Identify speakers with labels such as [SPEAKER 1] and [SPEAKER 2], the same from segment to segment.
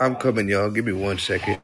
[SPEAKER 1] I'm coming, y'all. Give me one second.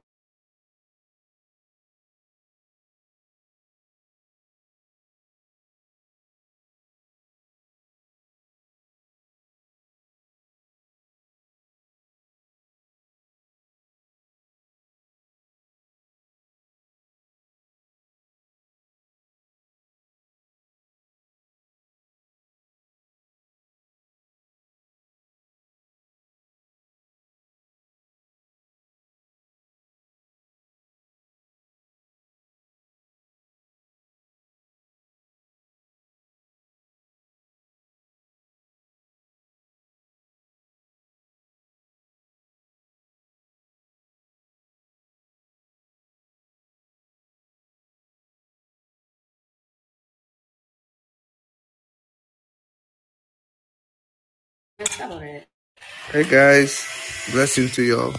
[SPEAKER 1] Hey, guys. Blessings to y'all.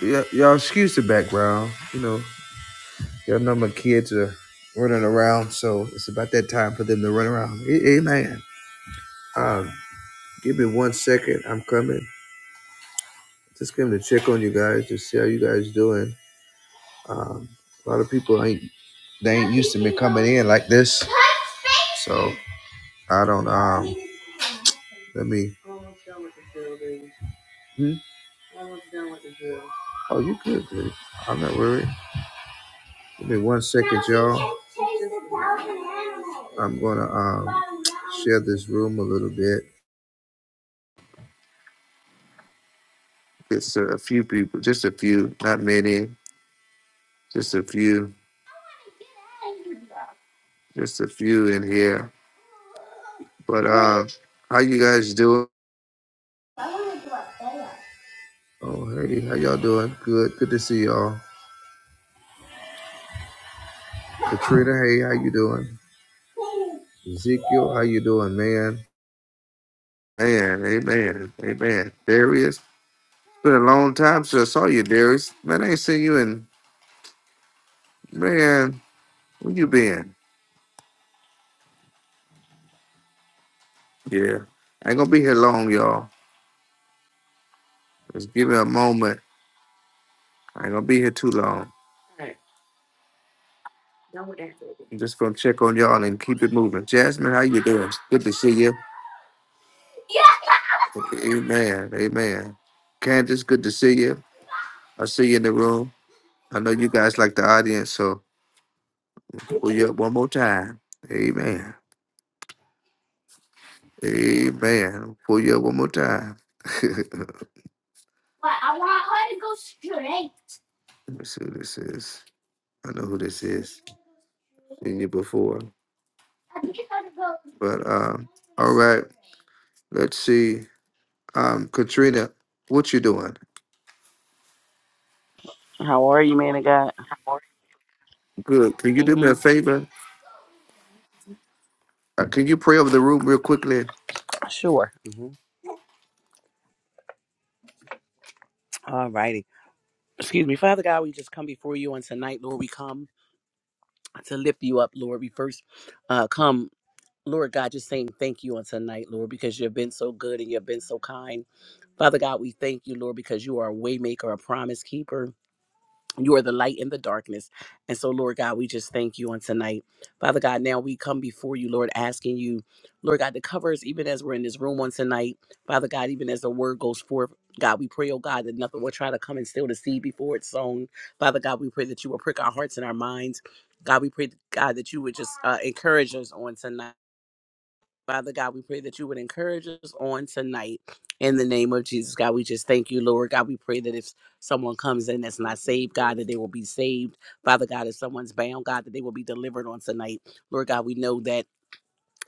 [SPEAKER 1] Y- y'all, excuse the background. You know, y'all know my kids are running around, so it's about that time for them to run around. A- Amen. Um, give me one second. I'm coming. Just coming to check on you guys to see how you guys doing. Um, a lot of people ain't they ain't used to me coming in like this, so I don't. Um, let me. Hmm? Oh, you good? Dude. I'm not worried. Give me one second, y'all. I'm gonna um, share this room a little bit. It's a few people, just a few, not many, just a few, just a few in here. But um, how you guys doing? Oh, hey, how y'all doing? Good, good to see y'all. Katrina, hey, how you doing? Ezekiel, how you doing, man? Man, amen, amen. Darius, been a long time since I saw you, Darius. Man, I ain't seen you in man. Where you been? Yeah. I ain't gonna be here long, y'all. Just give me a moment. I ain't gonna be here too long. I'm just gonna check on y'all and keep it moving. Jasmine, how you doing? Good to see you. Amen. Amen. Candace, good to see you. I see you in the room. I know you guys like the audience, so pull you up one more time. Amen. Amen. Pull you up one more time. let me see who this is. I know who this is. Seen you before. But um, all right, let's see. Um, Katrina, what you doing?
[SPEAKER 2] How are you, man of God?
[SPEAKER 1] Good. Can you
[SPEAKER 2] mm
[SPEAKER 1] do me a
[SPEAKER 2] hmm
[SPEAKER 1] favor? Uh, can you pray over the room real quickly?
[SPEAKER 2] Sure. mm hmm All righty. Excuse me. Father God, we just come before you on tonight, Lord. We come to lift you up, Lord. We first uh, come, Lord God, just saying thank you on tonight, Lord, because you've been so good and you've been so kind. Father God, we thank you, Lord, because you are a waymaker, a promise keeper. You are the light in the darkness. And so, Lord God, we just thank you on tonight. Father God, now we come before you, Lord, asking you, Lord God, to cover us even as we're in this room on tonight. Father God, even as the word goes forth, God, we pray, oh God, that nothing will try to come and steal the seed before it's sown. Father God, we pray that you will prick our hearts and our minds. God, we pray, God, that you would just uh, encourage us on tonight. Father God, we pray that you would encourage us on tonight in the name of Jesus. God, we just thank you, Lord. God, we pray that if someone comes in that's not saved, God, that they will be saved. Father God, if someone's bound, God, that they will be delivered on tonight. Lord God, we know that.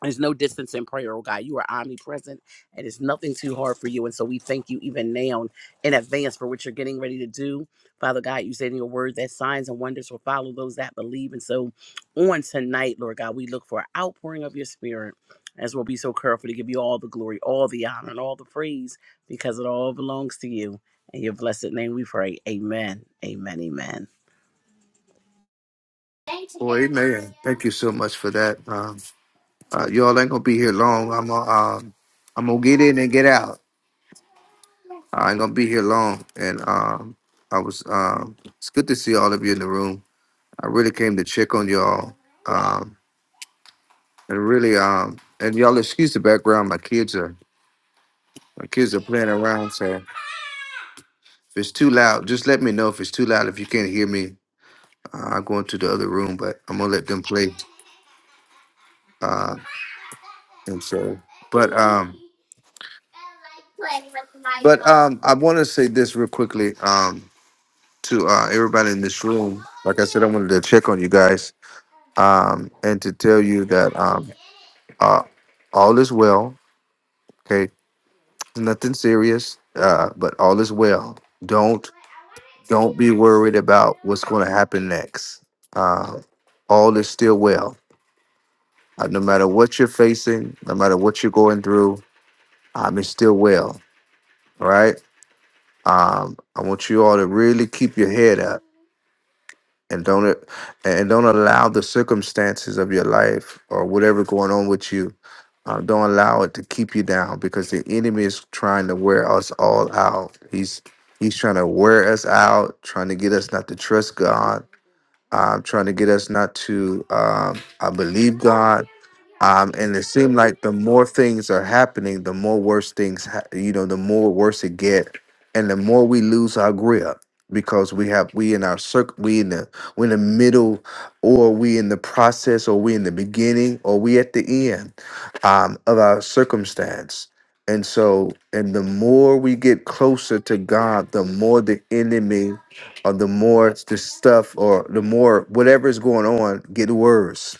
[SPEAKER 2] There's no distance in prayer, oh God. You are omnipresent and it's nothing too hard for you. And so we thank you even now in advance for what you're getting ready to do. Father God, you said in your word that signs and wonders will follow those that believe. And so on tonight, Lord God, we look for an outpouring of your spirit as we'll be so careful to give you all the glory, all the honor, and all the praise because it all belongs to you. In your blessed name we pray. Amen. Amen. Amen.
[SPEAKER 1] Oh, amen. Thank you so much for that. Um, uh, y'all ain't gonna be here long. I'm gonna, um, I'm gonna get in and get out. I ain't gonna be here long. And um, I was, um, it's good to see all of you in the room. I really came to check on y'all. Um, and really, um, and y'all excuse the background. My kids are, my kids are playing around. So if it's too loud, just let me know if it's too loud. If you can't hear me, Uh, I go into the other room, but I'm gonna let them play. Uh, and so, but um, but um, I want to say this real quickly um to uh, everybody in this room. Like I said, I wanted to check on you guys um and to tell you that um uh, all is well. Okay, nothing serious. Uh, but all is well. Don't don't be worried about what's going to happen next. Uh, all is still well Uh, no matter what you're facing, no matter what you're going through, um, it's still well. All right. Um, I want you all to really keep your head up and don't and don't allow the circumstances of your life or whatever going on with you. Uh, don't allow it to keep you down because the enemy is trying to wear us all out. He's he's trying to wear us out, trying to get us not to trust God, um, trying to get us not to um, uh, believe God Um, and it seemed like the more things are happening, the more worse things, ha- you know, the more worse it get, and the more we lose our grip because we have we in our circle, we in the we in the middle, or we in the process, or we in the beginning, or we at the end um, of our circumstance. And so, and the more we get closer to God, the more the enemy, or the more the stuff, or the more whatever is going on, get worse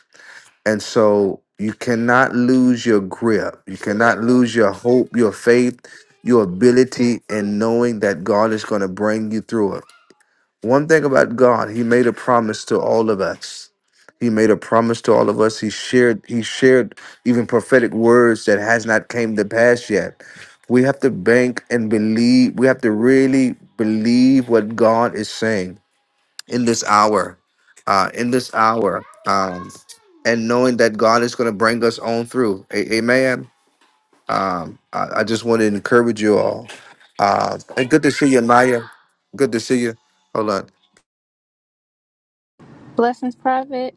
[SPEAKER 1] and so you cannot lose your grip. You cannot lose your hope, your faith, your ability in knowing that God is going to bring you through it. One thing about God, he made a promise to all of us. He made a promise to all of us. He shared he shared even prophetic words that has not came to pass yet. We have to bank and believe. We have to really believe what God is saying in this hour, uh, in this hour, um, and knowing that God is going to bring us on through. A- amen. Um, I-, I just want to encourage you all. Uh, and good to see you, Maya. Good to see you. Hold on.
[SPEAKER 3] Blessings, Prophet.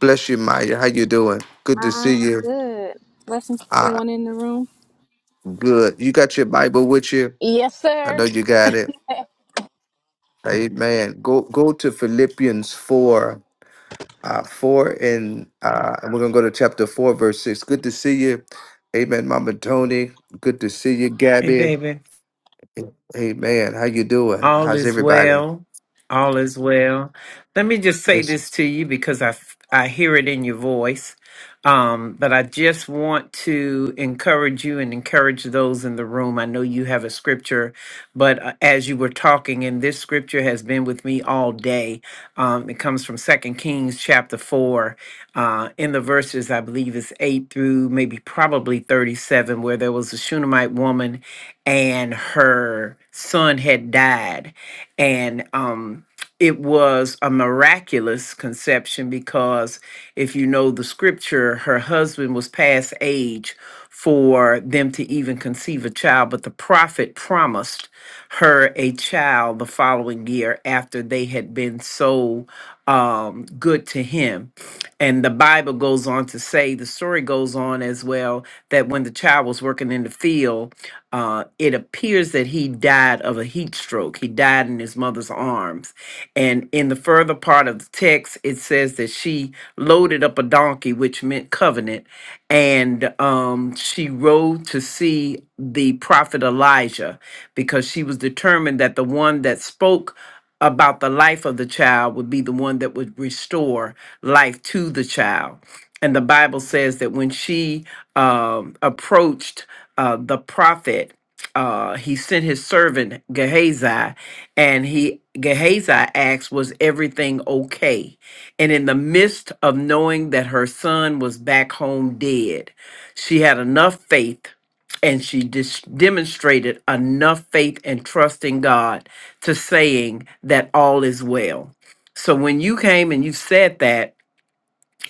[SPEAKER 1] Bless you, Maya. How you doing? Good to see
[SPEAKER 3] I'm
[SPEAKER 1] you.
[SPEAKER 3] good. Blessings to
[SPEAKER 1] Uh,
[SPEAKER 3] everyone in the room.
[SPEAKER 1] good. You got your Bible with you?
[SPEAKER 3] Yes,
[SPEAKER 1] I
[SPEAKER 3] sir.
[SPEAKER 1] know you got it. Amen. Go go to Philippians 4 uh, 4 and uh, and we're going to go to chapter 4 verse 6 good to see you amen mama tony good to see you
[SPEAKER 4] Hey,
[SPEAKER 1] gabby
[SPEAKER 4] baby,
[SPEAKER 1] amen how you doing
[SPEAKER 4] all
[SPEAKER 1] how's
[SPEAKER 4] is
[SPEAKER 1] everybody
[SPEAKER 4] well. All is well. Let me just say
[SPEAKER 1] yes
[SPEAKER 4] this
[SPEAKER 1] it's-
[SPEAKER 4] to you because I, f- I hear it in your voice. Um, but I just want to encourage you and encourage those in the room. I know you have a scripture, but uh, as you were talking, and this scripture has been with me all day. Um, it comes from Second Kings chapter four, uh, in the verses I believe it's eight through maybe probably thirty-seven, where there was a Shunammite woman, and her son had died, and um it was a miraculous conception because if you know the scripture, her husband was past age for them to even conceive a child, but the prophet promised her a child the following year after they had been so um, good to him. And the Bible goes on to say, the story goes on as well, that when the child was working in the field, uh, it appears that he died of a heat stroke. He died in his mother's arms and in the further part of the text, it says that she loaded up a donkey, which meant covenant, and um, she rode to see the prophet Elijah because she was determined that the one that spoke about the life of the child would be the one that would restore life to the child. And the Bible says that when she um, approached uh, the prophet, uh, he sent his servant Gehazi and he Gehazi asked, Was everything okay? And in the midst of knowing that her son was back home dead, she had enough faith and she dis- demonstrated enough faith and trust in God to saying that all is well. So when you came and you said that,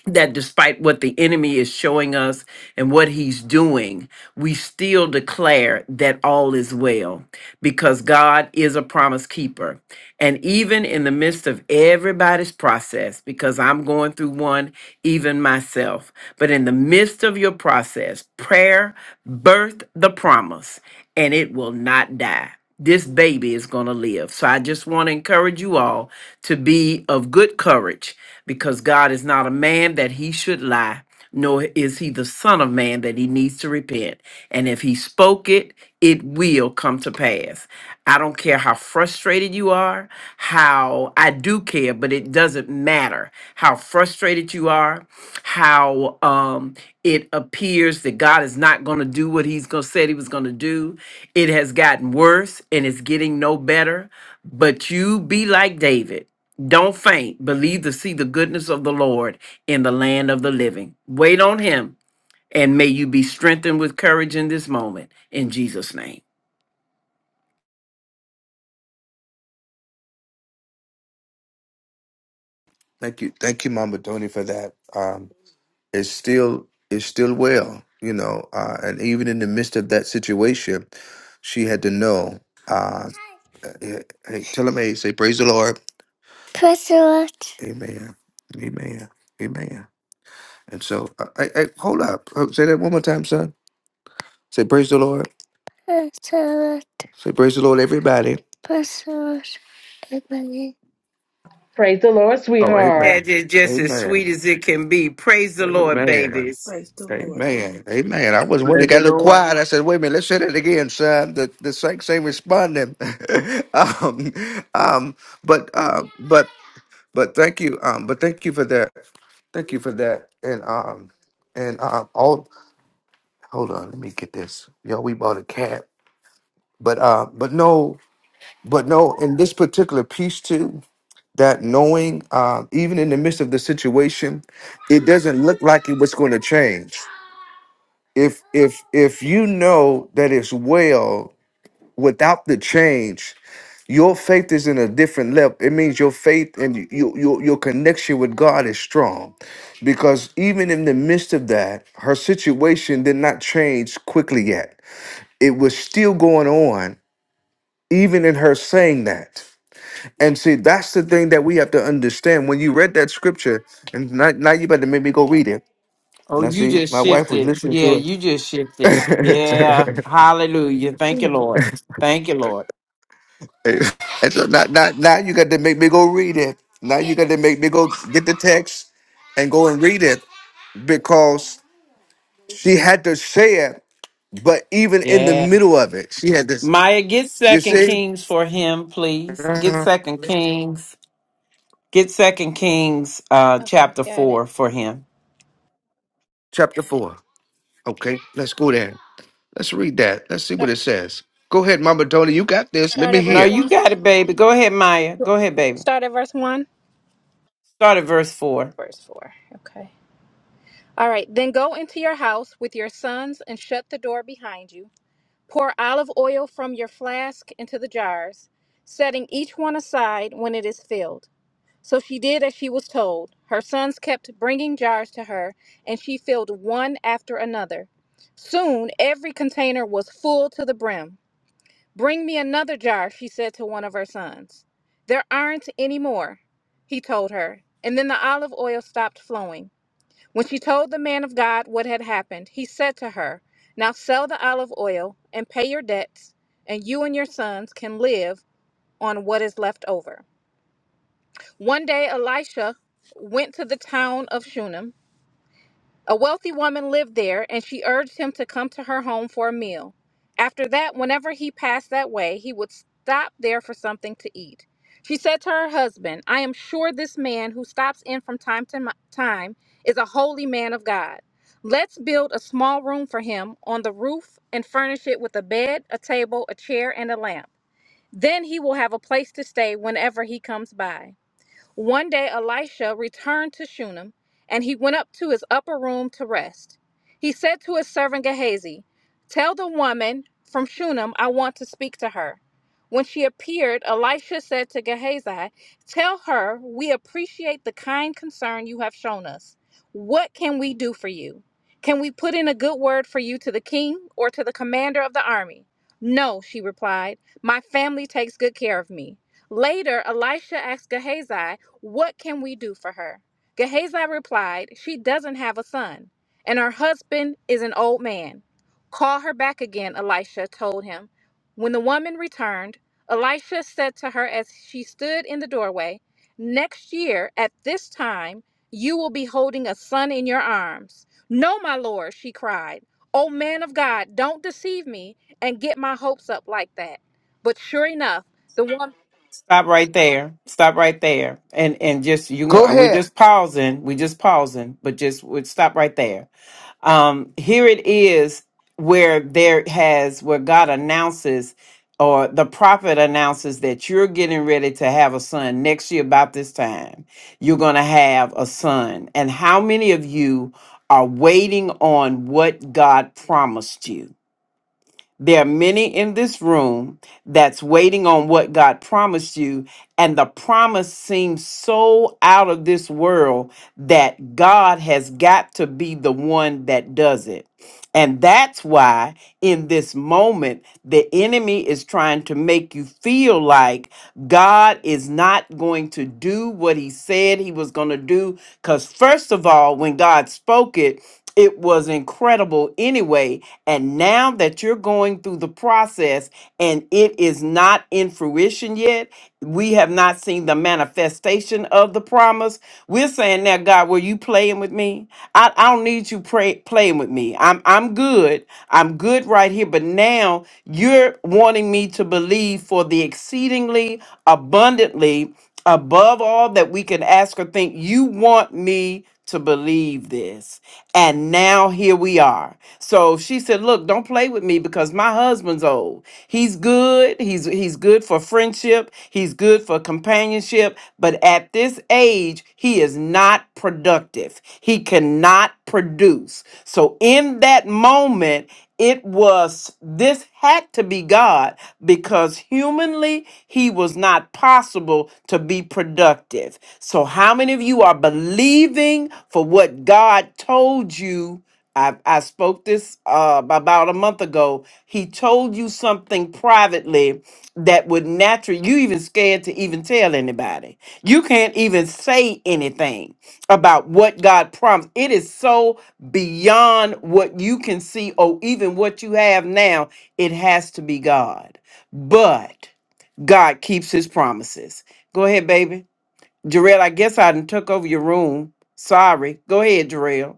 [SPEAKER 4] that despite what the enemy is showing us and what he's doing, we still declare that all is well because God is a promise keeper. And even in the midst of everybody's process, because I'm going through one, even myself, but in the midst of your process, prayer birthed the promise and it will not die. This baby is going to live. So I just want to encourage you all to be of good courage because God is not a man that he should lie, nor is he the son of man that he needs to repent. And if he spoke it, it will come to pass. I don't care how frustrated you are, how I do care, but it doesn't matter how frustrated you are, how um, it appears that God is not going to do what He's going to said He was going to do. It has gotten worse and it's getting no better. But you be like David. Don't faint. Believe to see the goodness of the Lord in the land of the living. Wait on Him, and may you be strengthened with courage in this moment. In Jesus' name.
[SPEAKER 1] thank you thank you mama tony for that um, it's still it's still well you know uh, and even in the midst of that situation she had to know uh, eh, hey, tell him hey say praise the lord Lord. amen amen amen and so uh, hey, hey, hold up Uh, say that one more time son Say praise the Lord. Praise the Lord. Say praise the Lord, everybody. Praise the Lord, everybody.
[SPEAKER 5] Praise the Lord,
[SPEAKER 1] Oh,
[SPEAKER 5] sweetheart.
[SPEAKER 4] That
[SPEAKER 1] amen.
[SPEAKER 4] is just as sweet
[SPEAKER 1] Amen.
[SPEAKER 4] as it can be. Praise the Lord,
[SPEAKER 1] Amen.
[SPEAKER 4] babies.
[SPEAKER 6] Praise the Lord, boo.
[SPEAKER 1] Amen. Amen. I was when it
[SPEAKER 2] Praise
[SPEAKER 1] got
[SPEAKER 2] the
[SPEAKER 1] a little
[SPEAKER 2] Lord.
[SPEAKER 1] quiet. I said, wait a minute, let's say that again, son. The the saints ain't responding. um, um, but uh but but thank you. Um, but thank you for that. Thank you for that. And um and um all hold on, let me get this. Yo, we bought a cat. But uh but no. But no, in this particular piece too, that knowing, uh, even in the midst of the situation, it doesn't look like it was going to change. If if if you know that it's well without the change, your faith is in a different level. It means your faith and you, you, your your connection with God is strong, because even in the midst of that, her situation did not change quickly yet. It was still going on, even in her saying that. And see, that's the thing that we have to understand. When you read that scripture, and now, now you better make me go read it.
[SPEAKER 4] Oh,
[SPEAKER 1] Now,
[SPEAKER 4] you
[SPEAKER 1] see,
[SPEAKER 4] just
[SPEAKER 1] my wife was
[SPEAKER 4] shifted.
[SPEAKER 1] listening
[SPEAKER 4] Yeah,
[SPEAKER 1] to
[SPEAKER 4] you just shifted.
[SPEAKER 1] it.
[SPEAKER 4] Yeah. Hallelujah. Thank you, Lord. Thank you, Lord.
[SPEAKER 1] and so now, now, now you got to make me go read it. Now you got to make me go get the text and go and read it because she had to say it. But even in the
[SPEAKER 4] Yeah.
[SPEAKER 1] middle of it, she had this.
[SPEAKER 4] Maya, get
[SPEAKER 1] You
[SPEAKER 4] second
[SPEAKER 1] see,
[SPEAKER 4] Kings for him, please. Get second Kings. Get second Kings uh
[SPEAKER 3] Okay,
[SPEAKER 4] chapter
[SPEAKER 3] got it.
[SPEAKER 4] four for him.
[SPEAKER 1] chapter four. Okay, let's go there. Let's read that. Let's see what
[SPEAKER 3] Start,
[SPEAKER 1] it says. Go ahead, Mama Tony. You got this. Let
[SPEAKER 3] start
[SPEAKER 1] me
[SPEAKER 3] at
[SPEAKER 4] No,
[SPEAKER 3] verse
[SPEAKER 1] hear.
[SPEAKER 4] you
[SPEAKER 3] 1.
[SPEAKER 4] got it, baby. Go ahead, Maya. Go ahead, baby.
[SPEAKER 3] Start at verse 1.
[SPEAKER 4] Start at verse four.
[SPEAKER 3] Verse 4. Okay. All right. Then go into your house with your sons and shut the door behind you. Pour olive oil from your flask into the jars, setting each one aside when it is filled. So she did as she was told. Her sons kept bringing jars to her, and she filled one after another. Soon every container was full to the brim. Bring me another jar, she said to one of her sons. There aren't any more, he told her. And then the olive oil stopped flowing. When she told the man of God what had happened, he said to her, Now sell the olive oil and pay your debts, and you and your sons can live on what is left over. One day, Elisha went to the town of Shunem. A wealthy woman lived there, and she urged him to come to her home for a meal. After that, whenever he passed that way, he would stop there for something to eat. She said to her husband, I am sure this man who stops in from time to mi- time is a holy man of God. Let's build a small room for him on the roof and furnish it with a bed, a table, a chair, and a lamp. Then he will have a place to stay whenever he comes by. One day Elisha returned to Shunem, and he went up to his upper room to rest. He said to his servant Gehazi, Tell the woman from Shunem I want to speak to her. When she appeared, Elisha said to Gehazi, Tell her we appreciate the kind concern you have shown us. What can we do for you? Can we put in a good word for you to the king or to the commander of the army? No, she replied. My family takes good care of me. Later, Elisha asked Gehazi, what can we do for her? Gehazi replied, She doesn't have a son, and her husband is an old man. Call her back again, Elisha told him. When the woman returned, Elisha said to her as she stood in the doorway, Next year, at this time, you will be holding a son in your arms. No, my lord, she cried. O man of God, don't deceive me and get my hopes up like that. But sure enough, the woman.
[SPEAKER 4] Stop right there. Stop right there. And and just you
[SPEAKER 1] Go
[SPEAKER 4] know, we're
[SPEAKER 1] ahead.
[SPEAKER 4] just pausing. We're just pausing, but just would stop right there. Um, here it is where there has where God announces or the prophet announces that you're getting ready to have a son next year about this time. You're going to have a son. And how many of you are waiting on what God promised you? There are many in this room that's waiting on what God promised you, and the promise seems so out of this world that God has got to be the one that does it. And that's why in this moment, the enemy is trying to make you feel like God is not going to do what he said he was going to do. Because, first of all, when God spoke it, it was incredible anyway and now that you're going through the process and it is not in fruition yet, we have not seen the manifestation of the promise. We're saying now, God, were you playing with me? I, I don't need you pray, playing with me. I'm I'm good. I'm good right here. But now you're wanting me to believe for the exceedingly abundantly above all that we can ask or think. You want me to believe this. And now here we are. So she said, "Look, don't play with me because my husband's old. He's good. He's he's good for friends friendship, he's good for companionship, but at this age, he is not productive. He cannot produce. So in that moment, it was this had to be God because humanly he was not possible to be productive. So, how many of you are believing for what God told you? I, I spoke this uh, about a month ago. He told you something privately that would naturally you even scared to even tell anybody you can't even say anything about what god promised it is so beyond what you can see or even what you have now it has to be god but god keeps his promises go ahead baby jarrell i guess i done took over your room sorry go ahead jarrell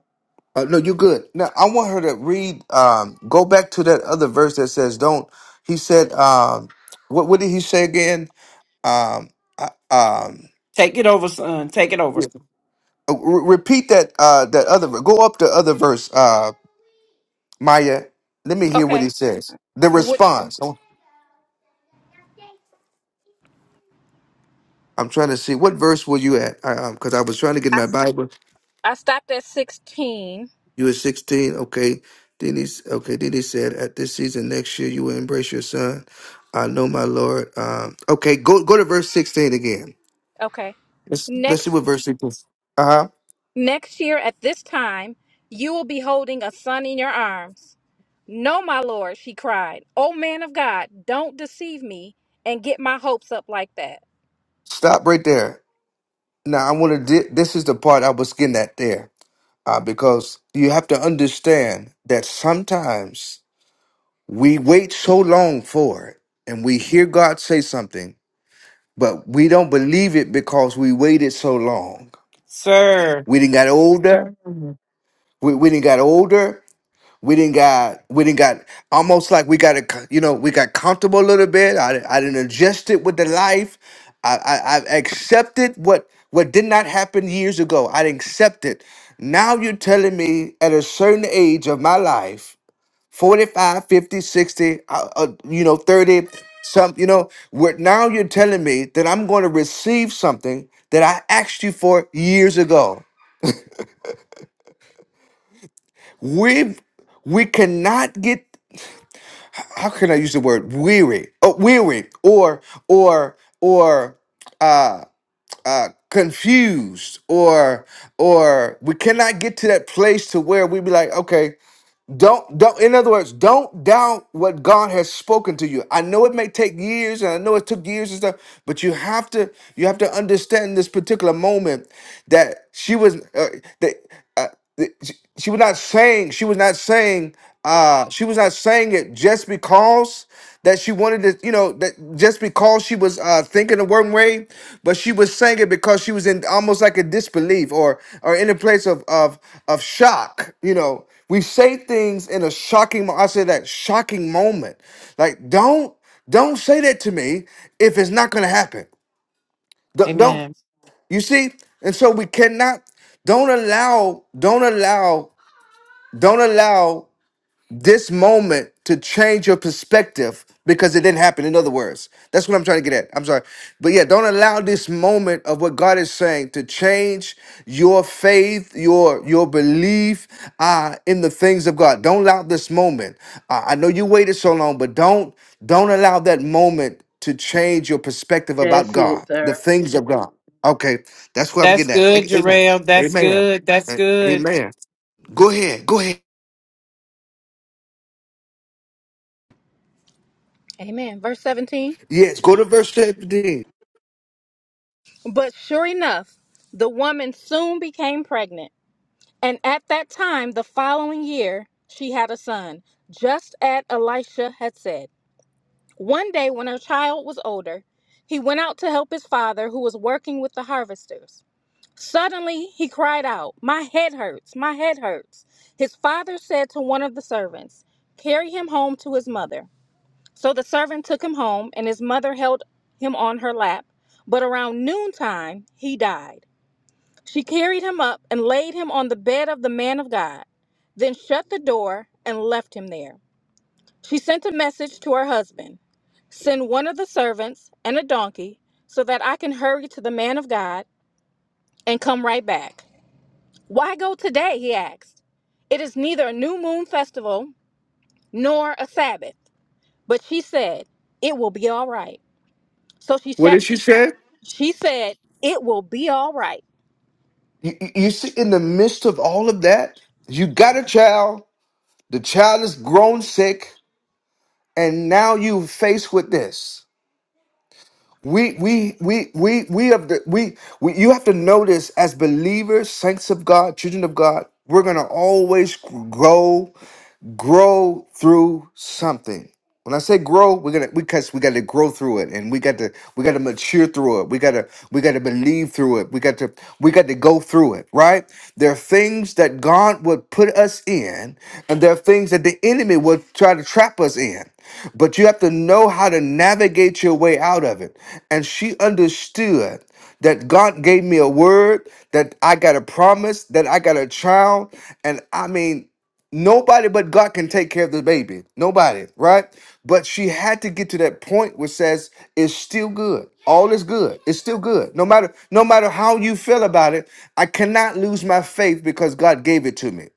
[SPEAKER 1] Uh, no, you good. Now I want her to read. Um, go back to that other verse that says, "Don't." He said, um, "What? What did he say again?" Um, I- um,
[SPEAKER 4] take it over son take it over
[SPEAKER 1] uh, re- repeat that. Uh, that other. Go up the other verse. Uh, Maya, let me hear what
[SPEAKER 3] Okay.
[SPEAKER 1] he says. The
[SPEAKER 3] What?
[SPEAKER 1] response. I'm trying to see what verse were you at? Because I was trying to get
[SPEAKER 3] I,
[SPEAKER 1] my Bible.
[SPEAKER 3] I stopped at 16.
[SPEAKER 1] You were 16, okay. Then he, s- okay. Then he said, at this season next year, you will embrace your son. I know, my Lord. Um, okay, go go to verse 16 again.
[SPEAKER 3] Okay.
[SPEAKER 1] Let's let's see
[SPEAKER 3] Next
[SPEAKER 1] what verse 16. Uh huh.
[SPEAKER 3] next year at this time, you will be holding a son in your arms. No, my lord, she cried. Oh man of God, don't deceive me and get my hopes up like that.
[SPEAKER 1] Stop right there. Now I want to. Di- this is the part I was getting at there, uh, because you have to understand that sometimes we wait so long for it, and we hear God say something, but we don't believe it because we waited so long.
[SPEAKER 4] sir
[SPEAKER 1] We didn't got older. We we didn't got older. We didn't got we didn't got almost like we got a you know we got comfortable a little bit. I I didn't adjust it with the life. I I, I accepted what what did not happen years ago. I didn't accept it. Now you're telling me at a certain age of my life, forty five, fifty, sixty. 50, uh, uh, you know, 30, some, you know, where now you're telling me that I'm going to receive something that I asked you for years ago. We've we cannot get how can I use the word weary? Oh, weary or or or uh uh confused or or we cannot get to that place to where we be like okay don't don't in other words don't doubt what god has spoken to you i know it may take years and i know it took years and stuff but you have to you have to understand this particular moment that she was uh, that uh, that she she was not saying she was not saying uh she was not saying it just because that she wanted to you know that just because she was uh thinking a one way but she was saying it because she was in almost like a disbelief or or in a place of of of shock you know we say things in a shocking mo- i say that shocking moment like don't don't say that to me if it's not gonna happen don't, don't
[SPEAKER 4] amen
[SPEAKER 1] you see and so we cannot don't allow don't allow don't allow this moment to change your perspective because it didn't happen. In other words, that's what I'm trying to get at. I'm sorry. But yeah, don't allow this moment of what God is saying to change your faith, your your belief uh, in the things of God. Don't allow this moment. Uh, I know you waited so long, but don't don't allow that moment to change your perspective about
[SPEAKER 5] That's it,
[SPEAKER 1] God, the
[SPEAKER 5] sir.
[SPEAKER 1] things of God. Okay, that's what I'm
[SPEAKER 4] that's
[SPEAKER 1] getting at.
[SPEAKER 4] good
[SPEAKER 1] A- Amen.
[SPEAKER 4] jarrell that's
[SPEAKER 1] Amen.
[SPEAKER 4] good that's
[SPEAKER 1] A-
[SPEAKER 4] good
[SPEAKER 1] Amen. Go ahead. Go ahead.
[SPEAKER 3] Amen. Verse 17.
[SPEAKER 1] Yes, go to verse 17.
[SPEAKER 3] But sure enough, the woman soon became pregnant. And at that time, the following year, she had a son, just as Elisha had said. One day, when her child was older, he went out to help his father, who was working with the harvesters. Suddenly, he cried out, My head hurts, my head hurts. His father said to one of the servants, Carry him home to his mother. So the servant took him home, and his mother held him on her lap. But around noontime, he died. She carried him up and laid him on the bed of the man of God, then shut the door and left him there. She sent a message to her husband Send one of the servants and a donkey so that I can hurry to the man of God and come right back. Why go today? He asked. It is neither a new moon festival nor a Sabbath. But she said, It will be all right. So she,
[SPEAKER 1] What
[SPEAKER 3] sha-
[SPEAKER 1] did she say?
[SPEAKER 3] she said, It will be all right.
[SPEAKER 1] You, you you see, in the midst of all of that, you got a child. The child is grown sick, and now you faced with this. We we we we we have the we, we you have to know this as believers, saints of God, children of God. We're gonna always grow grow through something. When I say grow, we're gonna because we got to grow through it, and we got to we got to mature through it. We got to we got to believe through it. We got to we got to go through it. Right? There are things that God would put us in, and there are things that the enemy would try to trap us in. But you have to know how to navigate your way out of it. And she understood that God gave me a word, that I got a promise, that I got a child. And I mean, Nobody but God can take care of the baby. Nobody, right? But she had to get to that point where says it's still good. All is good. It's still good. No matter no matter how you feel about it, I cannot lose my faith because God gave it to me.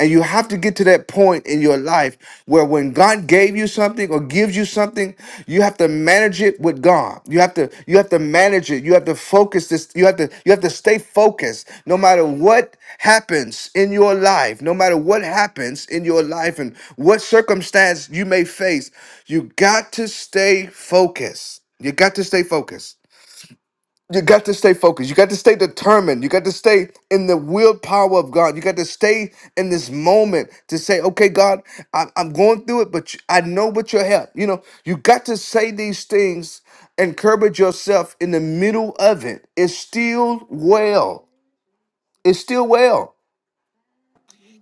[SPEAKER 1] And you have to get to that point in your life where when God gave you something or God gives you something, you have to manage it with God. You have to you have to manage it. You have to focus this. You have to you have to stay focused no matter what happens in your life, no matter what happens in your life and what circumstance you may face. You got to stay focused. You got to stay focused you got to stay focused. You got to stay determined. You got to stay in the willpower of God. You got to stay in this moment to say, okay, God, I- I'm going through it, but you- I know what your help. You know, you got to say these things, encourage yourself in the middle of it. It's still well. It's still well.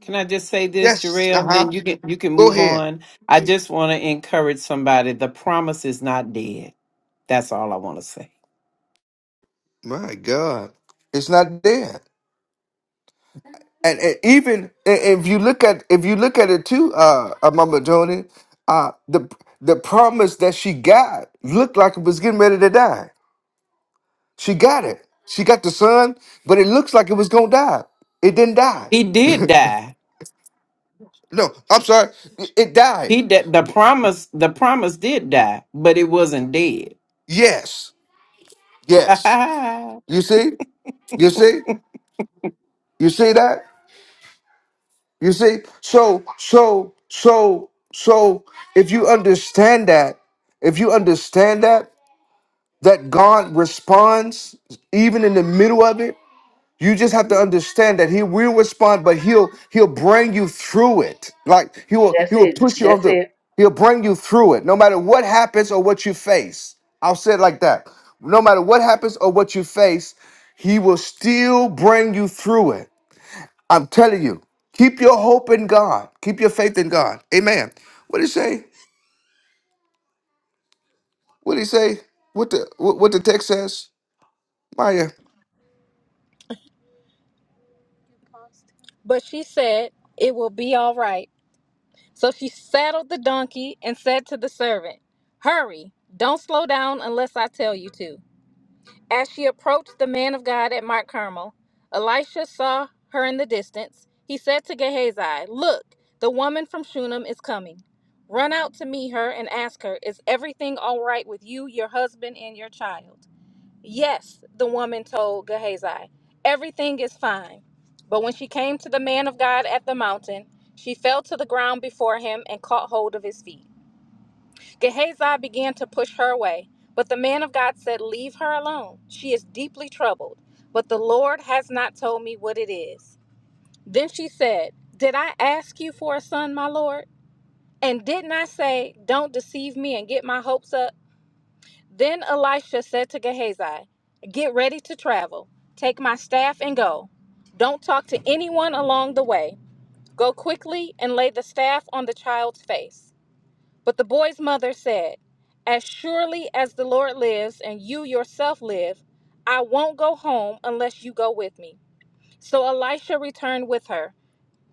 [SPEAKER 4] Can I just say this,
[SPEAKER 1] Yes. Uh
[SPEAKER 4] Jarrell? Then
[SPEAKER 1] huh.
[SPEAKER 4] you can you can
[SPEAKER 1] Go
[SPEAKER 4] move
[SPEAKER 1] ahead.
[SPEAKER 4] on. I just want to encourage somebody. The promise is not dead. That's all I want to say.
[SPEAKER 1] My God. It's not dead. and, and even and if you look at if you look at it too, uh, uh Mama Joni, uh, the the promise that she got looked like it was getting ready to die. She got it. She got the son, but it looks like it was gonna die. It didn't die.
[SPEAKER 4] He did die.
[SPEAKER 1] No, I'm sorry. It it died.
[SPEAKER 4] He did the promise. The promise did die, but it wasn't dead.
[SPEAKER 1] Yes, yes. You see, you see, you see that. You see. So, so, so, so. If you understand that, if you understand that that God responds even in the middle of it. You just have to understand that He will respond, but He'll He'll bring you through it. Like He will
[SPEAKER 5] That's
[SPEAKER 1] He will
[SPEAKER 5] it.
[SPEAKER 1] push you on
[SPEAKER 5] That's
[SPEAKER 1] the
[SPEAKER 5] it.
[SPEAKER 1] He'll bring you through it, no matter what happens or what you face. I'll say it like that. No matter what happens or what you face, He will still bring you through it. I'm telling you. Keep your hope in God. Keep your faith in God. Amen. What did he say? What did he say? What the what what the text says? Maya,
[SPEAKER 3] But she said, It will be all right. So she saddled the donkey and said to the servant, Hurry, don't slow down unless I tell you to. As she approached the man of God at Mount Carmel, Elisha saw her in the distance. He said to Gehazi, Look, the woman from Shunem is coming. Run out to meet her and ask her, 'Is everything all right with you, your husband, and your child? Yes, the woman told Gehazi, Everything is fine. But when she came to the man of God at the mountain, she fell to the ground before him and caught hold of his feet. Gehazi began to push her away, but the man of God said, Leave her alone. She is deeply troubled, but the Lord has not told me what it is. Then she said, Did I ask you for a son, my Lord? And didn't I say, not deceive me and get my hopes up? Then Elisha said to Gehazi, Get ready to travel. Take my staff and go. Don't talk to anyone along the way. Go quickly and lay the staff on the child's face. But the boy's mother said, As surely as the Lord lives and you yourself live, I won't go home unless you go with me. So Elisha returned with her.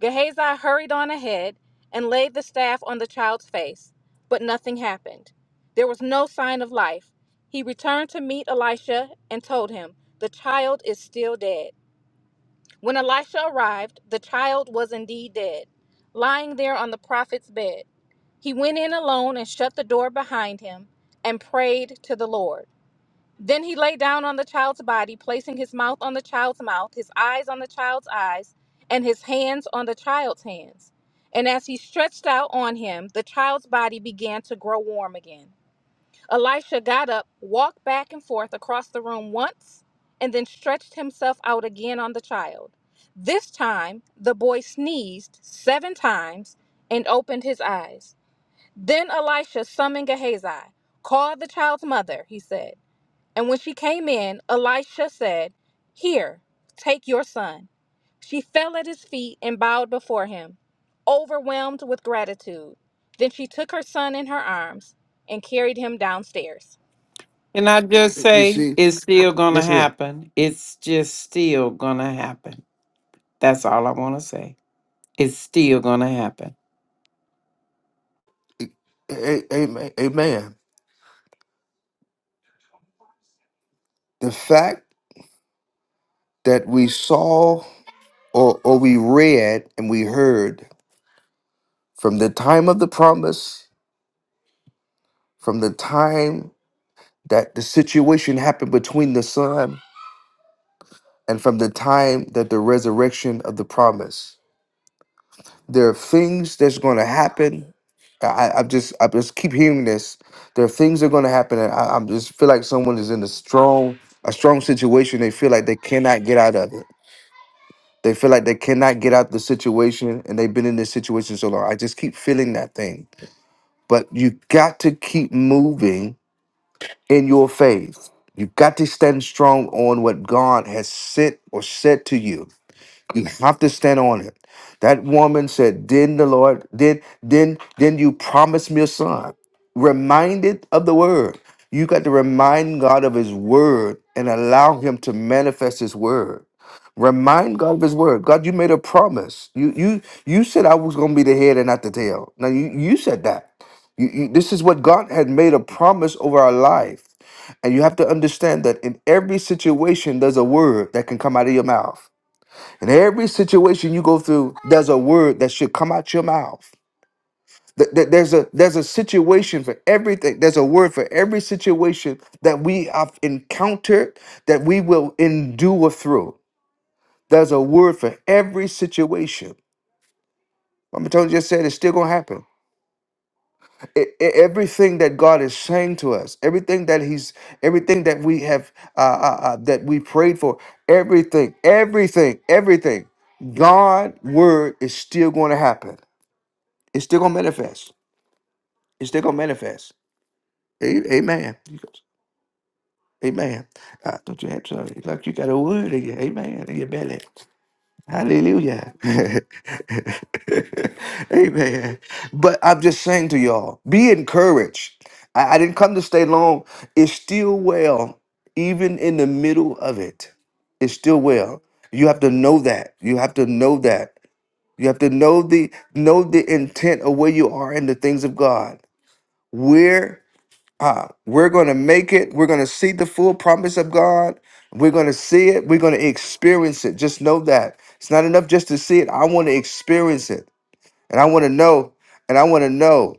[SPEAKER 3] Gehazi hurried on ahead and laid the staff on the child's face, but nothing happened. There was no sign of life. He returned to meet Elisha and told him, The child is still dead. When Elisha arrived, the child was indeed dead, lying there on the prophet's bed. He went in alone and shut the door behind him and prayed to the Lord. Then he lay down on the child's body, placing his mouth on the child's mouth, his eyes on the child's eyes, and his hands on the child's hands. And as he stretched out on him, the child's body began to grow warm again. Elisha got up, walked back and forth across the room once, and then stretched himself out again on the child. This time, the boy sneezed seven times and opened his eyes. Then Elisha summoned Gehazi. Call the child's mother, he said. And when she came in, Elisha said, Here, take your son. She fell at his feet and bowed before him, overwhelmed with gratitude. Then she took her son in her arms and carried him downstairs.
[SPEAKER 4] Can I just
[SPEAKER 1] you
[SPEAKER 4] say
[SPEAKER 1] see.
[SPEAKER 4] it's still gonna
[SPEAKER 1] Yes, it is.
[SPEAKER 4] happen? It's just still gonna happen. That's all I want to say. It's still gonna happen.
[SPEAKER 1] A- a- Amen. Amen. The fact that we saw or, or we read and we heard from the time of the promise, from the time that the situation happened between the son, and from the time that the resurrection of the promise, there are things that's going to happen. I, I- I'm just, I just keep hearing this. There are things that are going to happen, and I, I just feel like someone is in a strong, a strong situation. They feel like they cannot get out of it They feel like they cannot get out the situation and they've been in this situation so long. I just keep feeling that thing. But you got to keep moving in your faith. You got to stand strong on what God has said or said to you you have to stand on it. That woman said, Then the Lord, then, then, then you promised me a son. Reminded of the word. You got to remind God of his word and allow him to manifest his word. Remind God of his word. God, you made a promise. You you you said I was gonna be the head and not the tail. Now you, you said that. You, you, this is what God had made a promise over our life. And you have to understand that in every situation, there's a word that can come out of your mouth. In every situation you go through, there's a word that should come out your mouth. Th- th- There's a there's a situation for everything. There's a word for every situation that we have encountered that we will endure through. There's a word for every situation. I'm telling you, just said it's still gonna happen. E- e- everything that God is saying to us, everything that He's, everything that we have, uh, uh, uh, that we prayed for, everything, everything, everything, God' word is still going to happen. It's still gonna manifest. It's still gonna manifest. A- Amen. You got- Amen. I thought you had something like you got a word in you. Amen. In your belly. Hallelujah. Amen. But I'm just saying to y'all, be encouraged. I, I didn't come to stay long. It's still well, even in the middle of it. It's still well. You have to know that. You have to know that. You have to know the know the intent of where you are in the things of God. Where Ah, we're going to make it. We're going to see the full promise of God. We're going to see it. We're going to experience it. Just know that. It's not enough just to see it. I want to experience it. And I want to know. And I want to know.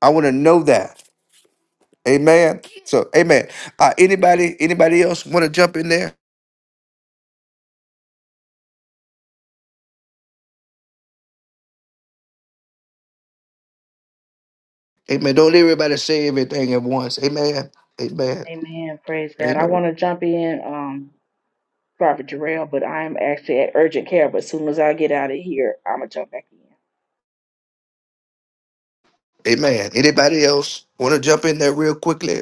[SPEAKER 1] I want to know that. Amen. So, amen. Uh, anybody, anybody else want to jump in there? Amen. Don't let everybody say everything at once. Amen. Amen.
[SPEAKER 5] Amen. Praise God. I
[SPEAKER 1] Amen.
[SPEAKER 5] want to jump in, um, Prophet Jarrell, but I'm actually at urgent care. But as soon as I get out of here, I'm gonna jump back in.
[SPEAKER 1] Amen. Anybody else want to jump in there real quickly?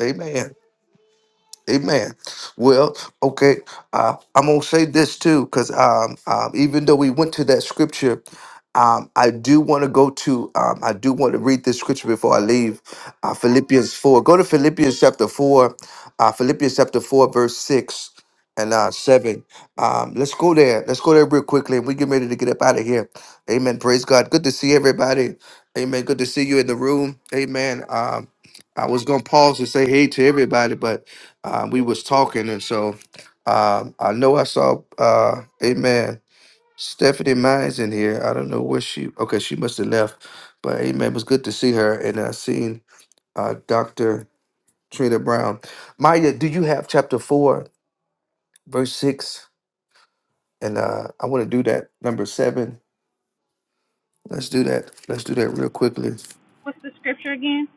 [SPEAKER 1] Amen. Amen. Well, okay, uh, I'm gonna say this too, because um, um, even though we went to that scripture, um, I do want to go to, um, I do want to read this scripture before I leave. Uh, Philippians four. Go to Philippians chapter four, uh, Philippians chapter four, verse six and uh, seven. Um, let's go there. Let's go there real quickly, and we get ready to get up out of here. Amen. Praise God. Good to see everybody. Amen. Good to see you in the room. Amen. Um, I was gonna pause and say hey to everybody, but uh, we was talking, and so um, I know I saw, uh, Amen, Stephanie Mines in here. I don't know where she. Okay, she must have left, but Amen it was good to see her, and I seen uh, Doctor Trina Brown. Maya, do you have chapter four, verse six? And uh, I want to do that number seven. Let's do that. Let's do that real quickly.
[SPEAKER 3] What's the scripture again?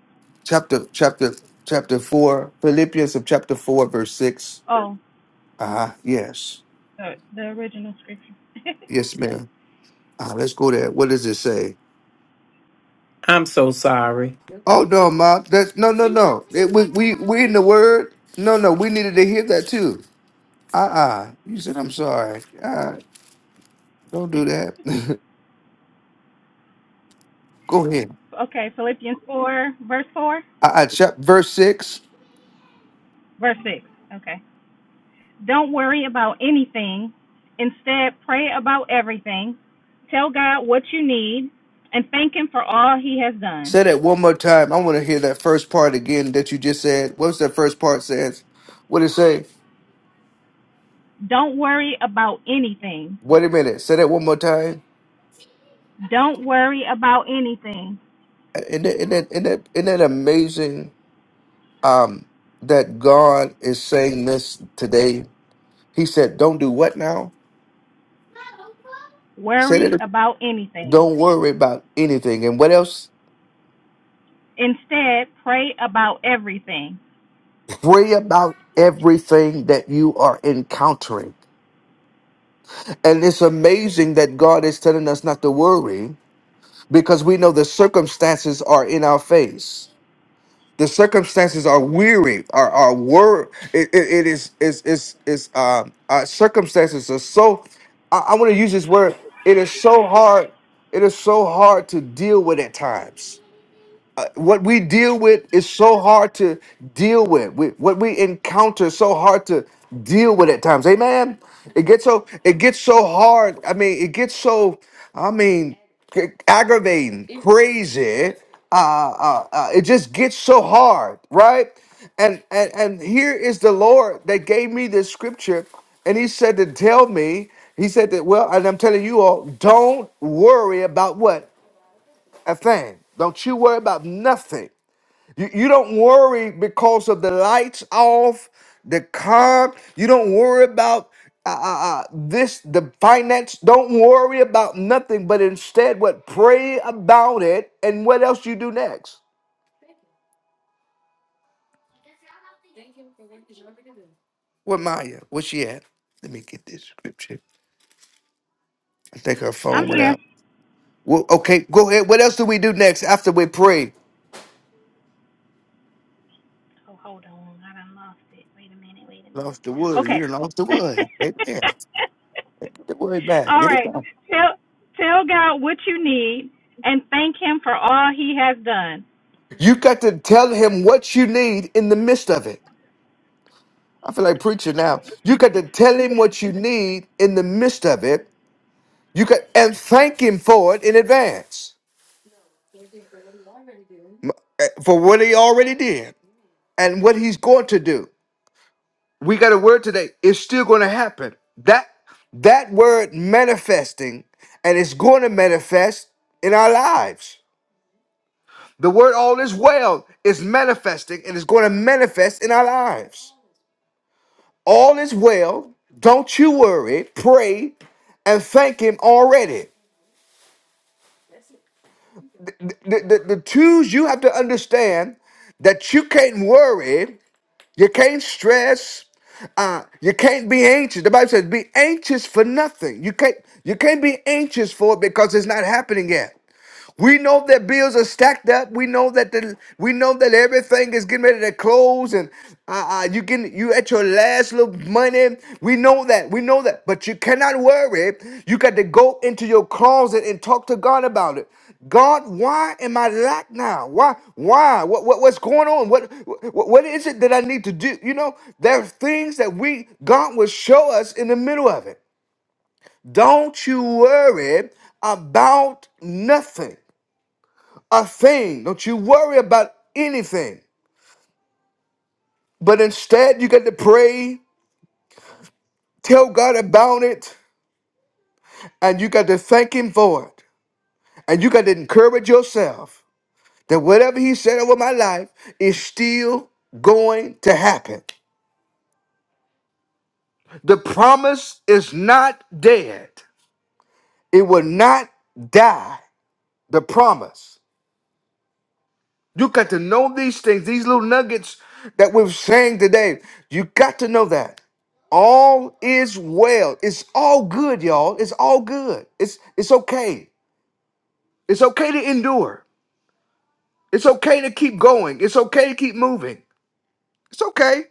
[SPEAKER 1] Chapter, chapter, chapter four, Philippians of chapter four, verse six.
[SPEAKER 3] Oh,
[SPEAKER 1] Ah, uh yes,
[SPEAKER 3] the, the original scripture.
[SPEAKER 1] yes, ma'am. Uh, let's go there. What does it say?
[SPEAKER 4] I'm so sorry.
[SPEAKER 1] Oh no, mom. That's no, no, no. It- we we we in the word. No, no. We needed to hear that too. Uh uh You said I'm sorry. Uh, don't do that. Go ahead.
[SPEAKER 3] okay, Philippians 4, verse 4,
[SPEAKER 1] Uh uh Chap Verse six.
[SPEAKER 3] verse 6. Okay. Don't worry about anything. Instead, pray about everything. Tell God what you need and thank Him for all He has done.
[SPEAKER 1] Say that one more time. I want to hear that first part again that you just said. What's that first part says? What it say?
[SPEAKER 3] Don't worry about anything.
[SPEAKER 1] Wait a minute. Say that one more time.
[SPEAKER 3] Don't worry about anything.
[SPEAKER 1] Uh, Isn't that, isn't that, isn't that, isn't that amazing? Um, that God is saying this today. He said, "Don't do what now." Say
[SPEAKER 3] Worry
[SPEAKER 1] that.
[SPEAKER 3] about anything.
[SPEAKER 1] Don't worry about anything. And what else?
[SPEAKER 3] Instead, pray about everything.
[SPEAKER 1] Pray about everything that you are encountering. And it's amazing that God is telling us not to worry because we know the circumstances are in our face. The circumstances are weary, are are wor. It, it, it is is is is um our circumstances are so. I, I want to use this word. It is so hard. It is so hard to deal with at times what we deal with is so hard to deal with. We, what we encounter is so hard to deal with at times. Amen. It gets so it gets so hard. I mean, it gets so I mean c- aggravating, crazy. Uh, uh, uh, it just gets so hard, right? And, and and here is the Lord that gave me this scripture, and He said to tell me. He said that well, and I'm telling you all, don't worry about what a thing. Don't you worry about nothing. You, you don't worry because of the lights off, the car. You don't worry about uh, uh, uh, this, the finance. Don't worry about nothing, but instead, what pray about it and what else you do next. Where Maya? Where she at? Let me get this scripture. I think her
[SPEAKER 3] I'm
[SPEAKER 1] phone went
[SPEAKER 3] here.
[SPEAKER 1] out. Well, okay, go ahead. What else do we do next after we pray?
[SPEAKER 3] Oh, hold on. I done lost it. Wait a minute. Wait a minute.
[SPEAKER 1] Lost the wood. You
[SPEAKER 3] Okay.
[SPEAKER 1] done lost the wood. Right there. Get the wood back.
[SPEAKER 3] All
[SPEAKER 1] Get it
[SPEAKER 3] right.
[SPEAKER 1] back.
[SPEAKER 3] Tell tell God what you need and thank him for all he has done.
[SPEAKER 1] You got to tell him what you need in the midst of it. I feel like preaching now. You got to tell him what you need in the midst of it. You got and thank him for it in advance m- eh, for what he already did and what he's going to do. We got a word today. It's still going to happen. That that word manifesting and it's going to manifest in our lives. The word all is well is manifesting and it's going to manifest in our lives. All is well. Don't you worry. Pray and thank him already. the, the, the twos you have to understand that you can't worry, you can't stress, uh, you can't be anxious. The Bible says, "Be anxious for nothing." You can't you can't be anxious for it because it's not happening yet. We know that bills are stacked up. We know that the we know that everything is getting ready to close, and uh, uh, you can you at your last little money. We know that. We know that. But you cannot worry. You got to go into your closet and talk to God about it. God, why am I lack now? Why? Why? What, what what's going on? What, what what is it that I need to do? You know, there are things that we God will show us in the middle of it. Don't you worry about nothing a thing. Don't you worry about anything. But instead, you got to pray, tell God about it, and you got to thank Him for it. And you got to encourage yourself that whatever He said over my life is still going to happen. The promise is not dead, it will not die. The promise. You got to know these things, these little nuggets that we're saying today. You got to know that. All is well. It's all good, y'all. It's all good. It's it's okay. It's okay to endure. It's okay to keep going. It's okay to keep moving. It's okay.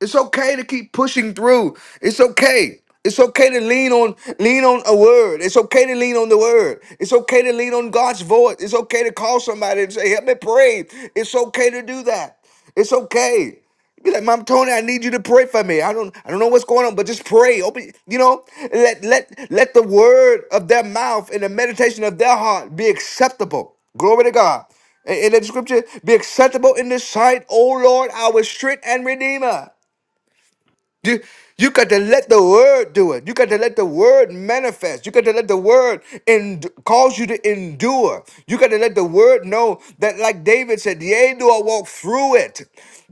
[SPEAKER 1] It's okay to keep pushing through. It's okay. It's okay to lean on lean on a word. It's okay to lean on the word. It's okay to lean on God's voice. It's okay to call somebody and say, "Help me pray." It's okay to do that. It's okay. Be like, Mom Tony, I need you to pray for me. I don't, I don't know what's going on, but just pray. Open, you know, let let let the word of their mouth and the meditation of their heart be acceptable. Glory to God. In in the scripture, be acceptable in the sight, O Lord, our strength and redeemer. You, you got to let the word do it. You got to let the word manifest. You got to let the word and cause you to endure. You got to let the word know that, like David said, yea, do I walk through it.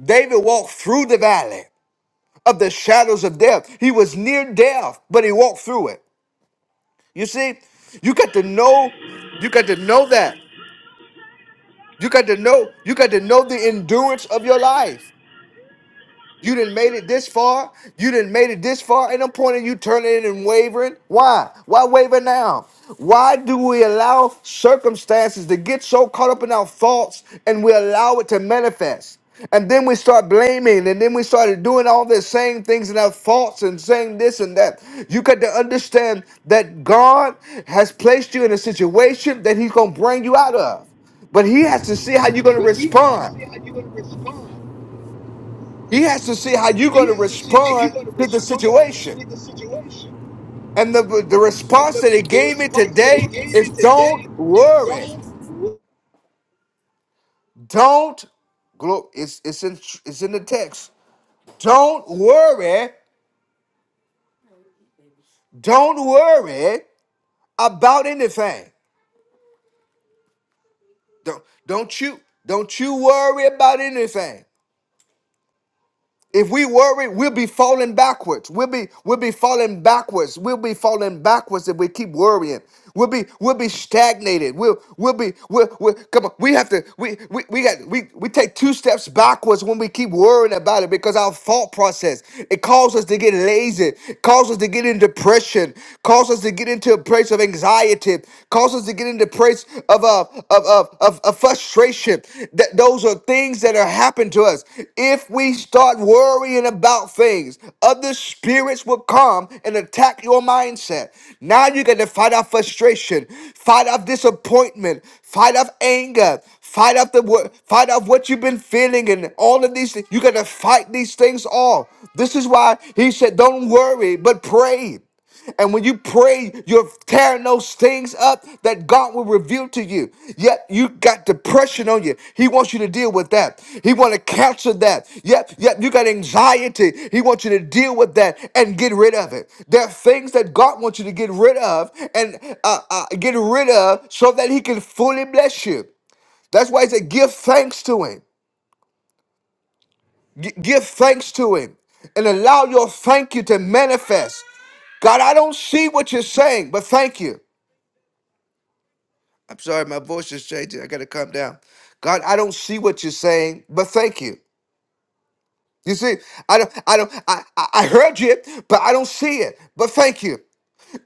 [SPEAKER 1] David walked through the valley of the shadows of death. He was near death, but he walked through it. You see, you got to know, you got to know that. You got to know, you got to know the endurance of your life. You didn't made it this far. You didn't made it this far. Ain't no point in you turning and wavering. Why? Why waver now? Why do we allow circumstances to get so caught up in our faults and we allow it to manifest? And then we start blaming, and then we started doing all the same things in our faults and saying this and that. You got to understand that God has placed you in a situation that He's gonna bring you out of. But he has to see how you're going to respond. He has to see how you're going to respond to the situation. And the, the response that he gave me today is don't worry. Don't, glo- it's, it's, in, it's in the text. Don't worry. Don't worry about anything. Don't, don't you, don't you worry about anything. If we worry, we'll be falling backwards. We'll be we'll be falling backwards. We'll be falling backwards if we keep worrying. We'll be we'll be stagnated. We'll we'll be we'll, we'll come on. We have to we we, we got we, we take two steps backwards when we keep worrying about it because our thought process it causes us to get lazy, causes us to get in depression, causes us to get into a place of anxiety, causes us to get into embrace of of of of, of, of frustration. That those are things that are happening to us. If we start worrying about things, other spirits will come and attack your mindset. Now you got to fight off frustration, fight off disappointment, fight off anger, fight off the wo- fight off what you've been feeling and all of these things. You got to fight these things off. This is why he said, "Don't worry, but pray." And when you pray, you're tearing those things up that God will reveal to you. Yep, you got depression on you. He wants you to deal with that. He want to cancel that. Yep, yep, you got anxiety. He wants you to deal with that and get rid of it. There are things that God wants you to get rid of and uh, uh, get rid of so that He can fully bless you. That's why He said, give thanks to Him. G- give thanks to Him and allow your thank you to manifest. God, I don't see what you're saying, but thank you. I'm sorry, my voice is changing. I gotta calm down. God, I don't see what you're saying, but thank you. You see, I don't, I don't, I, I I heard you, but I don't see it. But thank you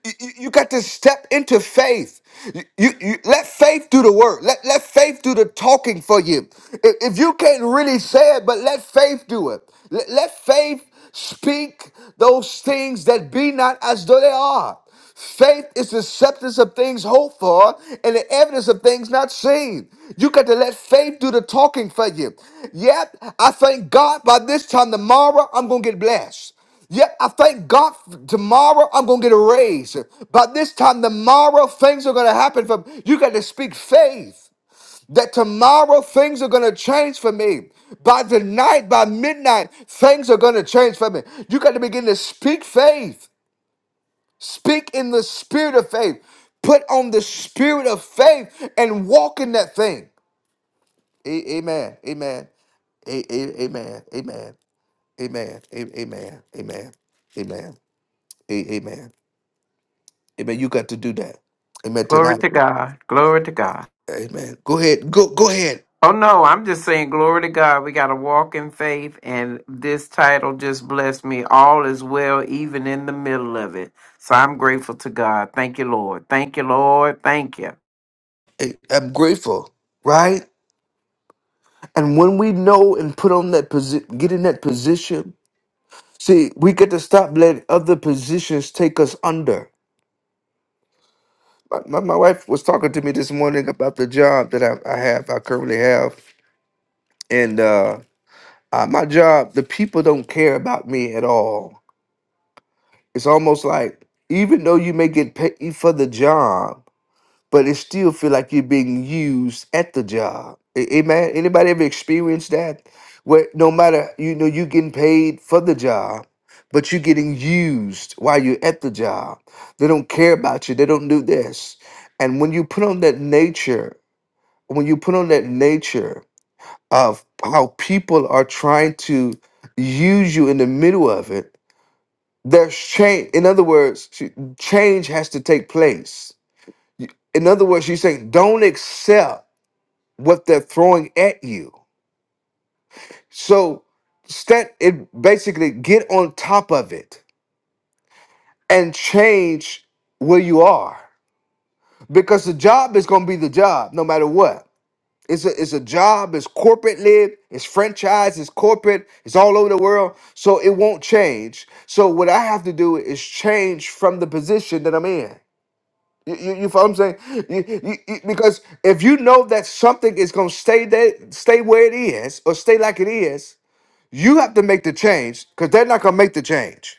[SPEAKER 1] you, you got to step into faith. You, you, you- let faith do the work. Let, let faith do the talking for you. If, if you can't really say it, but let faith do it. Let, let faith speak those things that be not as though they are. Faith is the substance of things hoped for and the evidence of things not seen. You got to let faith do the talking for you. Yep, I thank God by this time tomorrow I'm going to get blessed. Yet I thank God f- tomorrow I'm going to get a raise. By this time tomorrow, things are going to happen for me. you. Got to speak faith that tomorrow things are going to change for me. By tonight, by midnight, things are going to change for me. You got to begin to speak faith. Speak in the spirit of faith. Put on the spirit of faith and walk in that thing. A- amen. Amen. A- a- amen. Amen. Amen. A- Amen. Amen. Amen. A- Amen. Amen. You got to do that. Amen.
[SPEAKER 4] Glory
[SPEAKER 1] Tonight.
[SPEAKER 4] to God. Glory to God.
[SPEAKER 1] Amen. Go ahead. Go go ahead.
[SPEAKER 4] Oh no, I'm just saying glory to God. We got to walk in faith and this title just blessed me. All is well even in the middle of it. So I'm grateful to God. Thank you, Lord. Thank you, Lord. Thank you.
[SPEAKER 1] I- I'm grateful. Right? And when we know and put on that position, get in that position. See, we get to stop letting other positions take us under. My, my, my wife was talking to me this morning about the job that I, I have, I currently have. And uh, uh, my job, the people don't care about me at all. It's almost like, even though you may get paid for the job, but it still feel like you're being used at the job. A- Amen. Anybody ever experienced that? Where no matter you know you getting paid for the job, but you're getting used while you're at the job. They don't care about you. They don't do this. And when you put on that nature, when you put on that nature of how people are trying to use you in the middle of it, there's change. In other words, ch- change has to take place in other words, she's saying don't accept what they're throwing at you. So stat it basically get on top of it and change where you are. Because the job is gonna be the job no matter what. It's a it's a job, it's corporate live, it's franchise, it's corporate, it's all over the world. So it won't change. So what I have to do is change from the position that I'm in. You, you, you follow what I'm saying? You, you, you- because if you know that something is gonna stay there, stay where it is, or stay like it is, you have to make the change because they're not gonna make the change.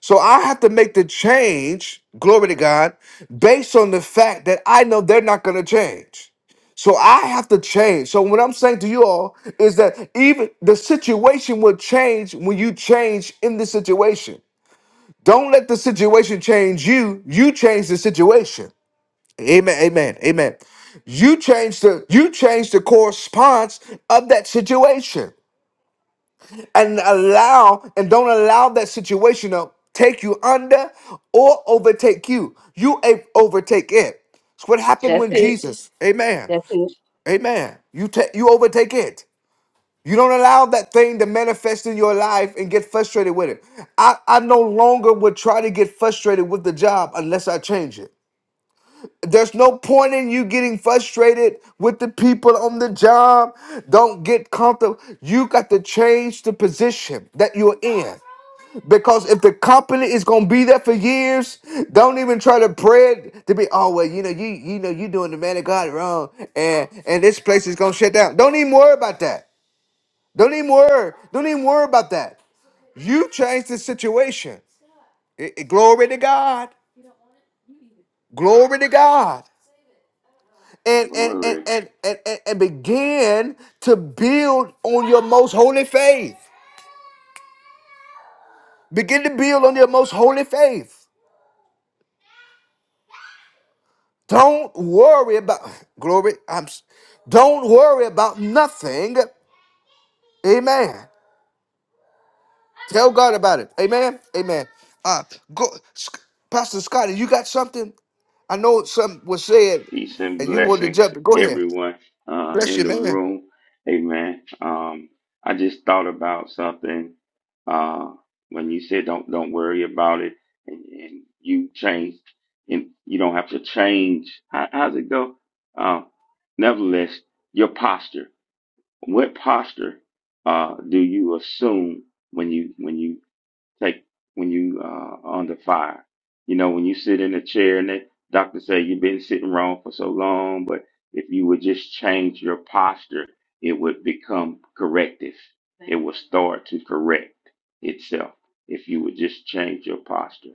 [SPEAKER 1] So I have to make the change, glory to God, based on the fact that I know they're not gonna change. So I have to change. So what I'm saying to you all is that even the situation will change when you change in the situation. Don't let the situation change you. You change the situation. Amen. Amen. Amen. You change the you change the correspondence of that situation and allow and don't allow that situation to take you under or overtake you. You a- overtake it. It's what happened
[SPEAKER 5] That's
[SPEAKER 1] when Yes.
[SPEAKER 5] it.
[SPEAKER 1] Jesus. Amen.
[SPEAKER 5] That's it.
[SPEAKER 1] Amen. You take you overtake it. You don't allow that thing to manifest in your life and get frustrated with it. I, I no longer would try to get frustrated with the job unless I change it. There's no point in you getting frustrated with the people on the job. Don't get comfortable. You got to change the position that you're in. Because if the company is gonna be there for years, don't even try to pray it to be, oh well, you know, you you know you doing the man of God wrong and and this place is gonna shut down. Don't even worry about that. Don't even worry. Don't even worry about that. You change the situation. I- I- glory to God. Glory to God. and and and
[SPEAKER 7] Glory,
[SPEAKER 1] and and, and, and begin to build on your most holy faith. Begin to build on your most holy faith. Don't worry about glory. I'm s- don't worry about nothing. Amen. Tell God about it. Amen. Amen. Uh go Sc- Pastor Scotty, you got something? I know something was said
[SPEAKER 7] peace, and
[SPEAKER 1] and you wanted to
[SPEAKER 7] blessings,
[SPEAKER 1] jump.
[SPEAKER 7] to
[SPEAKER 1] in. Go ahead.
[SPEAKER 7] everyone uh,
[SPEAKER 1] Bless
[SPEAKER 7] in
[SPEAKER 1] you,
[SPEAKER 7] the
[SPEAKER 1] man.
[SPEAKER 7] room. Amen. Um, I just thought about something uh, when you said don't don't worry about it, and, and you change, and you don't have to change. How, how's it go? Uh, nevertheless, your posture. What posture uh, do you assume when you when you take when you uh under fire. You know, when you sit in a chair and the doctor say you've been sitting wrong for so long, but if you would just change your posture, it would become corrective. It will start to correct itself if you would just change your posture.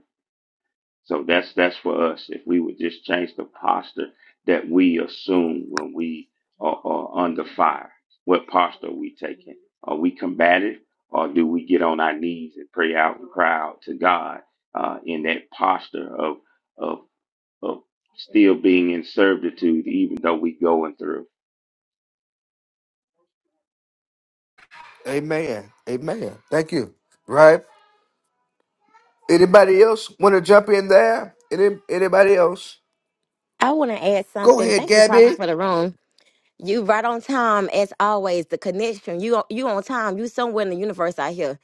[SPEAKER 7] So that's that's for us. If we would just change the posture that we assume when we are, are under fire, what posture are we taking? Are we combative, or do we get on our knees and pray out and cry out to God uh, in that posture of of of still being in servitude, even though we going through?
[SPEAKER 1] Amen. Amen. Thank you. Right? Anybody else want to jump in there? Any, anybody else?
[SPEAKER 8] I want to add
[SPEAKER 1] Go
[SPEAKER 8] something.
[SPEAKER 1] ahead,
[SPEAKER 8] Thank you, Prophet,
[SPEAKER 1] Gabby.
[SPEAKER 8] for the room. You right on time as always. The connection. You on- you on time. You somewhere in the universe out here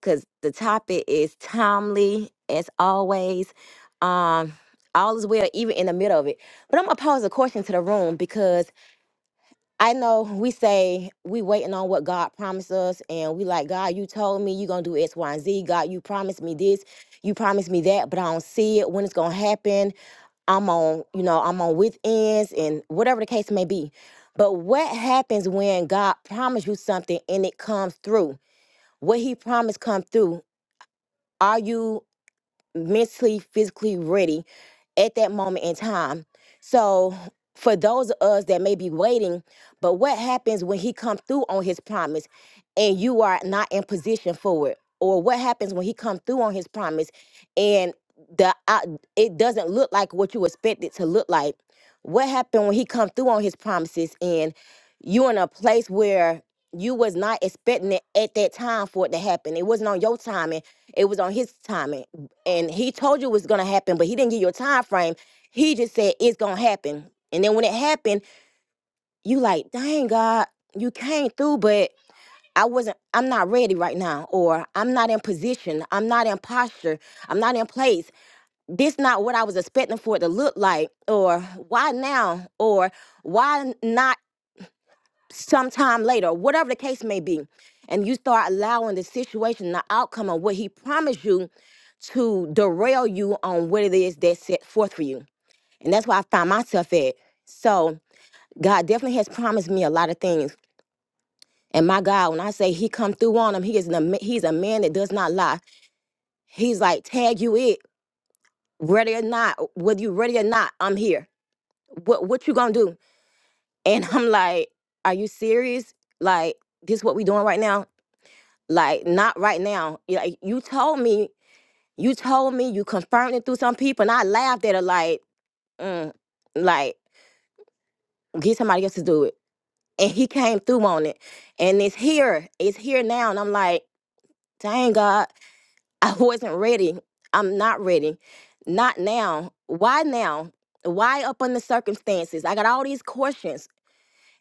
[SPEAKER 8] because the topic is timely as always. Um, all is well, even in the middle of it. But I'm gonna pose a question to the room because I know we say we waiting on what God promised us, and we like God. You told me you gonna do X, Y, and Z. God, you promised me this. You promised me that, but I don't see it when it's gonna happen I'm on, you know, I'm on with ends and whatever the case may be. But what happens when God promised you something and it comes through? What he promised come through? Are you mentally, physically ready at that moment in time. So for those of us that may be waiting, but what happens when he come through on his promise and you are not in position for it? Or what happens when he come through on his promise and the out- it doesn't look like what you expect it to look like? What happened when he come through on his promises and you in a place where you was not expecting it at that time for it to happen. It wasn't on your timing. It was on his timing and he told you it was gonna happen, but he didn't give you a time frame. He just said it's gonna happen. And then when it happened, you like, dang God, you came through, but I wasn't I'm not ready right now, or I'm not in position, I'm not in posture, I'm not in place. This not what I was expecting for it to look like, or why now? Or why not sometime later, whatever the case may be, and you start allowing the situation, the outcome of what he promised you to derail you on what it is that's set forth for you. And that's where I find myself at. So God definitely has promised me a lot of things. And my God, when I say he come through on him, he is an, ama- he's a man that does not lie. He's like, tag you it, ready or not, whether you ready or not, I'm here. What what you gonna do? And I'm like, are you serious? Like, this what we doing right now? Like, not right now. You- Like, you told me, you told me, you confirmed it through some people, and I laughed at it. Like, mm, like get somebody else to do it, and he came through on it, and it's here, it's here now, and I'm like, dang God, I wasn't ready. I'm not ready, not now. Why now? Why up under circumstances? I got all these questions,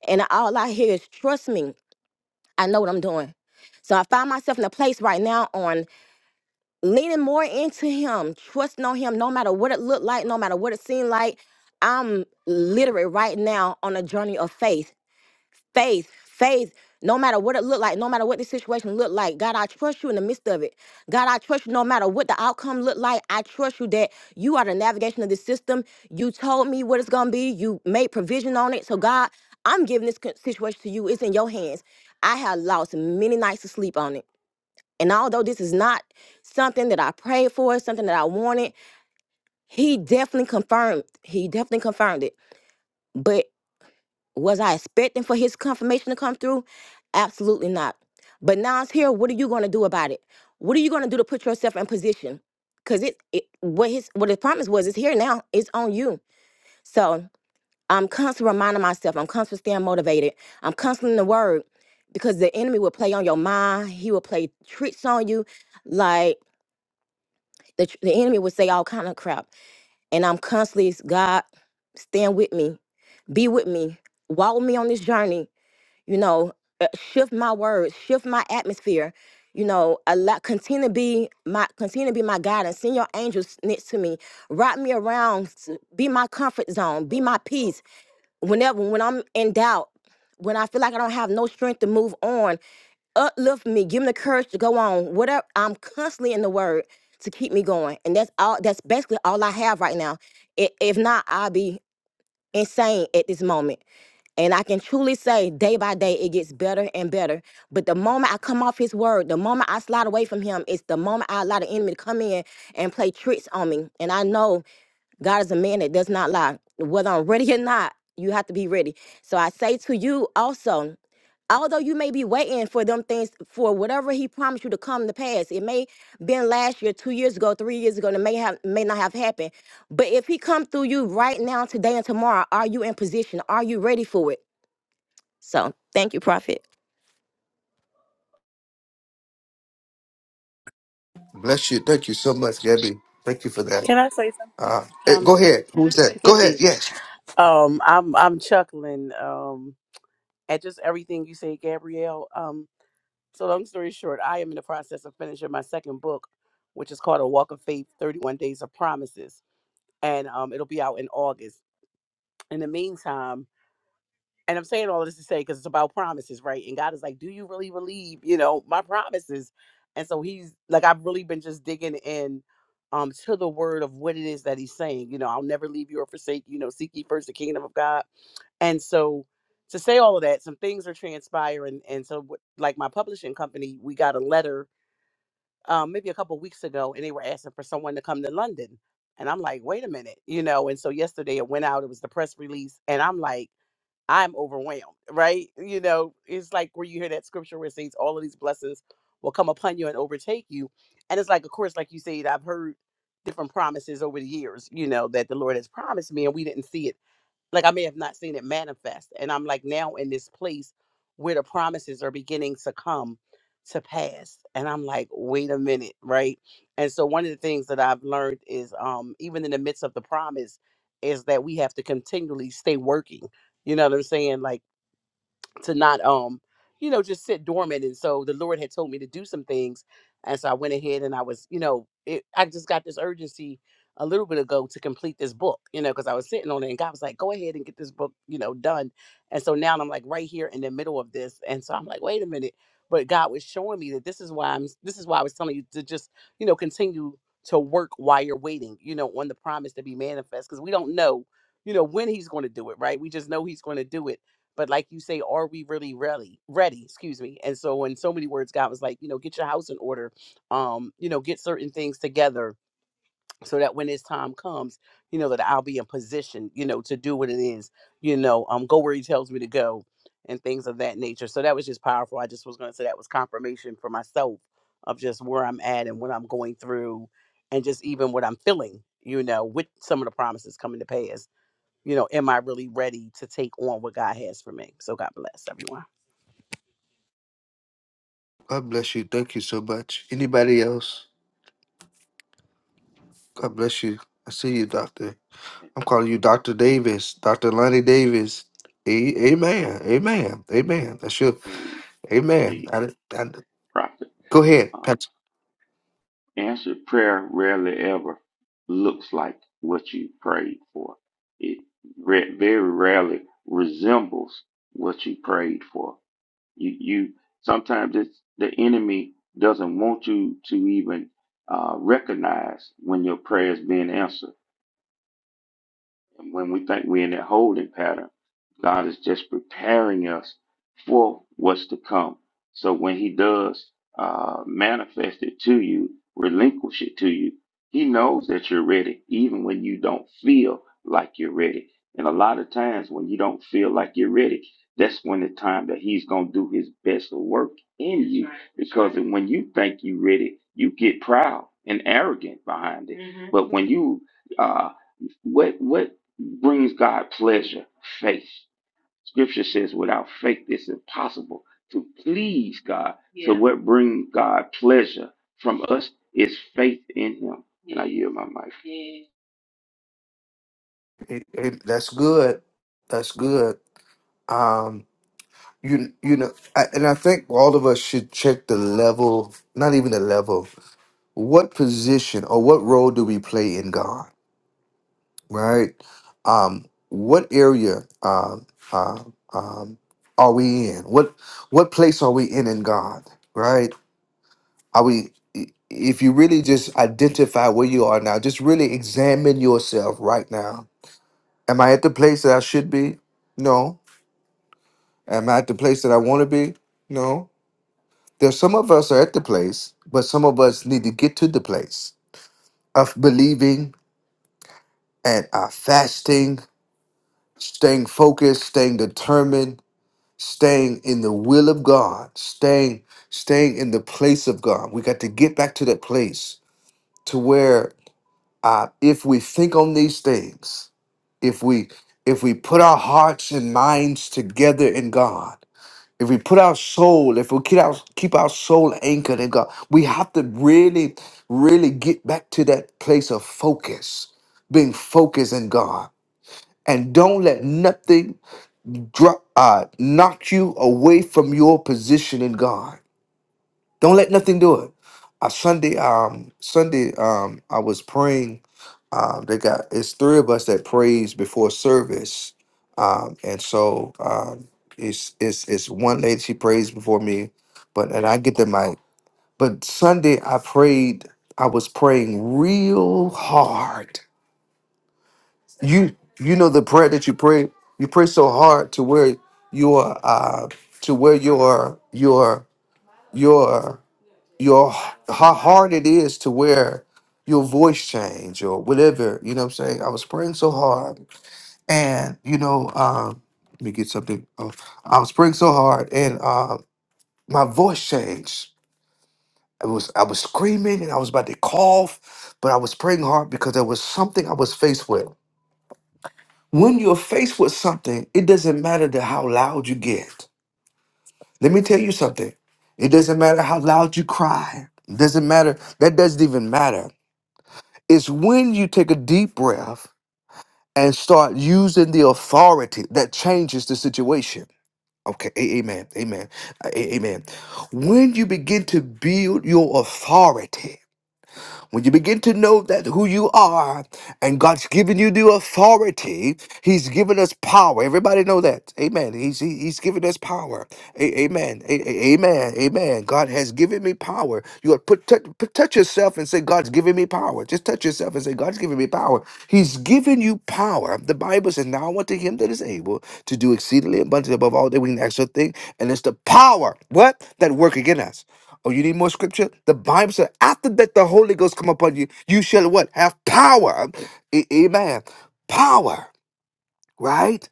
[SPEAKER 8] and all I hear is trust me. I know what I'm doing. So I find myself in a place right now on leaning more into him, trusting on him, no matter what it looked like, no matter what it seemed like. I'm literally right now on a journey of faith, faith, faith. No matter what it looked like, no matter what the situation looked like, God, I trust you in the midst of it. God, I trust you no matter what the outcome looked like. I trust you that you are the navigation of the system. You told me what it's going to be. You made provision on it. So, God, I'm giving this con- situation to you. It's in your hands. I have lost many nights of sleep on it. And although this is not something that I prayed for, something that I wanted, he definitely confirmed. He definitely confirmed it. But was I expecting for his confirmation to come through? Absolutely not. But now it's here. What are you going to do about it? What are you going to do to put yourself in position? Cause it, it what his what his promise was is here now. It's on you. So I'm constantly reminding myself. I'm constantly staying motivated. I'm constantly in the word because the enemy will play on your mind. He will play tricks on you, like. the, tr- the enemy would say all kind of crap and i'm constantly god stand with me be with me walk with me on this journey you know uh, shift my words shift my atmosphere you know a lot continue to be my continue to be my guidance send your angels next to me rock me around s- be my comfort zone be my peace whenever when i'm in doubt when i feel like i don't have no strength to move on uplift me, give me the courage to go on. Whatever I'm constantly in the word to keep me going, and that's all. That's basically all I have right now. I- If not, I'll be insane at this moment. And I can truly say, day by day, it gets better and better. But the moment I come off His word, the moment I slide away from Him, it's the moment I allow the enemy to come in and play tricks on me. And I know. God is a man that does not lie. Whether I'm ready or not, you have to be ready. So I say to you also, although you may be waiting for them things for whatever he promised you to come to pass it may been last year two years ago three years ago and it may have may not have happened but if he come through you right now today and tomorrow are you in position are you ready for it so thank you prophet
[SPEAKER 1] Bless you. Thank you so much, Gabby. Thank you for that.
[SPEAKER 2] Can I say something?
[SPEAKER 1] Uh, eh,
[SPEAKER 2] Um,
[SPEAKER 1] go ahead. Who's that? Go ahead. Yes.
[SPEAKER 2] Um, I'm I'm chuckling um, at just everything you say, Gabrielle. Um, so long story short, I am in the process of finishing my second book, which is called A Walk of Faith: Thirty One Days of Promises, and um, it'll be out in August. In the meantime, and I'm saying all this to say because it's about promises, right? And God is like, "Do you really believe, you know, my promises?" And so He's like, I've really been just digging in. Um, to the word of what it is that he's saying, you know, I'll never leave you or forsake you. You know, seek ye first the kingdom of God and so to say all of that, some things are transpiring. And so w- like my publishing company, we got a letter um, maybe a couple weeks ago and they were asking for someone to come to London. And I'm like, wait a minute, you know, and so yesterday it went out, it was the press release, and I'm like, I'm overwhelmed, right? You know, it's like where you hear that scripture where it says all of these blessings will come upon you and overtake you. And it's like, of course, like you said, I've heard different promises over the years, you know, that the Lord has promised me and we didn't see it like I may have not seen it manifest. And I'm like now in this place where the promises are beginning to come to pass. And I'm like, wait a minute, right? And so one of the things that I've learned is um even in the midst of the promise is that we have to continually stay working. You know what I'm saying? Like to not um you know just sit dormant and so the lord had told me to do some things and so i went ahead and i was you know it, i just got this urgency a little bit ago to complete this book you know because i was sitting on it and god was like go ahead and get this book you know done and so now i'm like right here in the middle of this and so i'm like wait a minute but god was showing me that this is why i'm this is why i was telling you to just you know continue to work while you're waiting you know on the promise to be manifest because we don't know you know when he's going to do it right we just know he's going to do it but like you say, are we really ready? Ready, excuse me. And so in so many words, God was like, you know, get your house in order. Um, you know, get certain things together so that when this time comes, you know, that I'll be in position, you know, to do what it is, you know, um, go where he tells me to go and things of that nature. So that was just powerful. I just was gonna say that was confirmation for myself of just where I'm at and what I'm going through and just even what I'm feeling, you know, with some of the promises coming to pass you know, am I really ready to take on what God has for me? So God bless everyone.
[SPEAKER 1] God bless you. Thank you so much. Anybody else? God bless you. I see you, Doctor. I'm calling you Dr. Davis, Dr. Lonnie Davis. A- Amen. Amen. Amen. That's your
[SPEAKER 7] Hey,
[SPEAKER 1] amen.
[SPEAKER 7] hey,
[SPEAKER 1] I, I,
[SPEAKER 7] prophet.
[SPEAKER 1] go ahead, Pastor.
[SPEAKER 7] Answered prayer rarely ever looks like what you prayed for. It very rarely resembles what you prayed for. You, you sometimes it's the enemy doesn't want you to even uh, recognize when your prayer is being answered and when we think we're in that holding pattern, God is just preparing us for what's to come. So when He does uh, manifest it to you, relinquish it to you, He knows that you're ready, even when you don't feel like you're ready. And a lot of times when you don't feel like you're ready, that's when the time that He's going to do His best work in you. because when you think you're ready, you get proud and arrogant behind it. But when you uh, what what brings God pleasure, faith. Scripture says, without faith, it's impossible to please God. Yeah. So, Yeah. what brings God pleasure from us is faith in Him. And I yield my mic.
[SPEAKER 1] Eh, eh, That's good. That's good. Um, you you know I, and i think all of us should check the level not even the level what position or what role do we play in god right um what area um um, um are we in what what place are we in in god right are we i- if you really just identify where you are now just really examine yourself right now am i at the place that i should be no am i at the place that i want to be no There's some of us are at the place, but some of us need to get to the place of believing and are fasting, staying focused, staying determined, staying in the will of God, staying staying in the place of God. We got to get back to that place to where uh, if we think on these things, if we if we put our hearts and minds together in God if we put our soul, if we keep our keep our soul anchored in God, we have to really, really get back to that place of focus, being focused in God, and don't let nothing drop, uh, knock you away from your position in God. Don't let nothing do it. Uh, Sunday, um, Sunday, um, I was praying. Um, they got it's three of us that prays before service, um, and so um, it's it's it's one lady she prays before me, but and I get the mic. But Sunday I prayed. I was praying real hard. You you know the prayer that you pray. You pray so hard to where you are uh, to where your your your your how hard it is to where your voice change or whatever. You know what I'm saying? I was praying so hard, and you know, um, let me get something. Oh, I was praying so hard, and uh, my voice changed. I was I was screaming, and I was about to cough, but I was praying hard because there was something I was faced with. When you're faced with something, it doesn't matter to how loud you get. Let me tell you something. It doesn't matter how loud you cry. It doesn't matter. That doesn't even matter It's when you take a deep breath and start using the authority that changes the situation. Okay, a- amen, amen, a- amen. When you begin to build your authority, when you begin to know that who you are and God's given you the authority, He's given us power. Everybody know that. Amen. He's, he- he's given us power. A- amen. A- a- amen. Amen. God has given me power. You ought to put, touch, put, touch yourself and say, God's given me power. Just touch yourself and say, God's given me power. He's given you power. The Bible says, Now unto him that is able to do exceedingly abundantly above all that we can ask or think. And it's the power, what? That work again us. Oh, you need more scripture? The Bible said, after that the Holy Ghost come upon you, you shall what? Have power. A- amen. Power, right?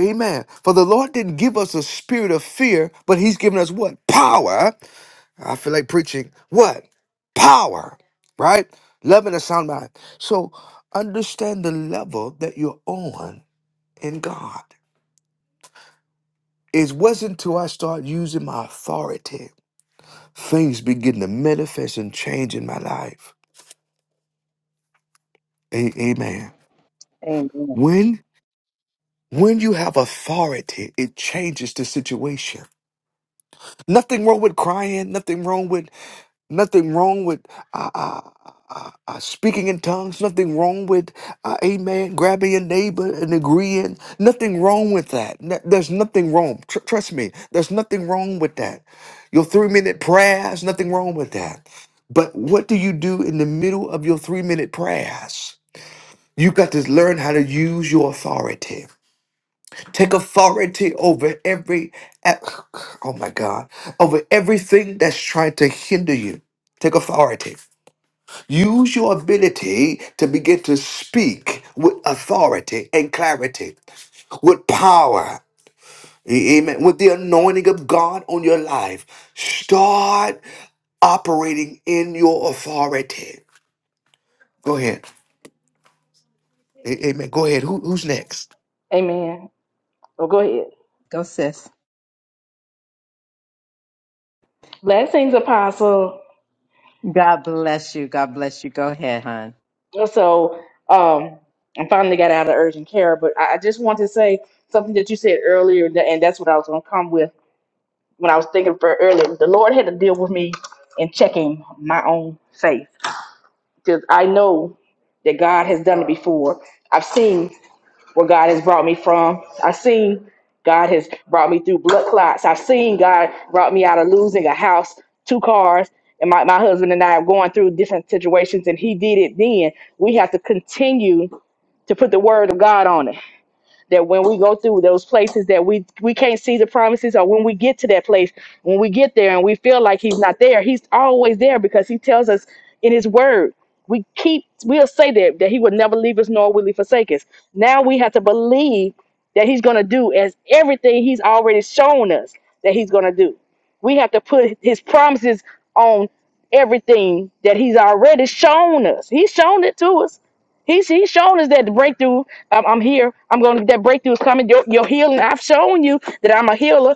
[SPEAKER 1] Amen. For the Lord didn't give us a spirit of fear, but He's given us what? Power. I feel like preaching. What? Power, right? Love and a sound mind. So understand the level that you're on in God. It wasn't until I start using my authority, things begin to manifest and change in my life. A- amen.
[SPEAKER 9] Amen.
[SPEAKER 1] When when you have authority, it changes the situation. Nothing wrong with crying. Nothing wrong with nothing wrong with uh, uh, uh, uh, speaking in tongues. Nothing wrong with uh, amen. Grabbing your neighbor and agreeing. Nothing wrong with that. N- There's nothing wrong. Tr- trust me. There's nothing wrong with that. Your three minute prayers. Nothing wrong with that. But what do you do in the middle of your three minute prayers? You got to learn how to use your authority. Take authority over every, e-, oh my God, over everything that's trying to hinder you. Take authority. Use your ability to begin to speak with authority and clarity, with power, amen, with the anointing of God on your life. Start operating in your authority. Go ahead. A- Amen. Go ahead. Who, who's next?
[SPEAKER 5] Amen. Well, go ahead.
[SPEAKER 9] Go, sis.
[SPEAKER 5] Blessings, Apostle.
[SPEAKER 9] God bless you. God bless you. Go ahead, hon.
[SPEAKER 5] So, um, I finally got out of urgent care, but I I just want to say something that you said earlier, tha- and that's what I was gonna come with when I was thinking for earlier. The Lord had to deal with me in checking my own faith because I know that God has done it before. I've seen where God has brought me from. I've seen God has brought me through blood clots. I've seen God brought me out of losing a house, two cars, and my, my husband and I are going through different situations, and He did it then. We have to continue to put the word of God on it that when we go through those places that we we can't see the promises or when we get to that place when we get there and we feel like he's not there he's always there because he tells us in his word we keep we'll say that that he will never leave us nor will he forsake us now we have to believe that he's going to do as everything he's already shown us that he's going to do we have to put his promises on everything that he's already shown us he's shown it to us He's he's shown us that the breakthrough. Um, I'm here. I'm going. That breakthrough is coming. Your, your healing. I've shown you that I'm a healer.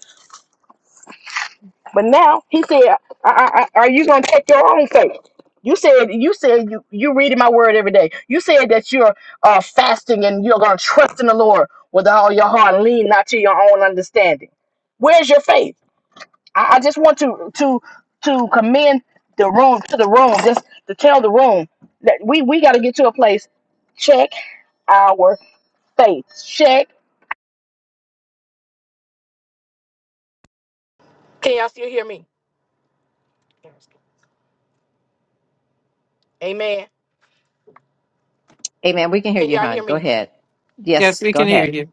[SPEAKER 5] But now he said, I, I, I, "Are you going to take your own faith?" You said you said you you reading my word every day. You said that you're uh, fasting and you're going to trust in the Lord with all your heart and lean not to your own understanding. Where's your faith? I, I just want to to to commend the room to the room, just to tell the room that we we got to get to a place. Check our faith. Check
[SPEAKER 9] Amen. We can hear you, hon. Go ahead.
[SPEAKER 4] Yes,
[SPEAKER 9] Yes,
[SPEAKER 4] we
[SPEAKER 9] go
[SPEAKER 4] can hear
[SPEAKER 9] ahead.
[SPEAKER 4] you.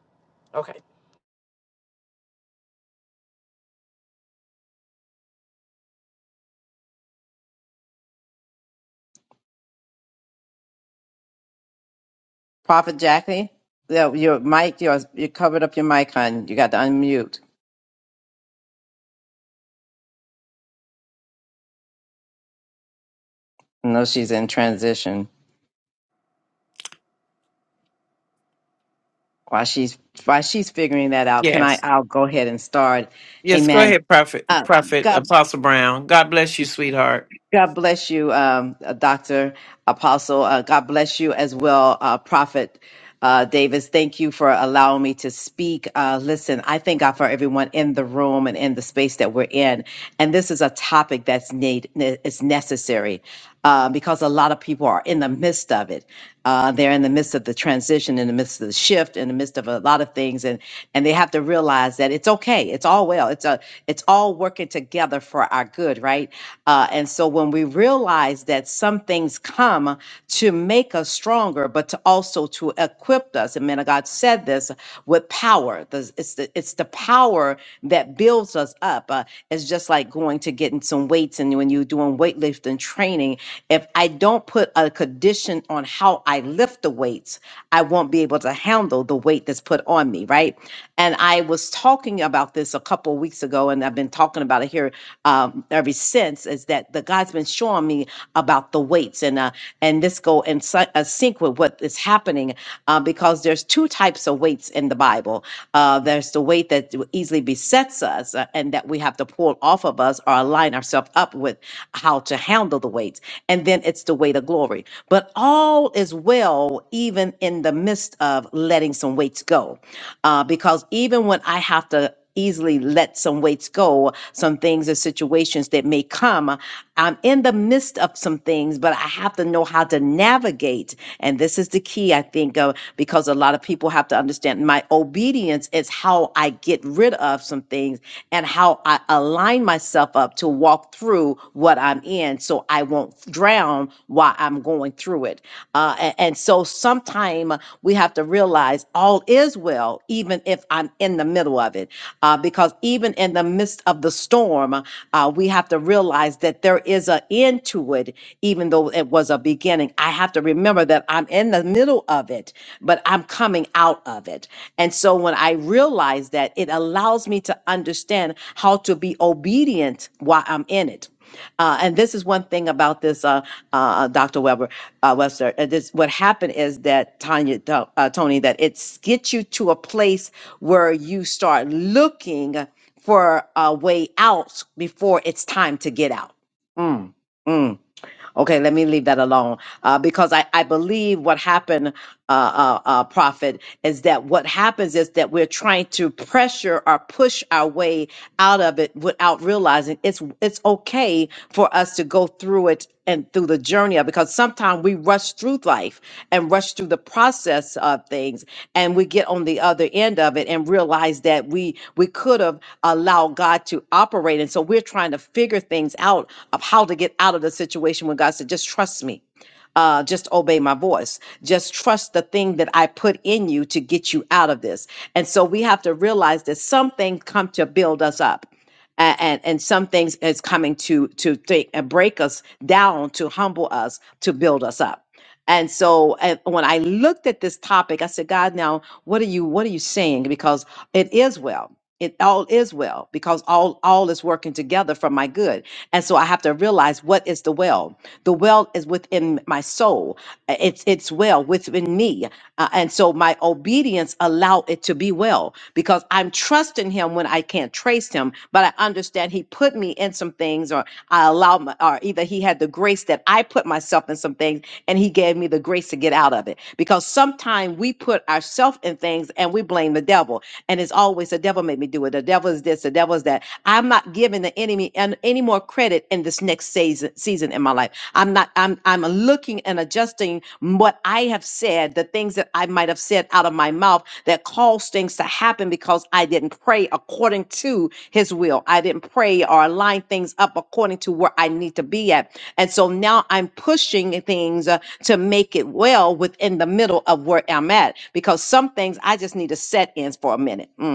[SPEAKER 9] Prophet Jackie, yeah, your mic, yours, you covered up your mic, hon. You got to unmute. I know she's in transition. While she's while she's figuring that out, can I?
[SPEAKER 4] Yes.
[SPEAKER 9] I'll go ahead and start.
[SPEAKER 4] Yes, go
[SPEAKER 9] Amen.
[SPEAKER 4] ahead, Prophet
[SPEAKER 9] Uh,
[SPEAKER 4] Prophet
[SPEAKER 9] God
[SPEAKER 4] Apostle Brown. God bless you, sweetheart.
[SPEAKER 9] God bless you, um, uh, Dr. Apostle. Uh, God bless you as well, uh, Prophet uh, Davis. Thank you for allowing me to speak. Uh, listen, I thank God for everyone in the room and in the space that we're in. And this is a topic that's need ne- is necessary uh, because a lot of people are in the midst of it. Uh, they're in the midst of the transition, in the midst of the shift, in the midst of a lot of things, and and they have to realize that it's okay. It's all well. It's a it's all working together for our good, right? Uh, and so so when we realize that some things come to make us stronger, but to also to equip us, and men of God said this with power. This- It's the, it's the power that builds us up. Uh, it's just like going to getting some weights, and when you're doing weightlifting training, if I don't put a condition on how I lift the weights, I won't be able to handle the weight that's put on me, right? And I was talking about this a couple of weeks ago, and I've been talking about it here um, ever since. Is that the that God's been showing me about the weights and uh, and this go in sy- uh, sync with what is happening uh, because there's two types of weights in the Bible. Uh, there's the weight that w- easily besets us uh, and that we have to pull off of us or align ourselves up with how to handle the weights, and then it's the weight of glory. But all is well, even in the midst of letting some weights go, uh, because even when I have to easily let some weights go, some things or situations that may come. I'm in the midst of some things, but I have to know how to navigate. And this is the key, I think, of because a lot of people have to understand my obedience is how I get rid of some things and how I align myself up to walk through what I'm in so I won't drown around while I'm going through it. Uh, a- and, so sometime we have to realize all is well, even if I'm in the middle of it. Uh, because even in the midst of the storm, uh, we have to realize that there is an end to it, even though it was a beginning. I have to remember that I'm in the middle of it, but I'm coming out of it. And so when I realize that, it allows me to understand how to be obedient while I'm in it uh, and this is one thing about this, uh, uh, Dr. Weber, uh, Webster. uh, This, what happened is that Tanya, to- uh, Tony, that it gets you to a place where you start looking for a way out before it's time to get out Okay, let me leave that alone uh, because I, I believe what happened, uh, uh, uh, Prophet, is that what happens is that we're trying to pressure or push our way out of it without realizing it's it's okay for us to go through it and through the journey of because sometimes we rush through life and rush through the process of things things and we get on the other end of it and realize that we we could have allowed God to operate and so we're trying to figure things out of how to get out of the situation when God said just trust me uh, just obey my voice. Just trust the thing that I put in you to get you out of this. And so we have to realize that some things come to build us up. a- And, and some things is coming to to take and break us down to humble us to build us up and so and when I looked at this topic, I said, God, now what are you what are you saying? Because it is well. It all is well because all all is working together for my good. And so I have to realize what is the well. The well is within my soul. Uh, It's it's well within me. Uh, and so my obedience allowed it to be well because I'm trusting trust in him when I can't trace him, but I understand he put me in some things or I allowed my, or either he had the grace that I put myself in some things and he gave me the grace to get out of it. Because sometimes we put ourselves in things and we blame the devil. And it's always the devil made me do it. The devil is this, the devil is that. I'm not giving the enemy an- any more credit in this next season season in my life. I'm not, I'm I'm looking and adjusting what I have said, the things that I might have said out of my mouth that caused things to happen because I didn't pray according to his will. I didn't pray or line things up according to where I need to be at. And so now I'm pushing things uh, to make it well within the middle of where I'm at because some things I just need to set in for a minute. Mm.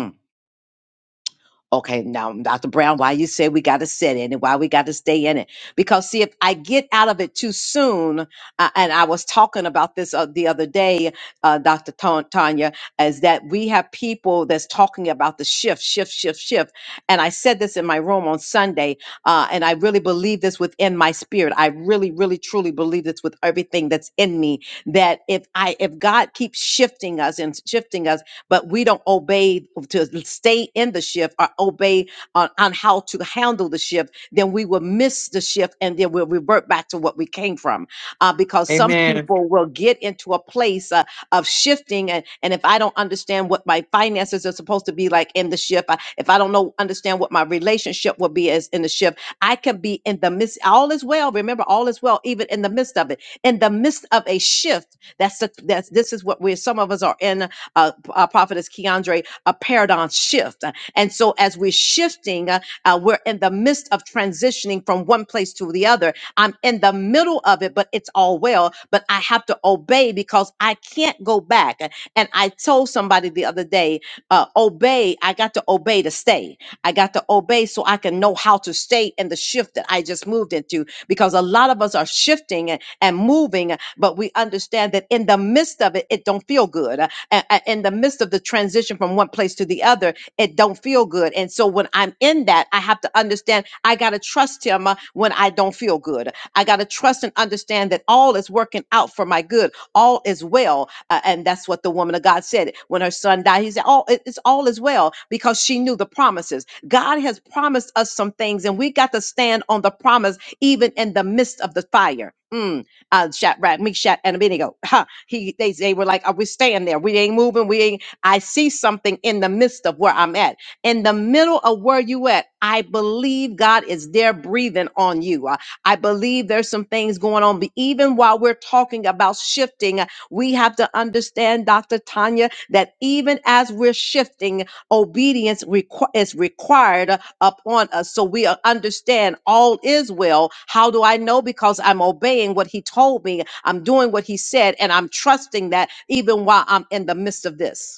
[SPEAKER 9] Okay, now, Dr. Brown, why you say we got to sit in it, why we got to stay in it? Because see, if I get out of it too soon, uh, and I was talking about this uh, the other day, uh, Dr. Ta- Tanya, is that we have people that's talking about the shift, shift, shift, shift. And I said this in my room on Sunday, uh, and I really believe this within my spirit. I really, really, truly believe this with everything that's in me. That if I, if God keeps shifting us and shifting us but we don't obey to stay in the shift or obey on, on how to handle the shift, then we will miss the shift and then we'll revert back to what we came from. Uh, because some
[SPEAKER 4] Amen.
[SPEAKER 9] people will get into a place uh, of shifting. And, and if I don't understand what my finances are supposed to be like in the shift, uh, if I don't know, understand what my relationship will be as in the shift, I can be in the midst, all is well. Remember, all is well, even in the midst of it. In the midst of a shift, that's the, that's this is what we're some of us are in uh, p- uh, prophetess Keandre, a paradigm shift. And so as we're shifting, uh, uh, we're in the midst of transitioning from one place to the other. I'm in the middle of it, but it's all well, but I have to obey because I can't go back. And I told somebody the other day, uh, obey. I got to obey to stay. I got to obey so I can know how to stay in the shift that I just moved into because a lot of us are shifting and and moving, but we understand that in the midst of it, it don't feel good a- a- in the midst of the transition from one place to the other it don't feel good and so when i'm in that i have to understand i got to trust him uh, when i don't feel good i got to trust and understand that all is working out for my good all is well uh, and that's what the woman of god said when her son died he said all it- it's all is well because she knew the promises god has promised us some things and we got to stand on the promise even in the midst of the fire Mm, uh, Shadrach, Meshach, and Abednego. He they they were like, "Are we staying there? We ain't moving. We ain't." I see something in the midst of where I'm at, in the middle of where you at. I believe God is there breathing on you. Uh, I believe there's some things going on. But even while we're talking about shifting, uh, we have to understand, Dr. Tanya, that even as we're shifting, obedience requ- is required uh, upon us so we uh, understand all is well. How do I know? Because I'm obeying what he told me, I'm doing what he said, and I'm trusting that even while I'm in the midst of this.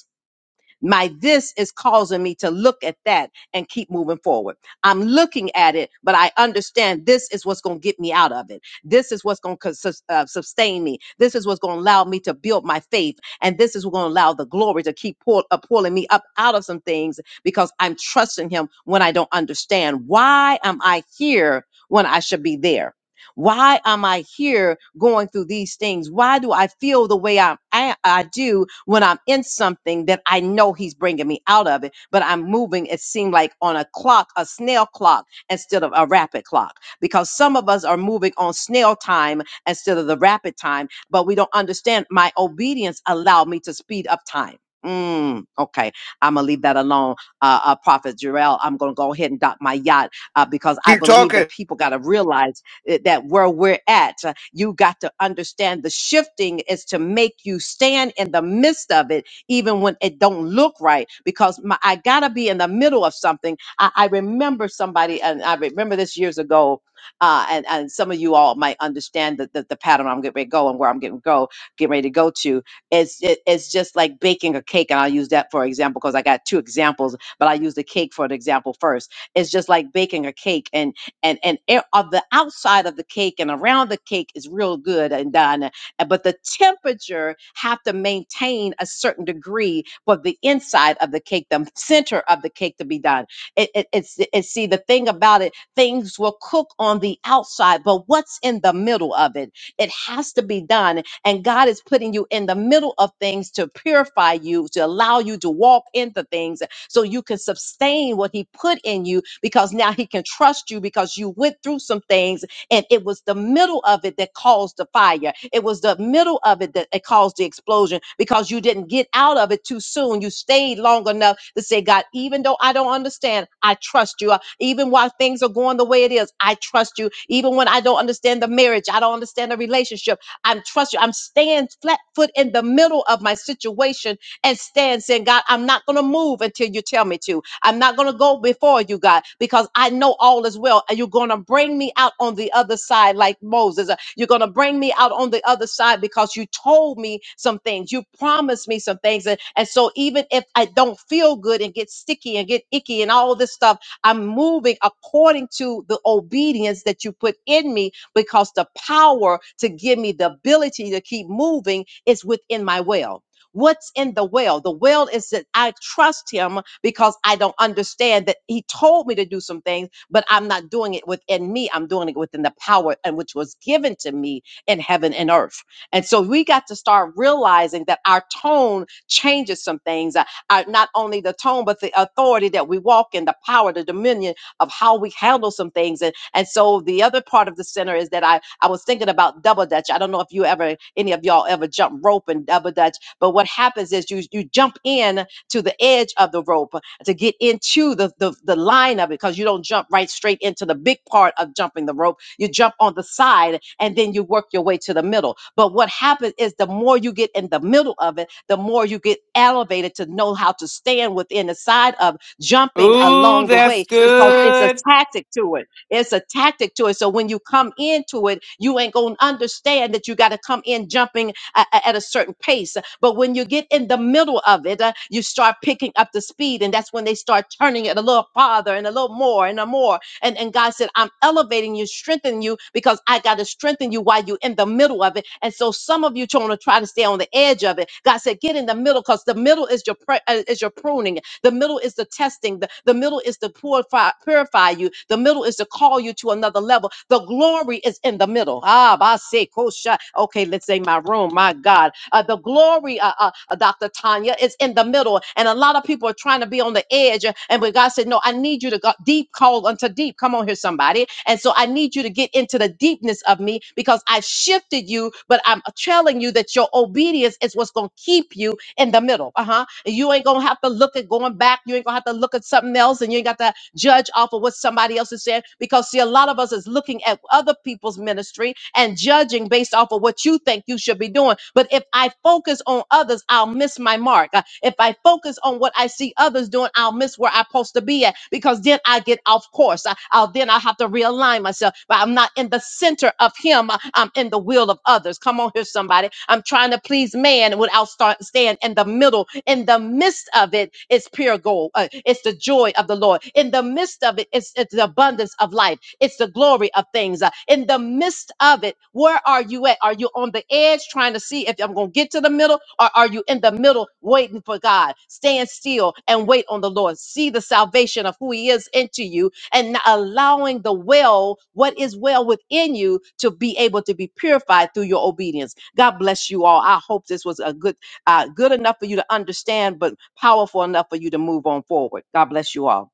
[SPEAKER 9] My this is causing me to look at that and keep moving forward. I'm looking at it, but I understand this is what's going to get me out of it. This is what's going to uh, sustain me. This is what's going to allow me to build my faith. And this is what's going to allow the glory to keep pull, uh, pulling me up out of some things because I'm trusting Him when I don't understand. Why am I here when I should be there? Why am I here going through these things? Why do I feel the way I, I, I do when I'm in something that I know He's bringing me out of it, but I'm moving, it seemed like on a clock, a snail clock, instead of a rapid clock? Because some of us are moving on snail time instead of the rapid time, but we don't understand my obedience allowed me to speed up time. Mm, okay, I'm gonna leave that alone, uh, uh, Prophet Jarrell. I'm gonna go ahead and dock my yacht uh, because I
[SPEAKER 1] Keep
[SPEAKER 9] believe
[SPEAKER 1] talking.
[SPEAKER 9] that people got to realize eh, that where we're at. Uh, You got to understand the shifting is to make you stand in the midst of it, even when it don't look right. Because my, I gotta be in the middle of something. I, I remember somebody, and I remember this years ago. Uh, and and some of you all might understand the, the the pattern I'm getting ready to go and where I'm getting go getting ready to go to. It's it, it's just like baking a cake, and I'll use that for example because I got two examples, but I use the cake for an example first. It's just like baking a cake, and and and e- of the outside of the cake and around the cake is real good and done uh, but the temperature have to maintain a certain degree for the inside of the cake the center of the cake to be done it, it, it's it's see the thing about it things will cook on the outside but what's in the middle of it it has to be done and god is putting you in the middle of things to purify you to allow you to walk into things so you can sustain what he put in you because now he can trust you because you went through some things and it was the middle of it that caused the fire. It was the middle of it that it caused the explosion because you didn't get out of it too soon. You stayed long enough to say, God, even though I don't understand, I trust you. Uh, Even while things are going the way it is, I trust you. Even when I don't understand the marriage, I don't understand the relationship, I'm trust you. I'm staying flat foot in the middle of my situation and stand saying, God, I'm not going to move until you tell me to. I'm not going to go before you, God, because I know all is well. And you're going to bring me out on the other side like Moses. Uh, You're going to bring me out on the other side because you told me some things. You promised me some things. And, and so even if I don't feel good and get sticky and get icky and all this stuff, I'm moving according to the obedience that you put in me because the power to give me the ability to keep moving is within my will. What's in the well? The well is that I trust him because I don't understand that he told me to do some things, but I'm not doing it within me. I'm doing it within the power and which was given to me in heaven and earth. And so we got to start realizing that our tone changes some things. Uh, uh, not only the tone, but the authority that we walk in, the power, the dominion of how we handle some things. And, and so the other part of the center is that I, I was thinking about double dutch. I don't know if you ever, any of y'all ever jump rope and double dutch but what happens is you you jump in to the edge of the rope to get into the the, the line of it because you don't jump right straight into the big part of jumping the rope. You jump on the side and then you work your way to the middle. But what happens is the more you get in the middle of it, the more you get elevated to know how to stand within the side of jumping
[SPEAKER 4] Ooh,
[SPEAKER 9] along the
[SPEAKER 4] that's
[SPEAKER 9] way because it's a
[SPEAKER 4] good.
[SPEAKER 9] tactic to it. It's a tactic to it. So when you come into it, you ain't gonna understand that you got to come in jumping a- a- at a certain pace. But when you get in the middle of it, uh, you start picking up the speed, and that's when they start turning it a little farther and a little more and a more. And and God said, I'm elevating you, strengthening you, because I got to strengthen you while you're in the middle of it. And so some of you trying to try to stay on the edge of it. God said, get in the middle, because the middle is your pre- uh, is your pruning. The middle is the testing. The, the middle is to purify, purify you. The middle is to call you to another level. The glory is in the middle. Ah, ba se kosha. Okay, let's say my room. My God, uh, the glory, uh, uh, uh, Dr. Tanya, is in the middle, and a lot of people are trying to be on the edge. uh, And but God said, no, I need you to go deep. Call unto deep. Come on here, somebody. And so I need you to get into the deepness of me because I shifted you, but I'm telling you that your obedience is what's going to keep you in the middle. Uh huh and you ain't gonna have to look at going back. You ain't gonna have to look at something else, and you ain't got to judge off of what somebody else is saying. Because see, a lot of us is looking at other people's ministry and judging based off of what you think you should be doing. But if I focus on others, I'll miss my mark. Uh, If I focus on what I see others doing, I'll miss where I'm supposed to be at. Because then I get off course. I, I'll then I have to realign myself. But I'm not in the center of Him. uh, I'm in the will of others. Come on here, somebody. I'm trying trying to please man without start stand in the middle in the midst of it it's pure gold uh, it's the joy of the lord in the midst of it it's, it's the abundance of life it's the glory of things Uh, in the midst of it where are you at are you on the edge trying to see if i'm going to get to the middle or are you in the middle waiting for god stand still and wait on the lord see the salvation of who he is into you and not allowing the well, what is well within you, to be able to be purified through your obedience. God bless you all. I hope this was a good, uh, good enough for you to understand, but powerful enough for you to move on forward. God bless you all.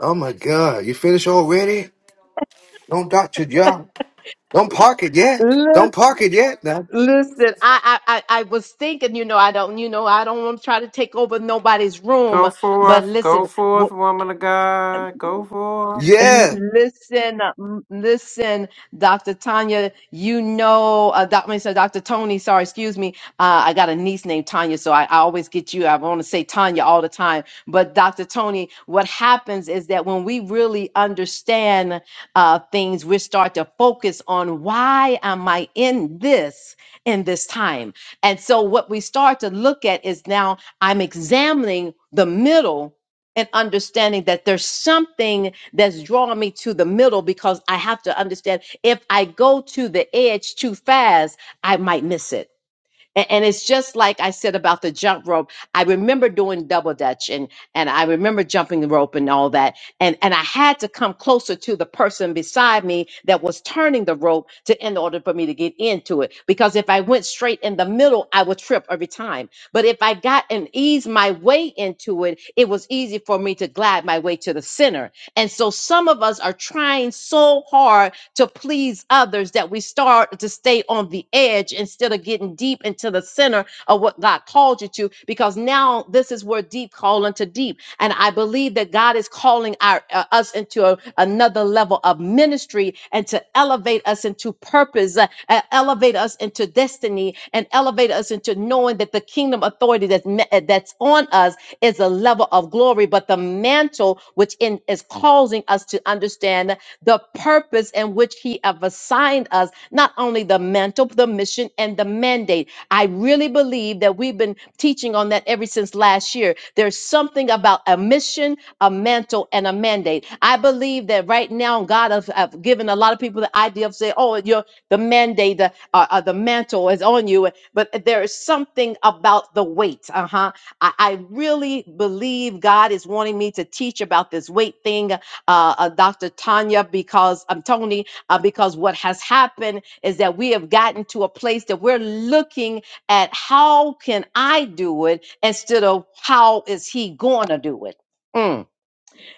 [SPEAKER 1] Oh my God. You finished already? Don't doubt your job. Don't park it yet.
[SPEAKER 9] Lis-
[SPEAKER 1] Don't park it yet. Now,
[SPEAKER 9] Listen, I, I I I was thinking, you know, I don't, you know, I don't want to try to take over nobody's room,
[SPEAKER 4] Go
[SPEAKER 9] but
[SPEAKER 4] forth. Go
[SPEAKER 9] listen,
[SPEAKER 4] forth, woman of God. Go forth.
[SPEAKER 1] yeah,
[SPEAKER 9] Um, Listen, um, listen, Dr. Tanya, you know, uh, doc, I mean, sorry, Dr. Tony, sorry, excuse me. Uh, I got a niece named Tanya, so I, I always get you. I want to say Tanya all the time. But Dr. Tony, what happens is that when we really understand uh, things, we start to focus on why am I in this in this time? And so what we start to look at is now I'm examining the middle and understanding that there's something that's drawing me to the middle because I have to understand if I go to the edge too fast, I might miss it and, and it's just like I said about the jump rope. I remember doing double dutch and and I remember jumping the rope and all that. And and I had to come closer to the person beside me that was turning the rope to in order for me to get into it. Because if I went straight in the middle, I would trip every time. But if I got and eased my way into it, it was easy for me to glide my way to the center. And so some of us are trying so hard to please others that we start to stay on the edge instead of getting deep into the center of what God called you to because now this is where deep call unto deep and I believe that God is calling our uh, us into a- another level of ministry and to elevate us into purpose uh, uh, elevate us into destiny and elevate us into knowing that the kingdom authority that's me- uh, that's on us is a level of glory but the mantle which in is causing us to understand the purpose in which he have assigned us, not only the mantle, the mission, and the mandate. I really believe that we've been teaching on that ever since last year. There's something about a mission, a mantle, and a mandate. I believe that right now God has have given a lot of people the idea of saying, "Oh, your the mandate, the uh, uh, the mantle is on you," but there is something about the weight. Uh huh. I, I really believe God is wanting me to teach about this weight thing uh, uh, Dr. Tanya, because I'm Tony, uh, because what has happened is that we have gotten to a place that we're looking at how can I do it instead of how is he going to do it. Mm.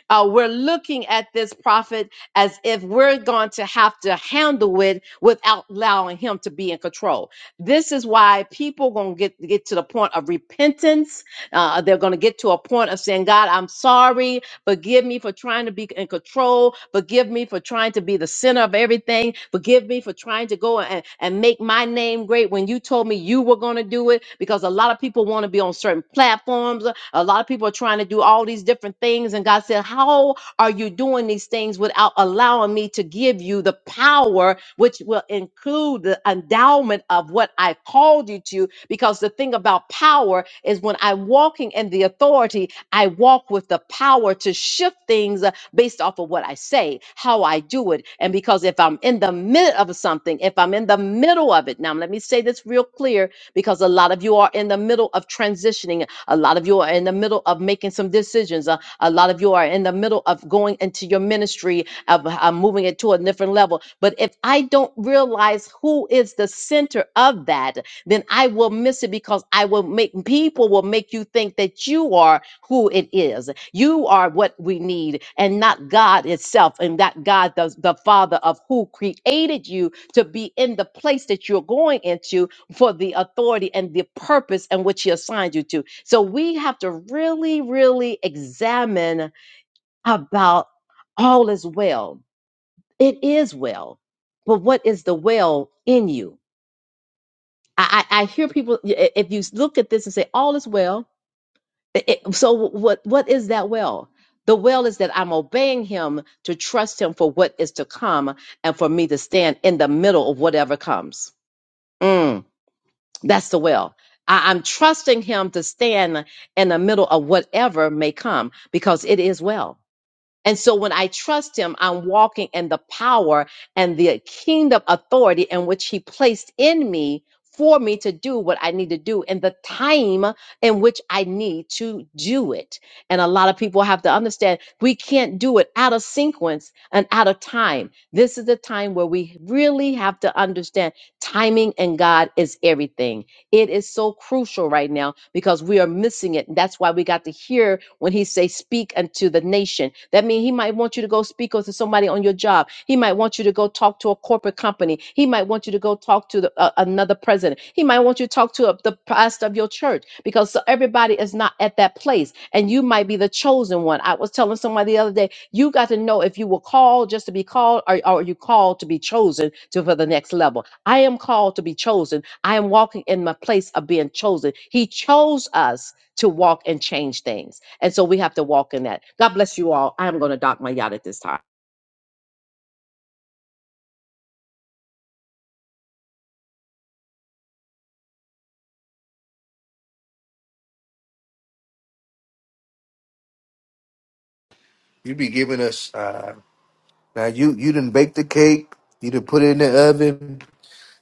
[SPEAKER 9] Uh, we're looking at this prophet as if we're going to have to handle it without allowing him to be in control. This is why people gonna get get to the point of repentance. Uh, they're gonna get to a point of saying, "God, I'm sorry. Forgive me for trying to be in control. Forgive me for trying to be the center of everything. Forgive me for trying to go and, and make my name great when you told me you were going to do it. Because a lot of people want to be on certain platforms. A lot of people are trying to do all these different things. And God said, How are you doing these things without allowing me to give you the power, which will include the endowment of what I called you to? Because the thing about power is when I'm walking in the authority, I walk with the power to shift things uh, based off of what I say, how I do it. And because if I'm in the middle of something, if I'm in the middle of it, now let me say this real clear because a lot of you are in the middle of transitioning a lot of you are in the middle of making some decisions. Uh, a lot of you are in the middle of going into your ministry, of uh, moving it to a different level. But if I don't realize who is the center of that, then I will miss it because I will make people will make you think that you are who it is. You are what we need and not God itself and that God the, the father of who created you to be in the place that you're going into for the authority and the purpose and which he assigned you to. So we have to really, really examine about all is well. It is well, but what is the well in you? I, I, I hear people i- if you look at this and say all is well. i- i- so what what is that well? The well is that I'm obeying him to trust him for what is to come and for me to stand in the middle of whatever comes. Mm. That's the will. I, I'm trusting him to stand in the middle of whatever may come because it is well. And so when I trust him, I'm walking in the power and the kingdom authority in which he placed in me for me to do what I need to do in the time in which I need to do it. And a lot of people have to understand we can't do it out of sequence and out of time. This is the time where we really have to understand timing and God is everything it is so crucial right now because we are missing it. That's why we got to hear when he say speak unto the nation. That means he might want you to go speak to somebody on your job. He might want you to go talk to a corporate company. He might want you to go talk to the, uh, another president. He might want you to talk to a, the pastor of your church because so everybody is not at that place and you might be the chosen one. I was telling somebody the other day, you got to know if you were called just to be called or, or are you called to be chosen to for the next level. I am called to be chosen I am walking in my place of being chosen. He chose us to walk and change things. And so we have to walk in that. God bless you all. I am going to dock my yacht at this time.
[SPEAKER 1] you be giving us. Uh, now you you didn't bake the cake. You didn't put it in the oven.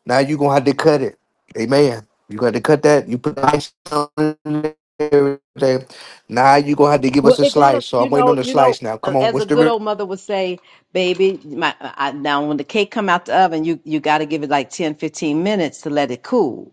[SPEAKER 1] Now you gonna have to cut it. Amen. You got to cut that. You put the ice on it and everything. Now you gonna have to give
[SPEAKER 9] Well,
[SPEAKER 1] us a
[SPEAKER 9] it gotta,
[SPEAKER 1] slice. So I'm
[SPEAKER 9] you
[SPEAKER 1] waiting on
[SPEAKER 9] know,
[SPEAKER 1] the
[SPEAKER 9] you know,
[SPEAKER 1] slice now.
[SPEAKER 9] uh,
[SPEAKER 1] Come on,
[SPEAKER 9] as
[SPEAKER 1] what's
[SPEAKER 9] a
[SPEAKER 1] the
[SPEAKER 9] good
[SPEAKER 1] re-
[SPEAKER 9] old mother would say, baby, my, I, now when the cake come out the oven, you you gotta give it like 10, 15 minutes to let it cool.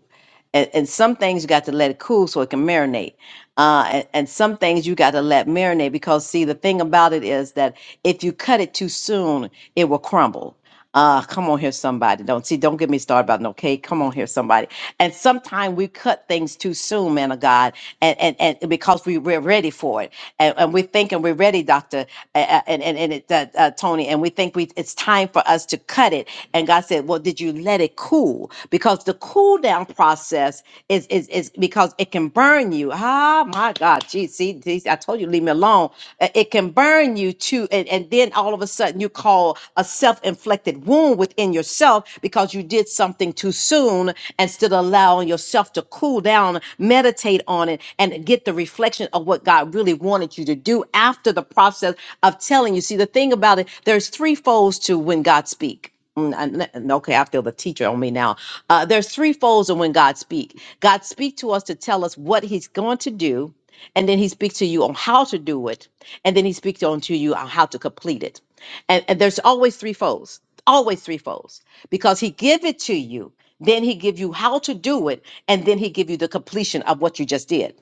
[SPEAKER 9] and, and some things you got to let it cool so it can marinate uh, and, and some things you got to let marinate because see the thing about it is that if you cut it too soon it will crumble uh, come on here somebody don't see don't get me started about no cake come on here somebody and sometimes we cut things too soon man of god and and, and because we, we're ready for it and, and we're thinking we're ready doctor uh, uh, and and, and it, uh, uh, tony and we think we it's time for us to cut it and God said, Well, did you let it cool? Because the cool down process is is is because it can burn you. Ah, my God. Geez, see, see, I told you leave me alone. Uh, It can burn you too. And, and then all of a sudden you call a self-inflicted wound within yourself because you did something too soon instead of allowing yourself to cool down, meditate on it, and get the reflection of what God really wanted you to do after the process of telling you. See, the thing about it, there's three folds to when God speak." Mm, and- and- okay, I feel the teacher on me now. Uh, there's three folds of when God speak. God speak to us to tell us what He's going to do, and then He speaks to you on how to do it, and then He speaks on to you on how to complete it. And, and there's always three folds, always three folds, because He give it to you then he give you how to do it and then he give you the completion of what you just did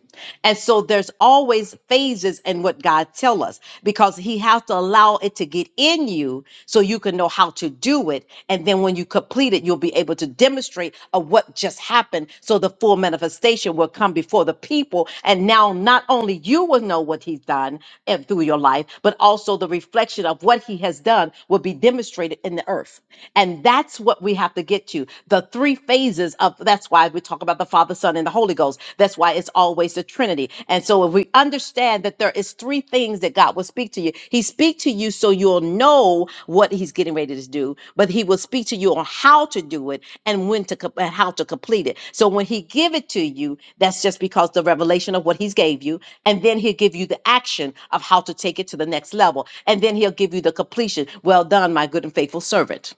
[SPEAKER 9] and so there's always phases in what god tell us because he has to allow it to get in you so you can know how to do it and then when you complete it you'll be able to demonstrate of what just happened so the full manifestation will come before the people and now not only you will know what he's done and through your life but also the reflection of what he has done will be demonstrated in the earth and that's what we we have to get to. The three phases of that's why we talk about the Father, Son, and the Holy Ghost. That's why it's always the Trinity. And so if we understand that there is three things that God will speak to you, He speak to you so you'll know what He's getting ready to do, but He will speak to you on how to do it and when to com- and how to complete it. So when He give it to you, that's just because the revelation of what He's gave you, and then He'll give you the action of how to take it to the next level, and then He'll give you the completion. Well done, my good and faithful servant.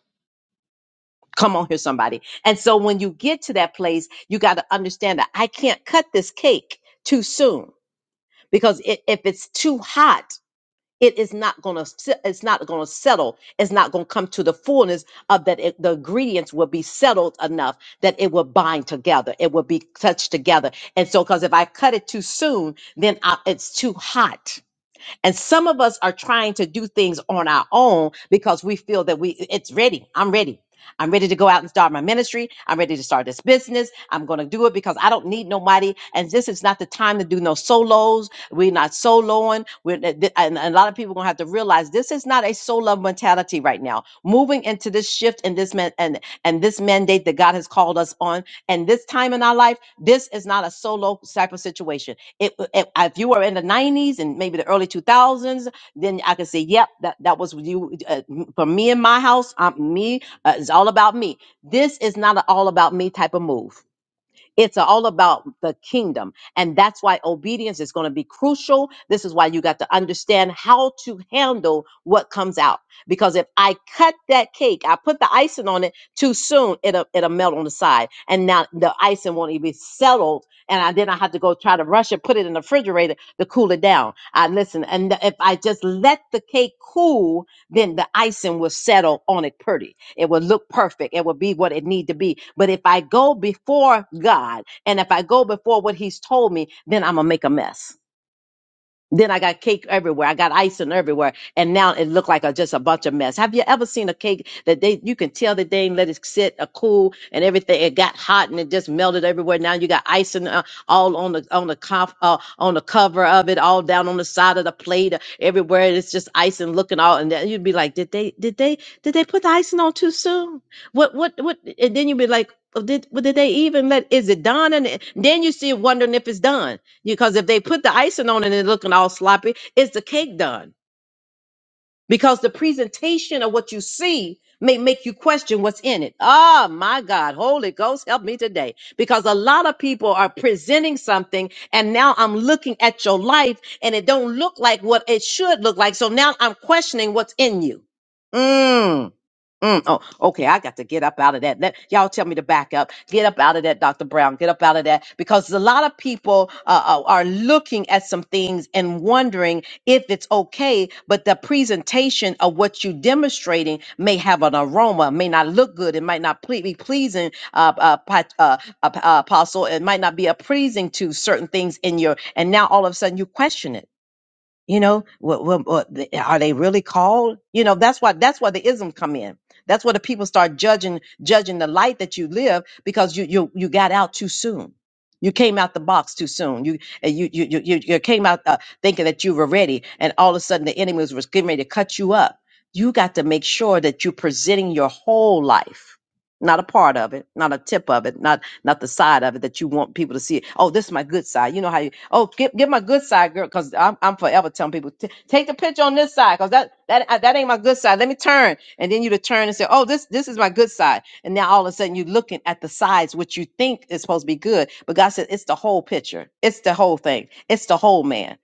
[SPEAKER 9] Come on here, somebody. And so when you get to that place, you got to understand that I can't cut this cake too soon because it, if it's too hot, it is not going to it's not going to settle. It's not going to come to the fullness of that. It, the ingredients will be settled enough that it will bind together. It will be touched together. And so, because if I cut it too soon, then I, it's too hot and some of us are trying to do things on our own because we feel that we it's ready. I'm ready. I'm ready to go out and start my ministry. I'm ready to start this business. I'm going to do it because I don't need nobody. And this is not the time to do no solos. We're not soloing. We're, th- th- and and a lot of people going to have to realize this is not a solo mentality right now. Moving into this shift and this man, and, and this mandate that God has called us on and this time in our life, this is not a solo type of situation. It, it, if you were in the 90s and maybe the early 2000s, then I could say, yep, that, that was you. Uh, m- for me in my house, um, me, uh, it's all about me. This is not an all about me type of move. It's all about the kingdom. And that's why obedience is going to be crucial. This is why you got to understand how to handle what comes out. Because if I cut that cake, I put the icing on it too soon, it'll, it'll melt on the side. And now the icing won't even be settled. And I, then I have to go try to rush it, put it in the refrigerator to cool it down. I listen. And if I just let the cake cool, then the icing will settle on it pretty it will look perfect. It will be what it need to be. But if I go before God and if I go before what he's told me, then I'm going to make a mess then I got cake everywhere. I got icing everywhere, and now it looked like a, just a bunch of mess. Have you ever seen a cake that they you can tell that they didn't let it sit a cool and everything? It got hot and it just melted everywhere. Now you got icing uh, all on the on the conf, uh, on the cover of it, all down on the side of the plate, uh, everywhere. It's just icing looking all, and then you'd be like, did they did they did they put the icing on too soon? What what what? And then you'd be like, oh, did well, did they even let? Is it done? And then you see wondering if it's done because if they put the icing on and it's looking all sloppy, is the cake done? Because the presentation of what you see may make you question what's in it. Oh my God, Holy Ghost, help me today. Because a lot of people are presenting something and now I'm looking at your life and it don't look like what it should look like. So now I'm questioning what's in you. Mm. Mm, oh, okay. I got to get up out of that. Let, y'all tell me to back up. Get up out of that, Dr. Brown. Get up out of that. Because a lot of people uh, are are looking at some things and wondering if it's okay, but the presentation of what you're demonstrating may have an aroma, may not look good. It might not ple- be pleasing, uh, uh, pat- uh, uh, uh, Apostle. It might not be a pleasing to certain things in your, and now all of a sudden you question it you know, what, what, what the- are they really called? You know, that's why that's why the isms come in. That's where the people start judging judging the light that you live because you you you got out too soon. You came out the box too soon. You and you you you, you you came out uh, thinking that you were ready, and all of a sudden the enemy was getting ready to cut you up. You got to make sure that you're presenting your whole life, not a part of it, not a tip of it, not not the side of it that you want people to see. It. Oh, this is my good side. You know how you? Oh, get get my good side, girl, because I'm I'm forever telling people "T- take the picture on this side, because that that uh, that ain't my good side. Let me turn, and then you to turn and say, oh, this this is my good side, and now all of a sudden you're looking at the sides which you think is supposed to be good, but God said it's the whole picture, it's the whole thing, it's the whole man.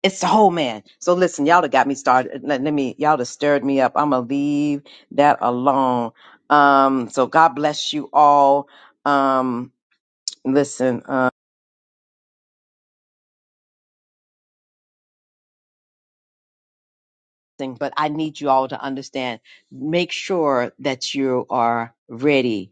[SPEAKER 9] It's the whole man. So listen, y'all have got me started. Let, let me, y'all have stirred me up. I'm gonna leave that alone. Um, so God bless you all. Um, listen uh thing, but i need you all to understand make sure that you are ready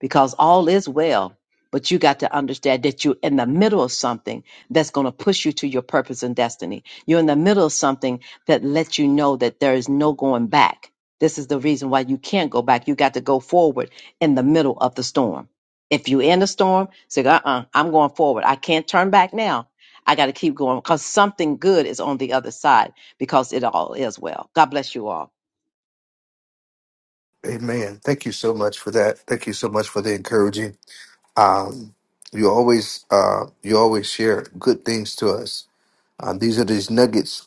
[SPEAKER 9] because all is well. But you got to understand that you're in the middle of something that's going to push you to your purpose and destiny. You're in the middle of something that lets you know that there is no going back. This is the reason why you can't go back. You got to go forward in the middle of the storm. If you're in the storm, say, uh uh i am going forward. I can't turn back now. I got to keep going because something good is on the other side because it all is well. God bless you all.
[SPEAKER 1] Amen. Thank you so much for that. Thank you so much for the encouraging. Um, you always uh, you always share good things to us. Um, these are these nuggets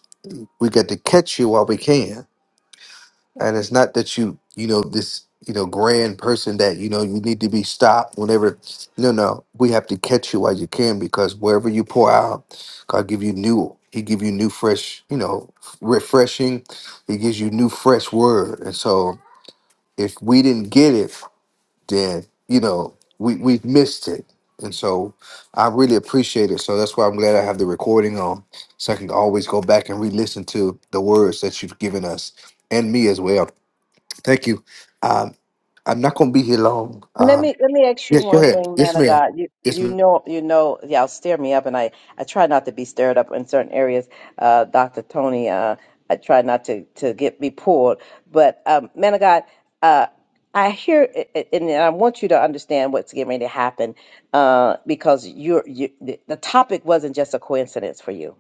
[SPEAKER 1] we got to catch you while we can. And it's not that you, you know, this, you know, grand person that, you know, you need to be stopped whenever. No, no. We have to catch you while you can because wherever you pour out, God give you new. He give you new fresh, you know, refreshing. He gives you new fresh word. And so if we didn't get it, then you know we we've missed it and so i really appreciate it so that's why i'm glad i have the recording on so i can always go back and re-listen to the words that you've given us and me as well thank you um i'm not going to be here long
[SPEAKER 9] Let
[SPEAKER 1] um
[SPEAKER 9] me let me ask you
[SPEAKER 1] yeah go
[SPEAKER 9] one
[SPEAKER 1] ahead
[SPEAKER 9] thing,
[SPEAKER 1] yes
[SPEAKER 9] man of
[SPEAKER 1] ma'am
[SPEAKER 9] God. You
[SPEAKER 1] yes
[SPEAKER 9] you
[SPEAKER 1] ma'am
[SPEAKER 9] know you know y'all stir me up, and I I try not to be stirred up in certain areas. Uh, Doctor Tony, uh, I try not to to get be pulled. But um, man of God, uh, I hear it- it- and I want you to understand what's getting ready to happen, uh, because you're you the the topic wasn't just a coincidence for you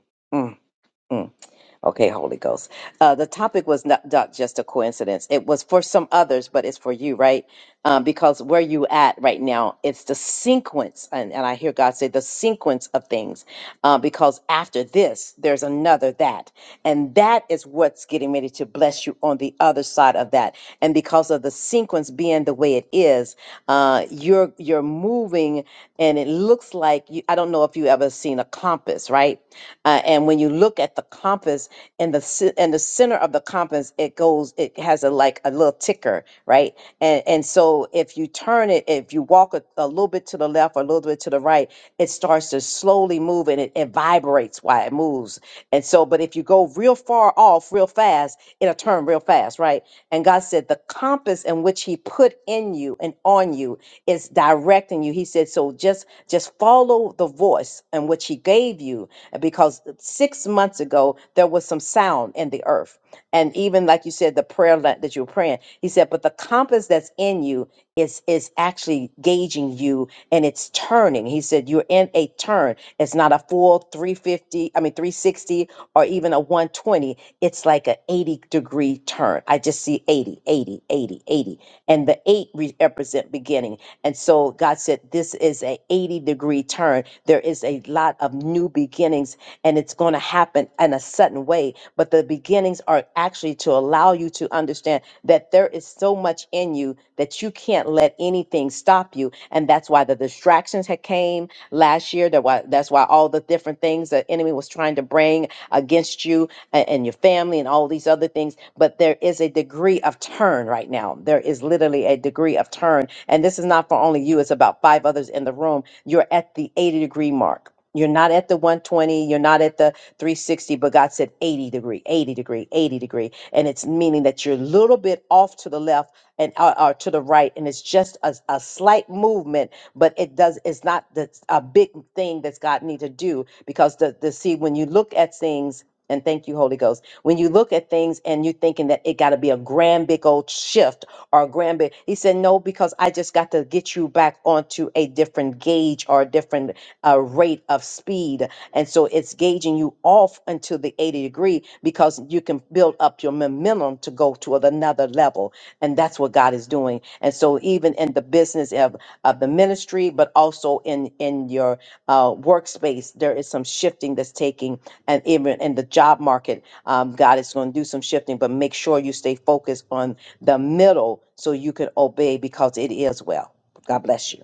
[SPEAKER 9] Okay, Holy Ghost. Uh, the topic was not, not just a coincidence. It was for some others, but it's for you, right? Um, because where you at right now, it's the sequence, and, and I hear God say the sequence of things. Uh, because after this, there's another that, and that is what's getting ready to bless you on the other side of that. And because of the sequence being the way it is, uh, you're you're moving, and it looks like you, I don't know if you ever seen a compass, right? Uh, and when you when you look at the compass and the ce- and the center of the compass, it goes, it has a like a little ticker, right? And and so if you turn it, if you walk a, a little bit to the left or a little bit to the right, it starts to slowly move and it, it vibrates while it moves. And so, but if you go real far off real fast, it'll turn real fast, right? And God said, the compass in which He put in you and on you is directing you. He said, so just just follow the voice in which He gave you you because six months ago there was some sound in the earth and even like you said the prayer la- that you were praying he said but the compass that's in you is is actually gauging you and it's turning he said you're in a turn it's not a full 350 i mean 360 or even a 120 it's like an 80 degree turn i just see 80 80 80 80 and the 8 re- represent beginning and so god said this is a 80 degree turn there is a is a lot of new beginnings and it's going to happen in a sudden way. But the beginnings are actually to allow you to understand that there is so much in you that you can't let anything stop you. And that's why the distractions had came last year. That why that's why all the different things the enemy was trying to bring against you and, and your family and all these other things. But there is a degree of turn right now. There is literally a degree of turn. And this is not for only you, it's about five others in the room. You're you're at the 80 degree mark. You're not at the 120, you're not at the 360, but God said 80 degree, 80 degree, 80 degree. And it's meaning that you're a little bit off to the left and or, or to the right. And it's just a, a slight movement, but it does, it's not the, a big thing that's God need to do because the, the see, when you look at things and thank you, Holy Ghost. When you look at things and you're thinking that it got to be a grand big old shift or a grand big, he said, no, because I just got to get you back onto a different gauge or a different uh, rate of speed. And so it's gauging you off until the 80 degree because you can build up your momentum to go to another another level and that's what god is doing and so even in the business of, of the ministry but also in in your uh, workspace there is some shifting that's taking and even in the job market um, god is going to do some shifting but make sure you stay focused on the middle so you can obey because it is well god bless you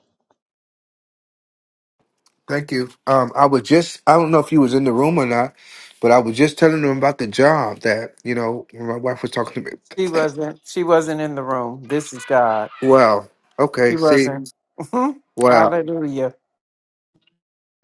[SPEAKER 1] thank you um i was just i don't know if you was in the room or not but i was just telling them about the job that you know when my wife was talking to me
[SPEAKER 4] She wasn't she wasn't in the room. This is God.
[SPEAKER 1] wow okay
[SPEAKER 4] She
[SPEAKER 1] see
[SPEAKER 4] wasn't.
[SPEAKER 1] Wow.
[SPEAKER 4] Hallelujah.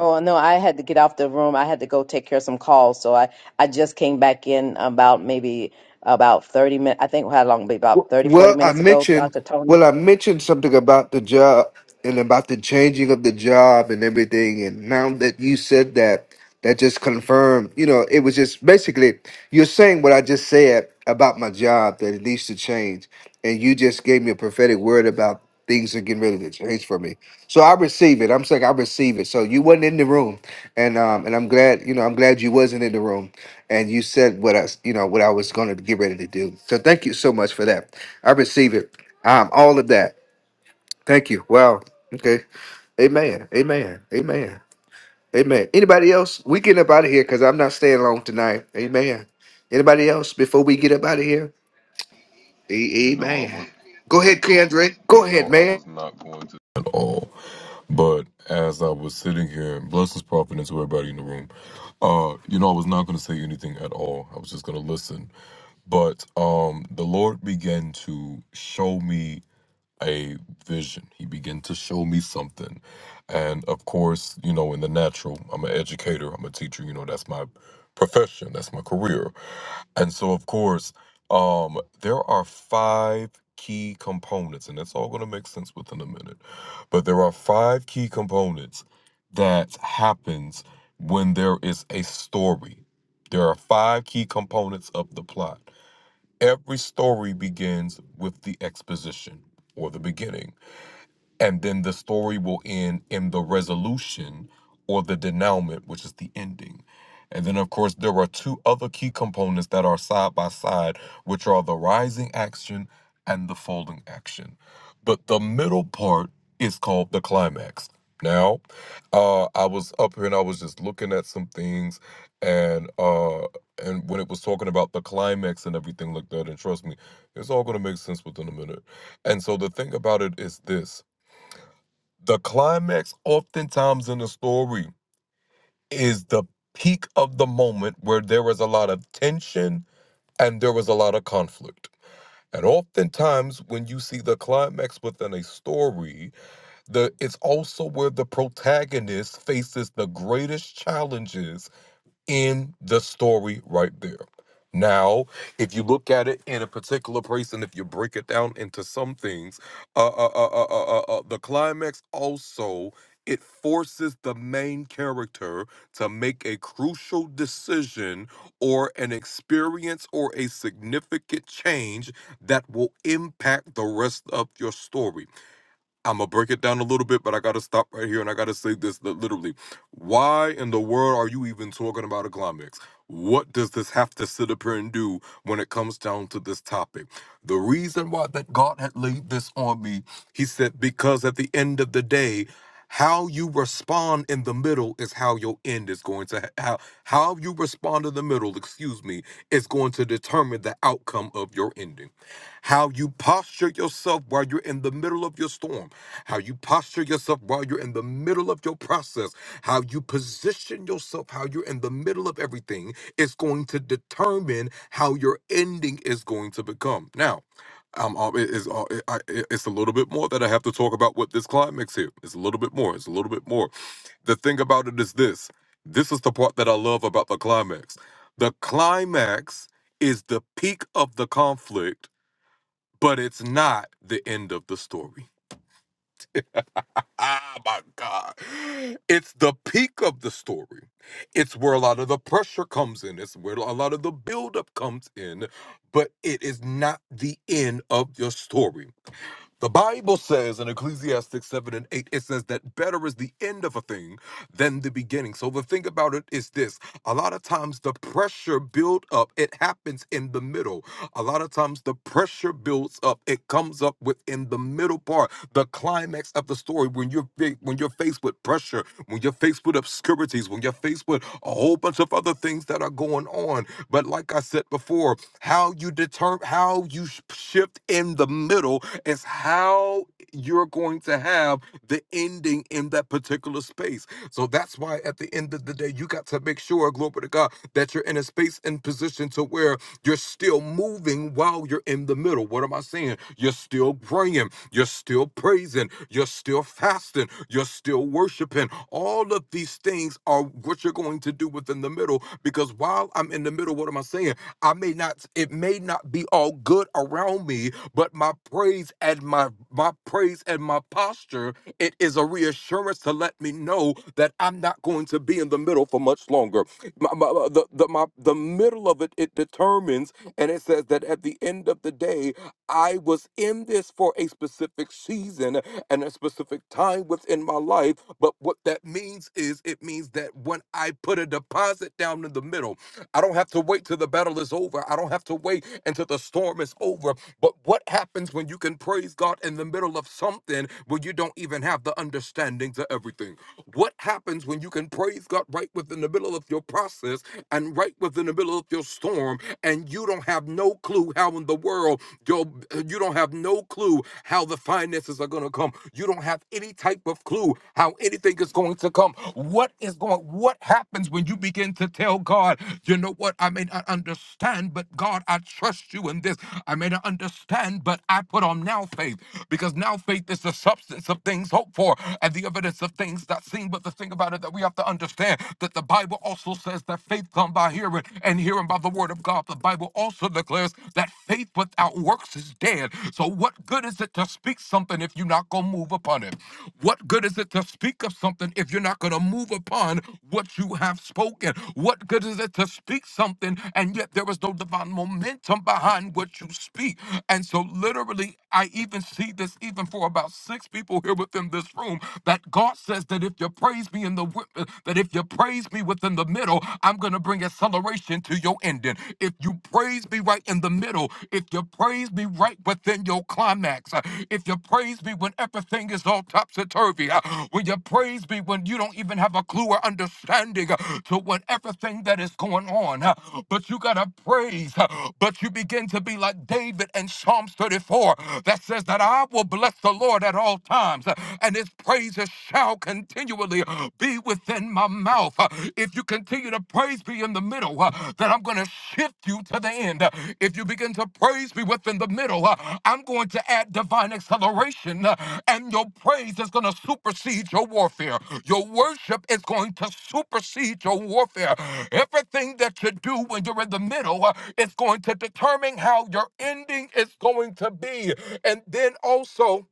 [SPEAKER 9] Oh no, I had to get off the room. I had to go take care of some calls, so I I just came back in about maybe about 30 minutes. I think how long? About 30 40
[SPEAKER 1] Well, I
[SPEAKER 9] minutes ago,
[SPEAKER 1] mentioned
[SPEAKER 9] Dr. Tony.
[SPEAKER 1] well, I mentioned something about the job and about the changing of the job and everything. And now that you said that, that just confirmed. You know, it was just basically you're saying what I just said about my job that it needs to change, and you just gave me a prophetic word about things are getting ready to change for me. So I receive it. I'm saying I receive it. So you wasn't in the room, and um, and I'm glad. You know, I'm glad you wasn't in the room and you said what I, you know, what I was going to get ready to do. So thank you so much for that. I receive it. Um, all of that. Thank you. Wow. Okay. Amen. Amen. Amen. Amen. Anybody else? We getting up out of here because I'm not staying long tonight. Amen. Anybody else before we get up out of here?
[SPEAKER 10] You
[SPEAKER 1] A-
[SPEAKER 10] know I
[SPEAKER 1] Amen.
[SPEAKER 10] was
[SPEAKER 1] Go ahead, Kendra. Go
[SPEAKER 10] you know
[SPEAKER 1] ahead,
[SPEAKER 10] I
[SPEAKER 1] man.
[SPEAKER 10] was not going to at all. But as I was sitting here, blessings providence to everybody in the room. Uh, you know, I was not gonna say anything at all. I was just gonna listen. But um the Lord began to show me a vision. He began to show me something. And of course, you know, in the natural, I'm an educator, I'm a teacher, you know, that's my profession, that's my career. And so, of course, um, there are five key components, and it's all going to make sense within a minute. But there are five key components that happens when there is a story. There are five key components of the plot. Every story begins with the exposition or the beginning and then the story will end in the resolution or the denouement, which is the ending. And then, of course, there are two other key components that are side by side, which are the rising action and the folding action. But the middle part is called the climax. Now, uh, I was up here and I was just looking at some things, and uh, and when it was talking about the climax and everything like that, and trust me, it's all gonna make sense within a minute. And so the thing about it is this: the climax, oftentimes in a story, is the peak of the moment where there was a lot of tension and there was a lot of conflict. And oftentimes, when you see the climax within a story, the it's also where the protagonist faces the greatest challenges in the story right there. Now, if you look at it in a particular place, and if you break it down into some things, uh, uh, uh, uh, uh, uh, uh, the climax also it forces the main character to make a crucial decision or an experience or a significant change that will impact the rest of your story. I'm gonna break it down a little bit, but I gotta stop right here and I gotta say this li- literally. Why in the world are you even talking about a climax? What does this have to sit up here and do when it comes down to this topic? The reason why that God had laid this on me, he said, because at the end of the day, how you respond in the middle is how your end is going to ha- how how you respond in the middle, excuse me, is going to determine the outcome of your ending. How you posture yourself while you're in the middle of your storm how you posture yourself while you're in the middle of your process, how you position yourself, how you're in the middle of everything is going to determine how your ending is going to become. Now, um, um, it is uh, it, I, it- it's a little bit more that I have to talk about with this climax here. It's a little bit more. It's a little bit more. The thing about it is this. This is the part that I love about the climax. The climax is the peak of the conflict, but it's not the end of the story. Ah, my God. It's the peak of the story. It's where a lot of the pressure comes in. It's where a lot of the buildup comes in. But it is not the end of your story. The Bible says in Ecclesiastes 7 and 8, it says that better is the end of a thing than the beginning. So the thing about it is this a lot of times the pressure build up, it happens in the middle. A lot of times the pressure builds up, it comes up within the middle part, the climax of the story. When you're big, when you're faced with pressure, when you're faced with obscurities, when you're faced with a whole bunch of other things that are going on. But like I said before, how you deter how you sh- shift in the middle is how you're going to have the ending in that particular space so that's why at the end of the day you got to make sure glory to god that you're in a space and position to where you're still moving while you're in the middle what am i saying you're still praying you're still praising you're still fasting you're still worshiping all of these things are what you're going to do within the middle because while i'm in the middle what am i saying I may not, it may not be all good around me, but my praise and my my praise and my posture, it is a reassurance to let me know that I'm not going to be in the middle for much longer. My, my- my- the, the, my, the middle of it, it determines, and it says that at the end of the day, I was in this for a specific season and a specific time within my life. But what that means is it means that when I put a deposit down in the middle, I don't have to wait till the battle is over. I don't have to wait until the storm is over. But what happens when you can praise God in the middle of something where you don't even have the understanding to everything? What happens when you can praise God right within the middle of your process and right within the middle of your storm and you don't have no clue how in the world your you don't have no clue how the finances are going to come. You don't have any type of clue how anything is going to come. What is going what happens when you begin to tell God, you know what? I may not understand, but God, I trust you in this. I may not understand, but I put on now faith because now faith is the substance of things hoped for and the evidence of things not seen. But the thing about it that we have to understand that the Bible also says that faith comes by hearing and hearing by the word of God. The Bible also declares that faith without works is dead. So what good is it to speak something if you're not going to move upon it? What good is it to speak of something if you're not going to move upon what you have spoken? What good is it to speak something and yet there is no divine momentum behind what you speak? And so, literally, I even see this even for about six people here within this room that God says that if you praise me in the wi- that if you praise me within the middle, I'm going to bring acceleration to your ending if you praise be right in the middle, if your praise be right within your climax, uh, if your praise be when everything is all topsy turvy, when your praise be when you don't even have a clue or understanding uh, to what everything that is going on, uh, but you gotta praise, uh, but you begin to be like David in Psalms 34 that says that I will bless the Lord at all times, uh, and his praises shall continually be with within my mouth. Uh, If you continue to praise me in the middle, uh, that I'm going to shift you to the end. Uh, If you begin to praise me within the middle, uh, I'm going to add divine acceleration, uh, and your praise is going to supersede your warfare. Your worship is going to supersede your warfare. Everything that you do when you're in the middle uh, is going to determine how your ending is going to be. And then also,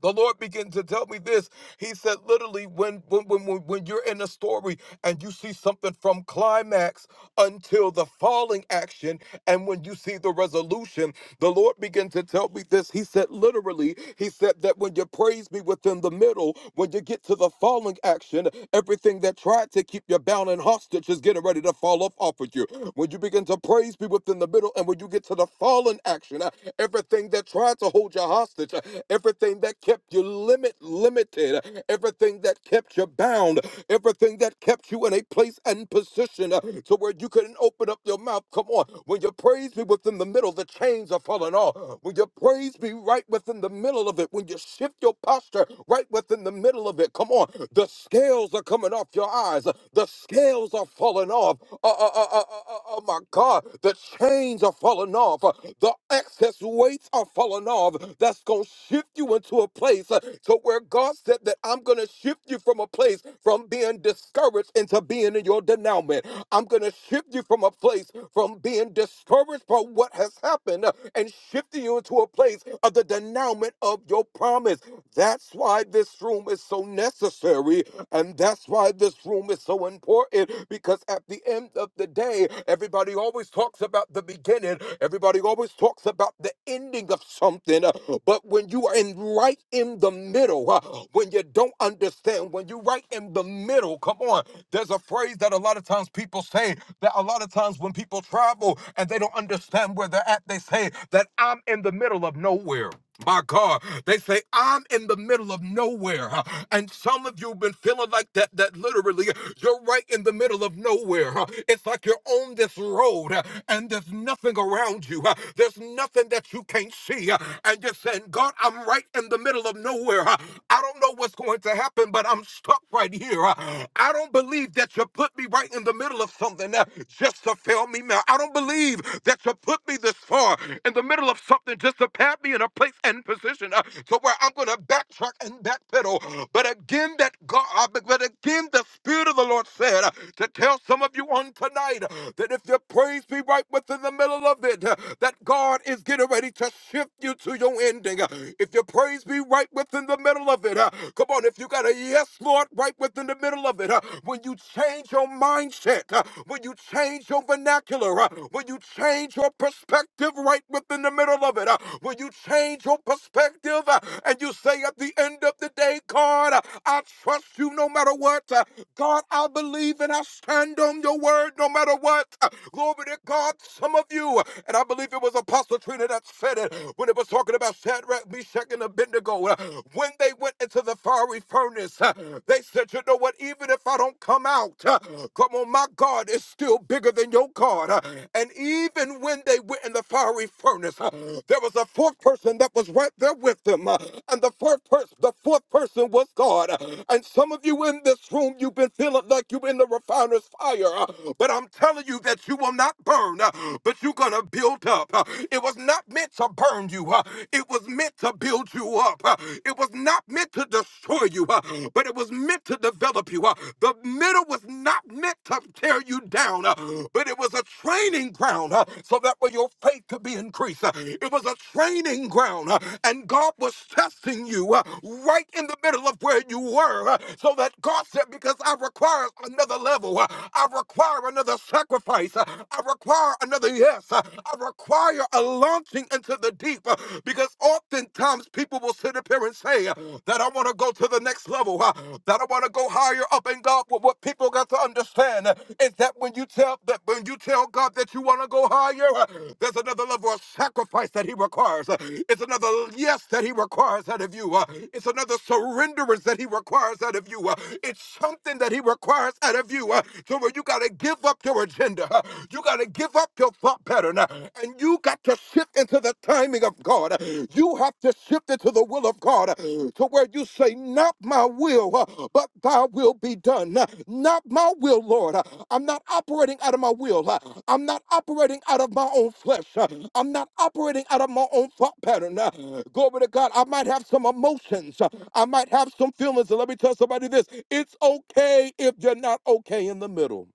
[SPEAKER 10] the Lord began to tell me this. He said, literally, when when when when when you're in a story and you see something from climax until the falling action, and when you see the resolution, the Lord began to tell me this. He said, literally, He said that when you praise me within the middle, when you get to the falling action, everything that tried to keep you bound and hostage is getting ready to fall off off of you. When you begin to praise me within the middle, and when you get to the fallen action, uh, everything that tried to hold you hostage. uh, everything that kept you limit limited, everything that kept you bound, everything that kept you in a place and position uh, to where you couldn't open up your mouth. Come on, when your praise be within the middle, the chains are falling off. When your praise be right within the middle of it, when you shift your posture right within the middle of it, come on, the scales are coming off your eyes, the scales are falling off. Uh, uh, uh, uh, uh, uh, oh my God, the chains are falling off, the excess weights are falling off, that's going to shift you into a place uh, to where God said that I'm going to shift you from a place from being discouraged into being in your denouement. I'm going to shift you from a place from being discouraged by what has happened uh, and shifting you into a place of the denouement of your promise. That's why this room is so necessary. And that's why this room is so important because at the end of the day, everybody always talks about the beginning, everybody always talks about the ending beginning of something. uh, But when you are in right in the middle, uh, when you don't understand, when you're right in the middle, come on. There's a phrase that a lot of times people say that a lot of times when people travel and they don't understand where they're at, they say that I'm in the middle of nowhere. My God, they say I'm in the middle of nowhere, huh, and some of you've been feeling like that. That literally, you're right in the middle of nowhere. huh. It's like you're on this road, huh, and there's nothing around you. huh. There's nothing that you can't see, huh, and you're saying, "God, I'm right in the middle of nowhere. huh. I don't know what's going to happen, but I'm stuck right here. huh. I don't believe that you put me right in the middle of something uh, just to fail me now. I don't believe that you put took me this far in the middle of something just to pat me in a place and position uh, to where I'm going to backtrack and backpedal. But again, that God, uh, but but again, the Spirit of the Lord said uh, to tell some of you on tonight uh, that if your praise be right within the middle of it, uh, that God is getting ready to shift you to your ending. Uh, If your praise be right within the middle of it, uh, come on, if you got a yes, Lord, right within the middle of it, uh, when you change your mindset, uh, when you Will you change your vernacular? Uh, Will you change your perspective right within the middle of it? Uh, Will you change your perspective? Uh, And you say at the end of the day, God, uh, I trust you no matter what. Uh, God, I believe and I stand on your word no matter what. Uh, Glory to God, some of you, uh, and I believe it was Apostle Trina that said it when it was talking about Shadrach, Meshach, and Abednego. Uh, When they went into the fiery furnace, uh, they said, You know what? even if I don't come out, uh, come on, my God is still bigger than your God. uh, And even when they went in the fiery furnace, uh, there was a fourth person that was right there with them. uh, And the fourth person, the fourth person was God. Uh, And some of you in this room, you've been feeling like you're in the refiner's fire. uh, But I'm telling you that you will not burn, uh, but you're gonna build up. uh, It was not meant to burn you. uh, It was meant to build you up. uh, It was not not meant to destroy you, uh, but it was meant to develop you. uh. The middle was not meant to tear you down, uh, but it was a training ground uh, so that way your faith could be increased. uh. It was a training ground, uh, and God was testing you uh, right in the middle of where you were, uh, so that God said, Because I require another level, uh, I require another sacrifice, uh, I require another yes, uh, I require a launching into the deep. huh, uh, because oftentimes people will sit up here and say uh, that I want to go to the next level, uh, that I want to go higher up in God. But what people got to understand uh, is that when you tell that when you tell God that you want to go higher, uh, there's another level of sacrifice that He requires. uh, It's another yes that He requires out of you. uh, It's another surrenderance that He requires out of you. uh, It's something that He requires out of you. uh, To where you got to give up your agenda. uh, You got to give up your thoughts thought pattern, uh, and you got to shift into the timing of God. You have to shift into the will of God uh, to where you say, Not my will, uh, but thy will be done. Uh, Not my will, Lord. Uh, I'm not operating out of my will. Uh, I'm not operating out of my own flesh. Uh, I'm not operating out of my own thought pattern. Uh, Glory to God. I might have some emotions. Uh, I might have some feelings. And let me tell somebody this it's okay if you're not okay in the middle.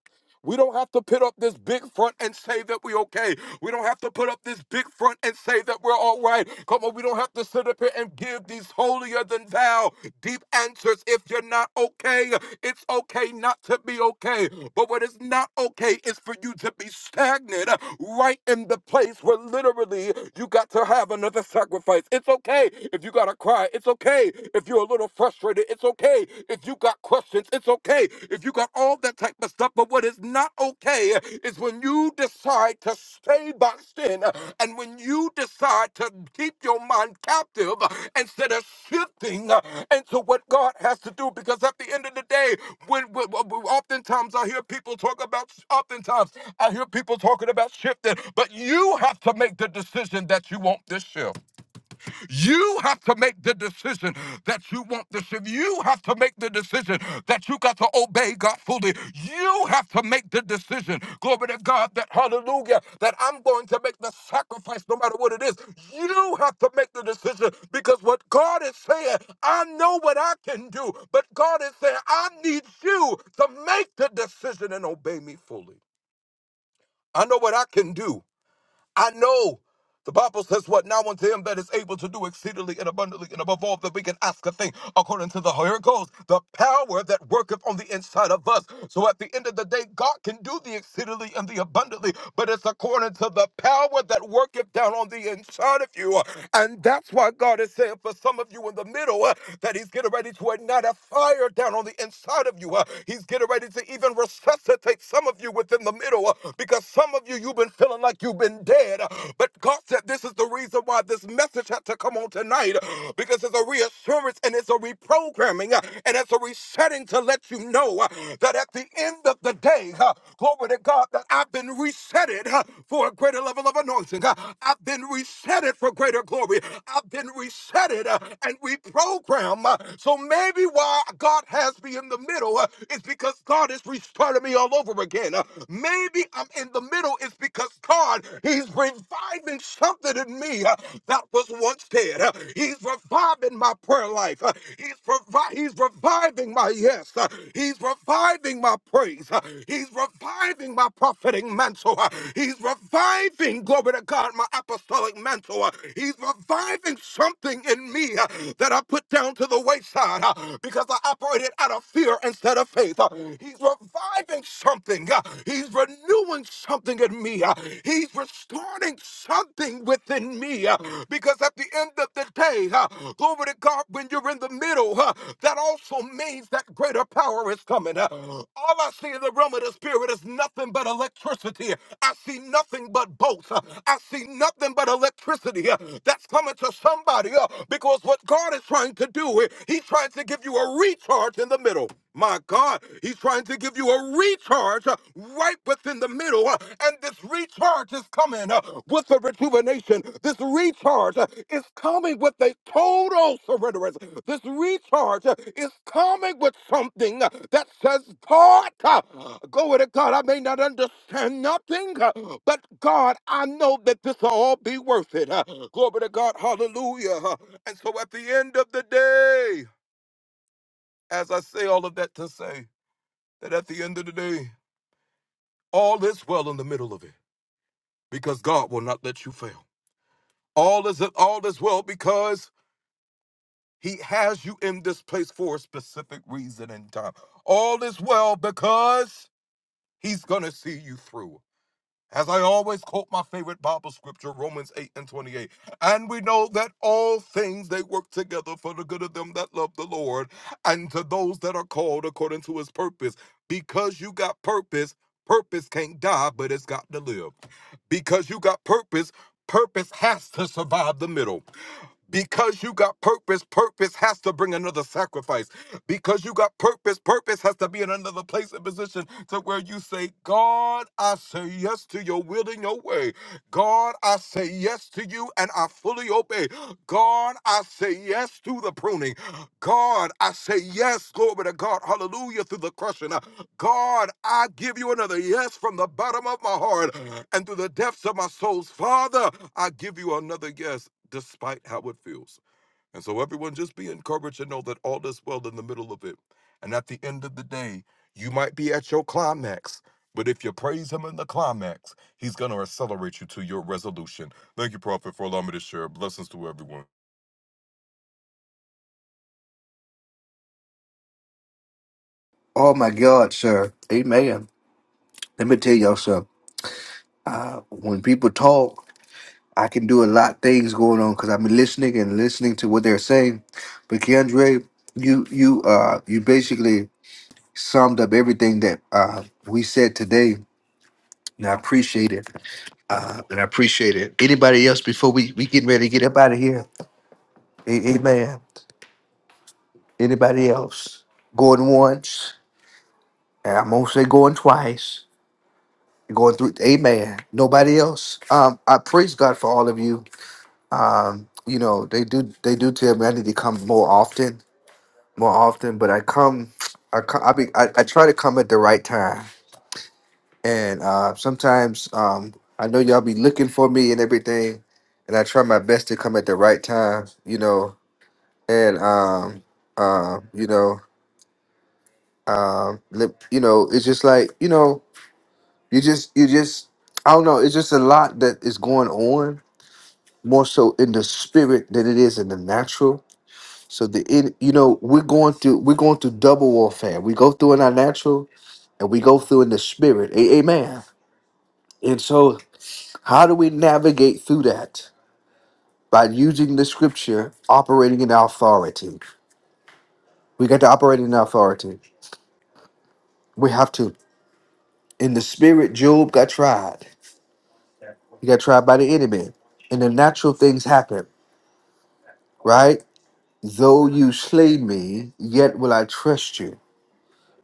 [SPEAKER 10] We don't have to put up this big front and say that we're okay. We don't have to put up this big front and say that we're all right. Come on, we don't have to sit up here and give these holier than thou deep answers. If you're not okay, it's okay not to be okay. But what is not okay is for you to be stagnant uh, right in the place where literally you got to have another sacrifice. It's okay if you got to cry. It's okay if you're a little frustrated. It's okay it's okay if you got questions. It's okay if you got all that type of stuff. But what is not okay is when you decide to stay boxed in and when you decide to keep your mind captive instead of shifting into what God has to do. Because at the end of the day, when, when when- oftentimes I hear people talk about, oftentimes I hear people talking about shifting, but you have to make the decision that you want this shift. You have to make the decision that you want this. and You have to make the decision that you got to obey God fully. You have to make the decision, glory to God, that hallelujah, that I'm going to make the sacrifice no matter what it is. You have to make the decision because what God is saying, I know what I can do, but God is saying, I need you to make the decision and obey me fully. I know what I can do. I know. The Bible says what now unto him that is able to do exceedingly and abundantly and above all that we can ask a thing according to the here it goes, the power that worketh on the inside of us. So at the end of the day, God can do the exceedingly and the abundantly, but it's according to the power that worketh down on the inside of you. And that's why God is saying for some of you in the middle uh, that He's getting ready to ignite a fire down on the inside of you. uh, he's getting ready to even resuscitate some of you within the middle uh, because some some of you, you've been feeling like you've been dead. But God said this is the reason why this message had to come on tonight because it's a reassurance and it's a reprogramming and it's a resetting to let you know that at the end of the day, glory to God, that I've been resetted for a greater level of anointing. I've been resetted for greater glory. I've been resetted and reprogrammed. So maybe why God has me in the middle is because God is restarting me all over again again. Uh, Maybe I'm in the middle. It's because God, He's reviving something in me uh, that was once dead. Uh, He's reviving my prayer life. Uh, He's, revi- he's reviving my yes. Uh, He's reviving my praise. Uh, He's reviving my prophetic mantle. Uh, He's reviving, glory to God, my apostolic mantle. Uh, He's reviving something in me uh, that I put down to the wayside uh, because I operated out of fear instead of faith. Uh, something. He's reviving something. Uh, He's renewing something in me. Uh, He's restoring something within me. Uh, Because at the end of the day, uh, glory to God, when you're in the middle, uh, that also means that greater power is coming. Uh, All I see in the realm of the spirit is nothing but electricity. I see nothing but bolts. Uh, I see nothing but electricity uh, that's coming to somebody uh, because what God is trying to do, uh, He's trying to give you a recharge in the middle. My God, he's trying to give you a recharge uh, right within the middle. uh, And this recharge is coming uh, with a rejuvenation. This recharge uh, is coming with a total surrenderance. This recharge uh, is coming with something uh, that says, God, uh, glory to God, I may not understand nothing, uh, but God, I know that this will all be worth it. uh, Glory to God, hallelujah. uh, And so at the end of the day, as I say all of that to say, that at the end of the day, all is well in the middle of it because God will not let you fail. All is all is well because He has you in this place for a specific reason and time. All is well because He's gonna see you through. As I always quote my favorite Bible scripture, Romans 8 and 28. And we know that all things they work together for the good of them that love the Lord and to those that are called according to his purpose. Because you got purpose, purpose can't die, but it's got to live. Because you got purpose, purpose has to survive the middle. Because you got purpose, purpose has to bring another sacrifice. Because you got purpose, purpose has to be in another place and position to where you say, God, I say yes to your will and your way. God, I say yes to you and I fully obey. God, I say yes to the pruning. God, I say yes, glory to God, hallelujah, through the crushing. God, I give you another yes from the bottom of my heart and through the depths of my souls. Father, I give you another yes despite how it feels. And so, everyone, just be encouraged and know that all is well in the middle of it. And at the end of the day, you might be at your climax, but if you praise Him in the climax, He's going to accelerate you to your resolution. Thank you, Prophet, for allowing me to share. Blessings to everyone.
[SPEAKER 1] Oh my God, sir. Amen. Let me tell y'all something. Uh, when people talk. I can do a lot of things going on because I've been listening and listening to what they're saying. But Keandre, you you uh you basically summed up everything that uh we said today. And I appreciate it. Uh and I appreciate it. Anybody else before we we getting ready to get up out of here? A- amen. Anybody else? Going once, and I'm gonna say going twice. Going through Amen. Nobody else. Um, I praise God for all of you. Um, you know, they do they do tell me I need to come more often more often, but I come, I come, I be, I, I try to come at the right time, and uh, sometimes um, I know y'all be looking for me and everything, and I try my best to come at the right time, you know, and um, uh, you know, um, li- you know, it's just like you know, you just, you just, I don't know, it's just a lot that is going on more so in the spirit than it is in the natural. So the en- you know we're going through we're going through double warfare. We go through in our natural, and we go through in the spirit. A- amen. And so, how do we navigate through that? By using the scripture, operating in authority. We got to operate in authority. We have to. In the spirit, Job got tried. He got tried by the enemy. And the natural things happen, right? Though you slay me, yet will I trust you,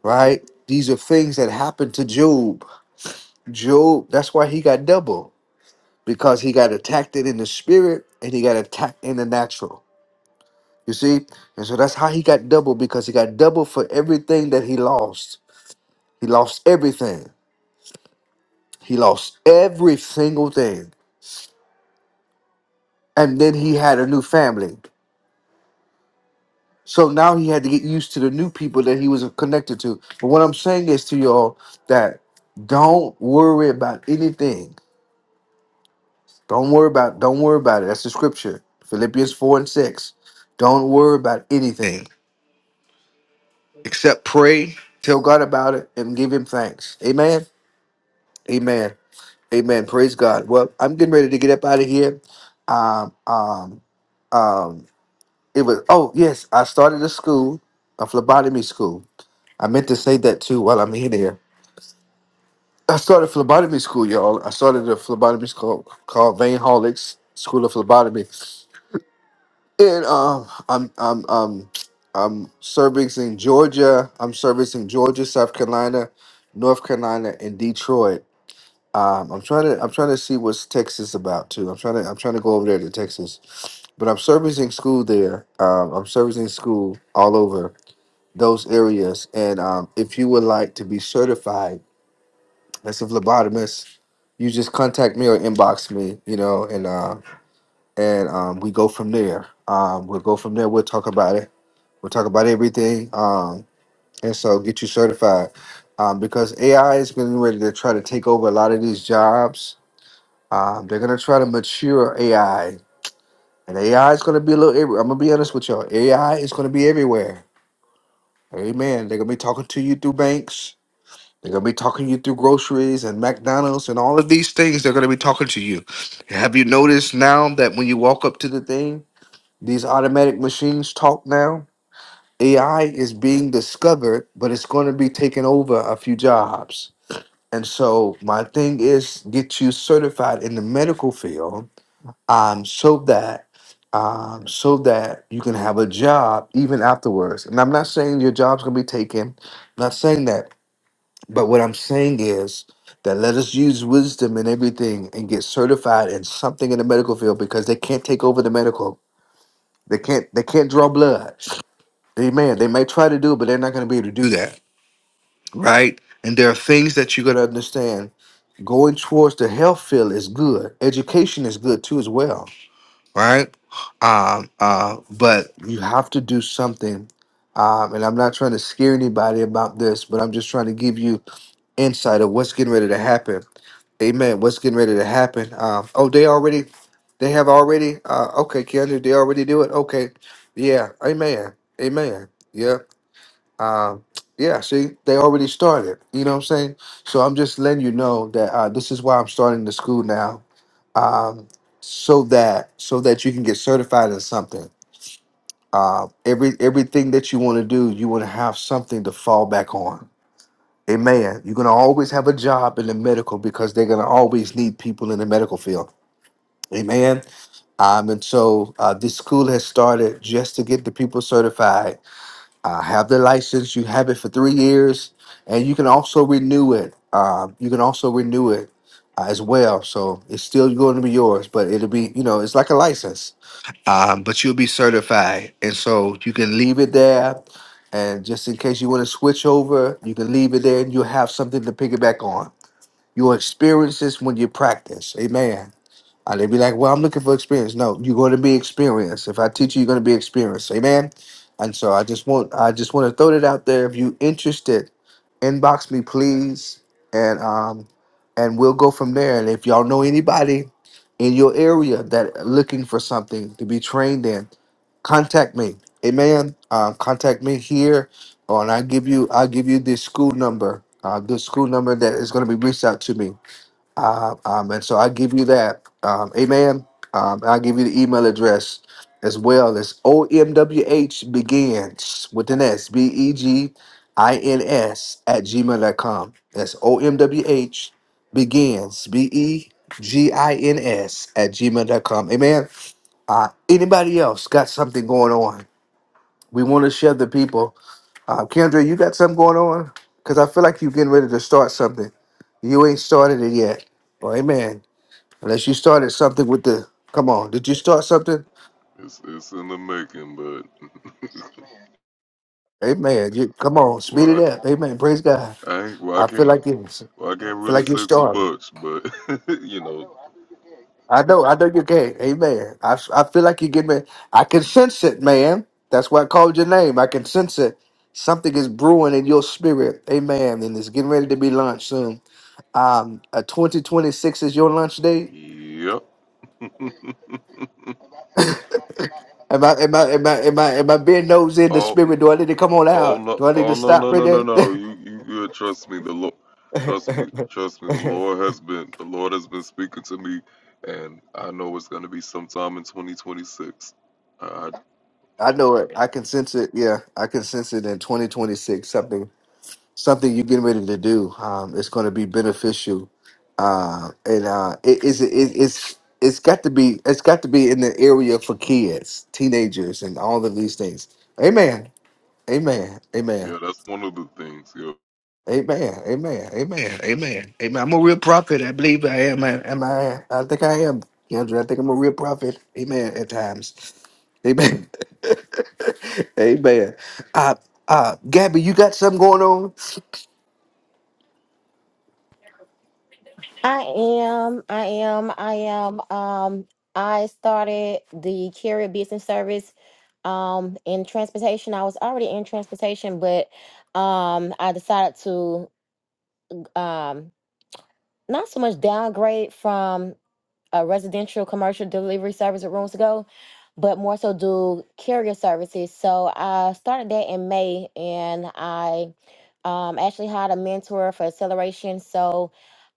[SPEAKER 1] right? These are things that happened to Job. Job, that's why he got double because he got attacked in the spirit and he got attacked in the natural You see? And so that's how he got double because he got double for everything that he lost. He lost everything. He lost every single thing. And then he had a new family. So now he had to get used to the new people that he was connected to. But what I'm saying is to y'all that don't worry about anything. Don't worry about don't worry about it. That's the scripture. Philippians 4 and 6. Don't worry about anything except pray, tell God about it, and give him thanks. Amen. Amen. Amen. Praise God. Well, I'm getting ready to get up out of here. Um, um, um, it was. Oh yes, I started a school, a phlebotomy school. I meant to say that too while I'm here. There, I started phlebotomy school, y'all. I started a phlebotomy school called Vein Holics School of Phlebotomy, and um, I'm I'm um, I'm servicing Georgia. I'm servicing Georgia, South Carolina, North Carolina, and Detroit. Um, I'm trying to I'm trying to see what's Texas about too. I'm trying to I'm trying to go over there to Texas, but I'm servicing school there. Um, I'm servicing school all over those areas. And um, if you would like to be certified as a phlebotomist, you just contact me or inbox me. You know, and uh, and um, we go from there. Um, we'll go from there. We'll talk about it. We'll talk about everything. Um, and so get you certified um, because AI is getting ready to try to take over a lot of these jobs um, they're gonna try to mature AI, and AI is gonna be a little. every- I'm gonna be honest with y'all. AI is gonna be everywhere. Amen. They're gonna be talking to you through banks. They're gonna be talking to you through groceries and McDonald's and all of these things. They're gonna be talking to you. Have you noticed now that when you walk up to the thing, these automatic machines talk now? AI is being discovered, but it's gonna be taking over a few jobs. And so my thing is get you certified in the medical field um, so that um, so that you can have a job even afterwards. And I'm not saying your job's gonna be taken. I'm not saying that. But what I'm saying is that let us use wisdom in everything and get certified in something in the medical field because they can't take over the medical. They can't. They can't draw blood. Amen. They may try to do it, but they're not gonna be able to do that, right? And there are things that you gotta understand. Going towards the health field is good. Education is good too, as well right? Um, uh, but you have to do something. Um, and I'm not trying to scare anybody about this, but I'm just trying to give you insight of what's getting ready to happen. Amen. What's getting ready to happen? Um, oh, they already, they have already. Uh, okay, Keandre, they already do it. Okay, yeah. Amen. Amen. Yep. Uh, yeah, see, they already started. You know what I'm saying? So I'm just letting you know that uh, this is why I'm starting the school now, um, so that so that you can get certified in something. Uh, every everything that you want to do, you want to have something to fall back on. Amen. You're gonna always have a job in the medical because they're gonna always need people in the medical field. Amen. Um, and so uh, this school has started just to get the people certified uh, have the license. You have it for three years, and you can also renew it. Uh, you can also renew it uh, as well. So it's still going to be yours, but it'll be you know it's like a license. Um, but you'll be certified, and so you can leave it there. And just in case you want to switch over, you can leave it there, and you'll have something to piggyback on. You'll experience this when you practice. Amen. Uh, they be like, well, I'm looking for experience. No, you're going to be experienced. If I teach you, you're going to be experienced. Amen. And so I just want, I just want to throw that out there. If you interested, inbox me, please. And, um, and we'll go from there. And if y'all know anybody in your area that are looking for something to be trained in, contact me. Amen. Um, contact me here, or and I give you, I give you the school number, uh, the school number that is going to be reached out to me uh, um, and so I give you that. Um, amen. Um, I'll give you the email address as well. It's OMWH begins with an S, B E G I N S at gmail dot com. That's OMWH begins, B E G I N S at gmail dot com. Amen. Uh, anybody else got something going on? We want to share the people. Uh, Kendra, you got something going on? Because I feel like you're getting ready to start something. You ain't started it yet. Well, amen. Unless you started something with the come on, did you start something?
[SPEAKER 10] It's it's in the making, but
[SPEAKER 1] Amen. You come on, speed it
[SPEAKER 10] why?
[SPEAKER 1] up. Amen. Praise God.
[SPEAKER 10] I ain't why
[SPEAKER 1] I
[SPEAKER 10] can't
[SPEAKER 1] feel like you.
[SPEAKER 10] Well, I
[SPEAKER 1] I
[SPEAKER 10] can't
[SPEAKER 1] feel
[SPEAKER 10] really
[SPEAKER 1] like you're
[SPEAKER 10] say too
[SPEAKER 1] starting.
[SPEAKER 10] much, but you know,
[SPEAKER 1] I know. I know you can. Amen. I, f- I feel like you get me. I can sense it, man. That's why I called your name. I can sense it. Something is brewing in your spirit. Amen. And it's getting ready to be launched soon. Um, uh, 2026 is your launch date.
[SPEAKER 10] yep.
[SPEAKER 1] Am I am I am I am I am I being nosy in the
[SPEAKER 10] oh,
[SPEAKER 1] spirit? Do I need to come on
[SPEAKER 10] oh
[SPEAKER 1] out?
[SPEAKER 10] no,
[SPEAKER 1] Do I need
[SPEAKER 10] oh
[SPEAKER 1] to
[SPEAKER 10] no,
[SPEAKER 1] stop
[SPEAKER 10] no,
[SPEAKER 1] right
[SPEAKER 10] no, no,
[SPEAKER 1] there?
[SPEAKER 10] no. You, you good? Trust me, the Lord. Trust me, trust me. The Lord has been, the Lord has been speaking to me, and I know it's going to be sometime in 2026. Uh,
[SPEAKER 1] I know it. I can sense it. Yeah, I can sense it in 2026. Something, something you're getting ready to do. Um, it's going to be beneficial. Uh, and uh, it is. It, it's. It's got to be. It's got to be in the area for kids, teenagers, and all of these things. Amen. Amen. Amen.
[SPEAKER 10] yeah, that's one of the things. Yeah.
[SPEAKER 1] Amen. Amen. Amen. Amen. Amen. I'm a real prophet. I believe I am. I, am I? I think I am. Kendra, I think I'm a real prophet. Amen. At times. Amen. Amen. Uh, uh, Gabby, you got something going on?
[SPEAKER 8] I am. I am. I am. Um, I started the carrier business service um in transportation. I was already in transportation, but um I decided to um not so much downgrade from a residential commercial delivery service at rooms ago, but more so do carrier services. So I started that in May and I um actually hired a mentor for acceleration. So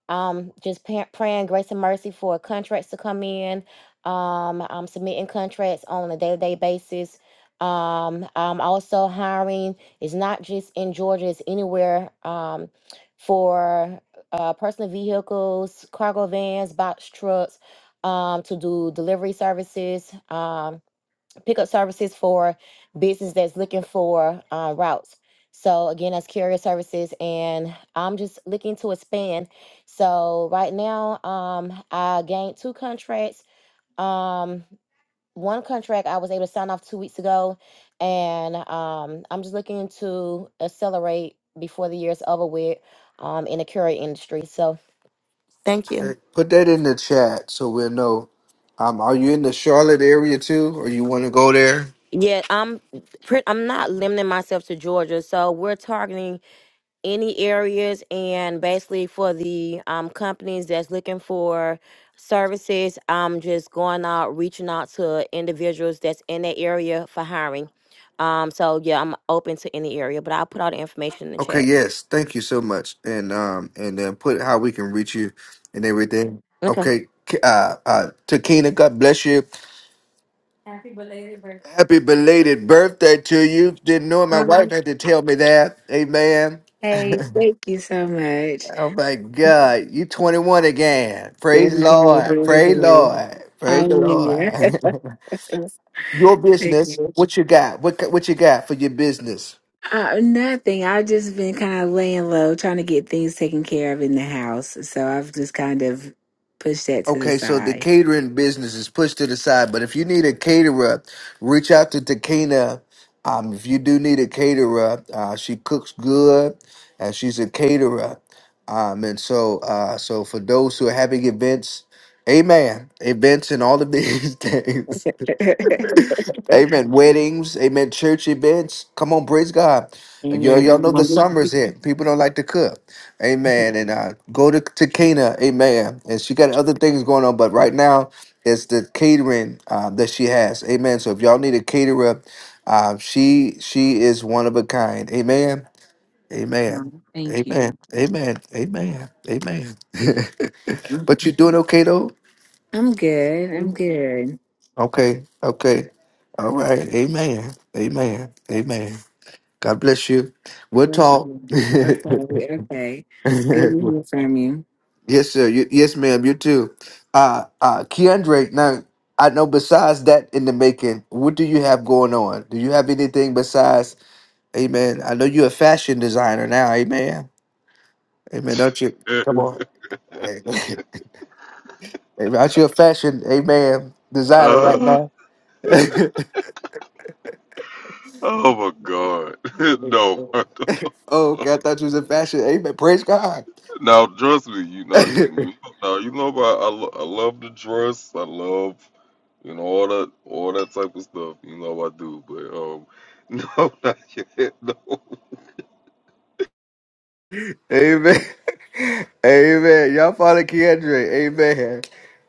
[SPEAKER 8] um just pa- praying grace and mercy for contracts to come in um i'm submitting contracts on a day-to-day basis um i'm also hiring it's not just in georgia it's anywhere um for uh personal vehicles cargo vans box trucks um to do delivery services um pickup services for business that's looking for uh, routes. So again, that's carrier services, and I'm just looking to expand. So right now, um, I gained two contracts. Um, one contract I was able to sign off two weeks ago, and um, I'm just looking to accelerate before the year's over with um, in the courier industry. So thank you.
[SPEAKER 1] Okay. Put that in the chat so we'll know. Um, are you in the Charlotte area too, or you want to go there?
[SPEAKER 8] Yeah, I'm pre- I'm not limiting myself to Georgia. So we're targeting any areas and basically for the um, companies that's looking for services i'm just going out reaching out to individuals that's in that area for hiring um so yeah i'm open to any area but i'll put all the information in the
[SPEAKER 1] Okay,
[SPEAKER 8] chat
[SPEAKER 1] yes. Thank you so much, and um, and then put how we can reach you and everything.
[SPEAKER 8] okay
[SPEAKER 1] Okay, K- uh, uh, Takina, God bless you. Happy belated birthday to you. Didn't know it. My
[SPEAKER 11] Okay,
[SPEAKER 1] wife had to tell me that. Amen.
[SPEAKER 11] thank you so much.
[SPEAKER 1] Oh my God. You 21 again.
[SPEAKER 11] There
[SPEAKER 1] Praise
[SPEAKER 11] we go, there
[SPEAKER 1] Lord.
[SPEAKER 11] we
[SPEAKER 1] Praise
[SPEAKER 11] go.
[SPEAKER 1] Lord. Praise the
[SPEAKER 11] Hallelujah.
[SPEAKER 1] Lord. your
[SPEAKER 11] Thank
[SPEAKER 1] business.
[SPEAKER 11] you.
[SPEAKER 1] What you got? What what you got for your business?
[SPEAKER 11] Uh, nothing. I've just been kind of laying low, trying to get things taken care of in the house. So I've just kind of pushed that to the
[SPEAKER 1] Okay, so the
[SPEAKER 11] side.
[SPEAKER 1] catering business is pushed to the side, but if you need a caterer, reach out to Takina. Um, if you do need a caterer, uh, she cooks good, and she's a caterer. Um, and so, uh, so for those who are having events, amen, events and all of these things, amen, weddings, amen, church events. Come on, praise God. Y'all,
[SPEAKER 11] Amen.
[SPEAKER 1] y'all know the summer's here. People don't like to cook. Amen. And uh, go to, to Cana. Amen. And she got other things going on, but right now it's the catering uh, that she has. Amen. So if y'all need a caterer, uh, she she is one of a kind. Amen. Amen.
[SPEAKER 11] Thank
[SPEAKER 1] Amen.
[SPEAKER 11] you.
[SPEAKER 1] Amen. Amen. Amen. but you're doing okay though.
[SPEAKER 11] I'm good. I'm good.
[SPEAKER 1] Okay. Okay. All right. Amen. Amen. Amen. God bless you. We'll talk.
[SPEAKER 11] Okay. Okay. Good to hear from you.
[SPEAKER 1] Yes, sir. You, yes, ma'am. You too. Uh, uh, Keandre, now, I know besides that in the making, what do you have going on? Do you have anything besides, amen? I know you're a fashion designer now, amen. Amen. Don't you? Come on. Amen. Amen. Aren't you a fashion, amen, designer right
[SPEAKER 10] Uh,
[SPEAKER 1] now? oh,
[SPEAKER 10] oh my God. no,
[SPEAKER 1] okay. I thought you was a fashion, amen. Praise God.
[SPEAKER 10] now trust me. You know, you, you now you know. I, I, lo- I love to dress. I love. You know all that all that type of stuff. You know I do, but um, no, not yet. No,
[SPEAKER 1] Amen. Amen. Y'all follow Keandre. Amen.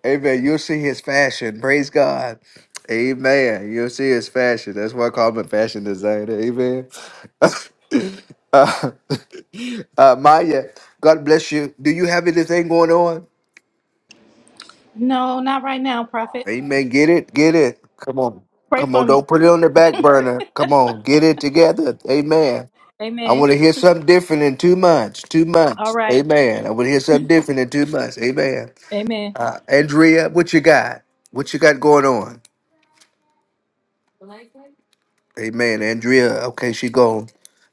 [SPEAKER 1] Amen. You'll see his fashion. Praise God. Amen. You'll see his fashion. That's why I call him a fashion designer. Amen. uh, uh, Maya, God bless you. Do you have anything going on?
[SPEAKER 3] No, not right now, prophet.
[SPEAKER 1] Amen. Get it. Get it. Come on.
[SPEAKER 3] Pray
[SPEAKER 1] Come
[SPEAKER 3] for
[SPEAKER 1] on.
[SPEAKER 3] me.
[SPEAKER 1] Don't put it on the back burner. Come on. Get it together. I
[SPEAKER 3] Amen.
[SPEAKER 1] want to hear something different in two months. Two
[SPEAKER 3] All
[SPEAKER 1] months.
[SPEAKER 3] right.
[SPEAKER 1] Amen. I want to hear something different in two months. Amen.
[SPEAKER 3] Amen.
[SPEAKER 1] Uh, Andrea, what you got? What you got going on? Amen. Andrea, okay, she gone.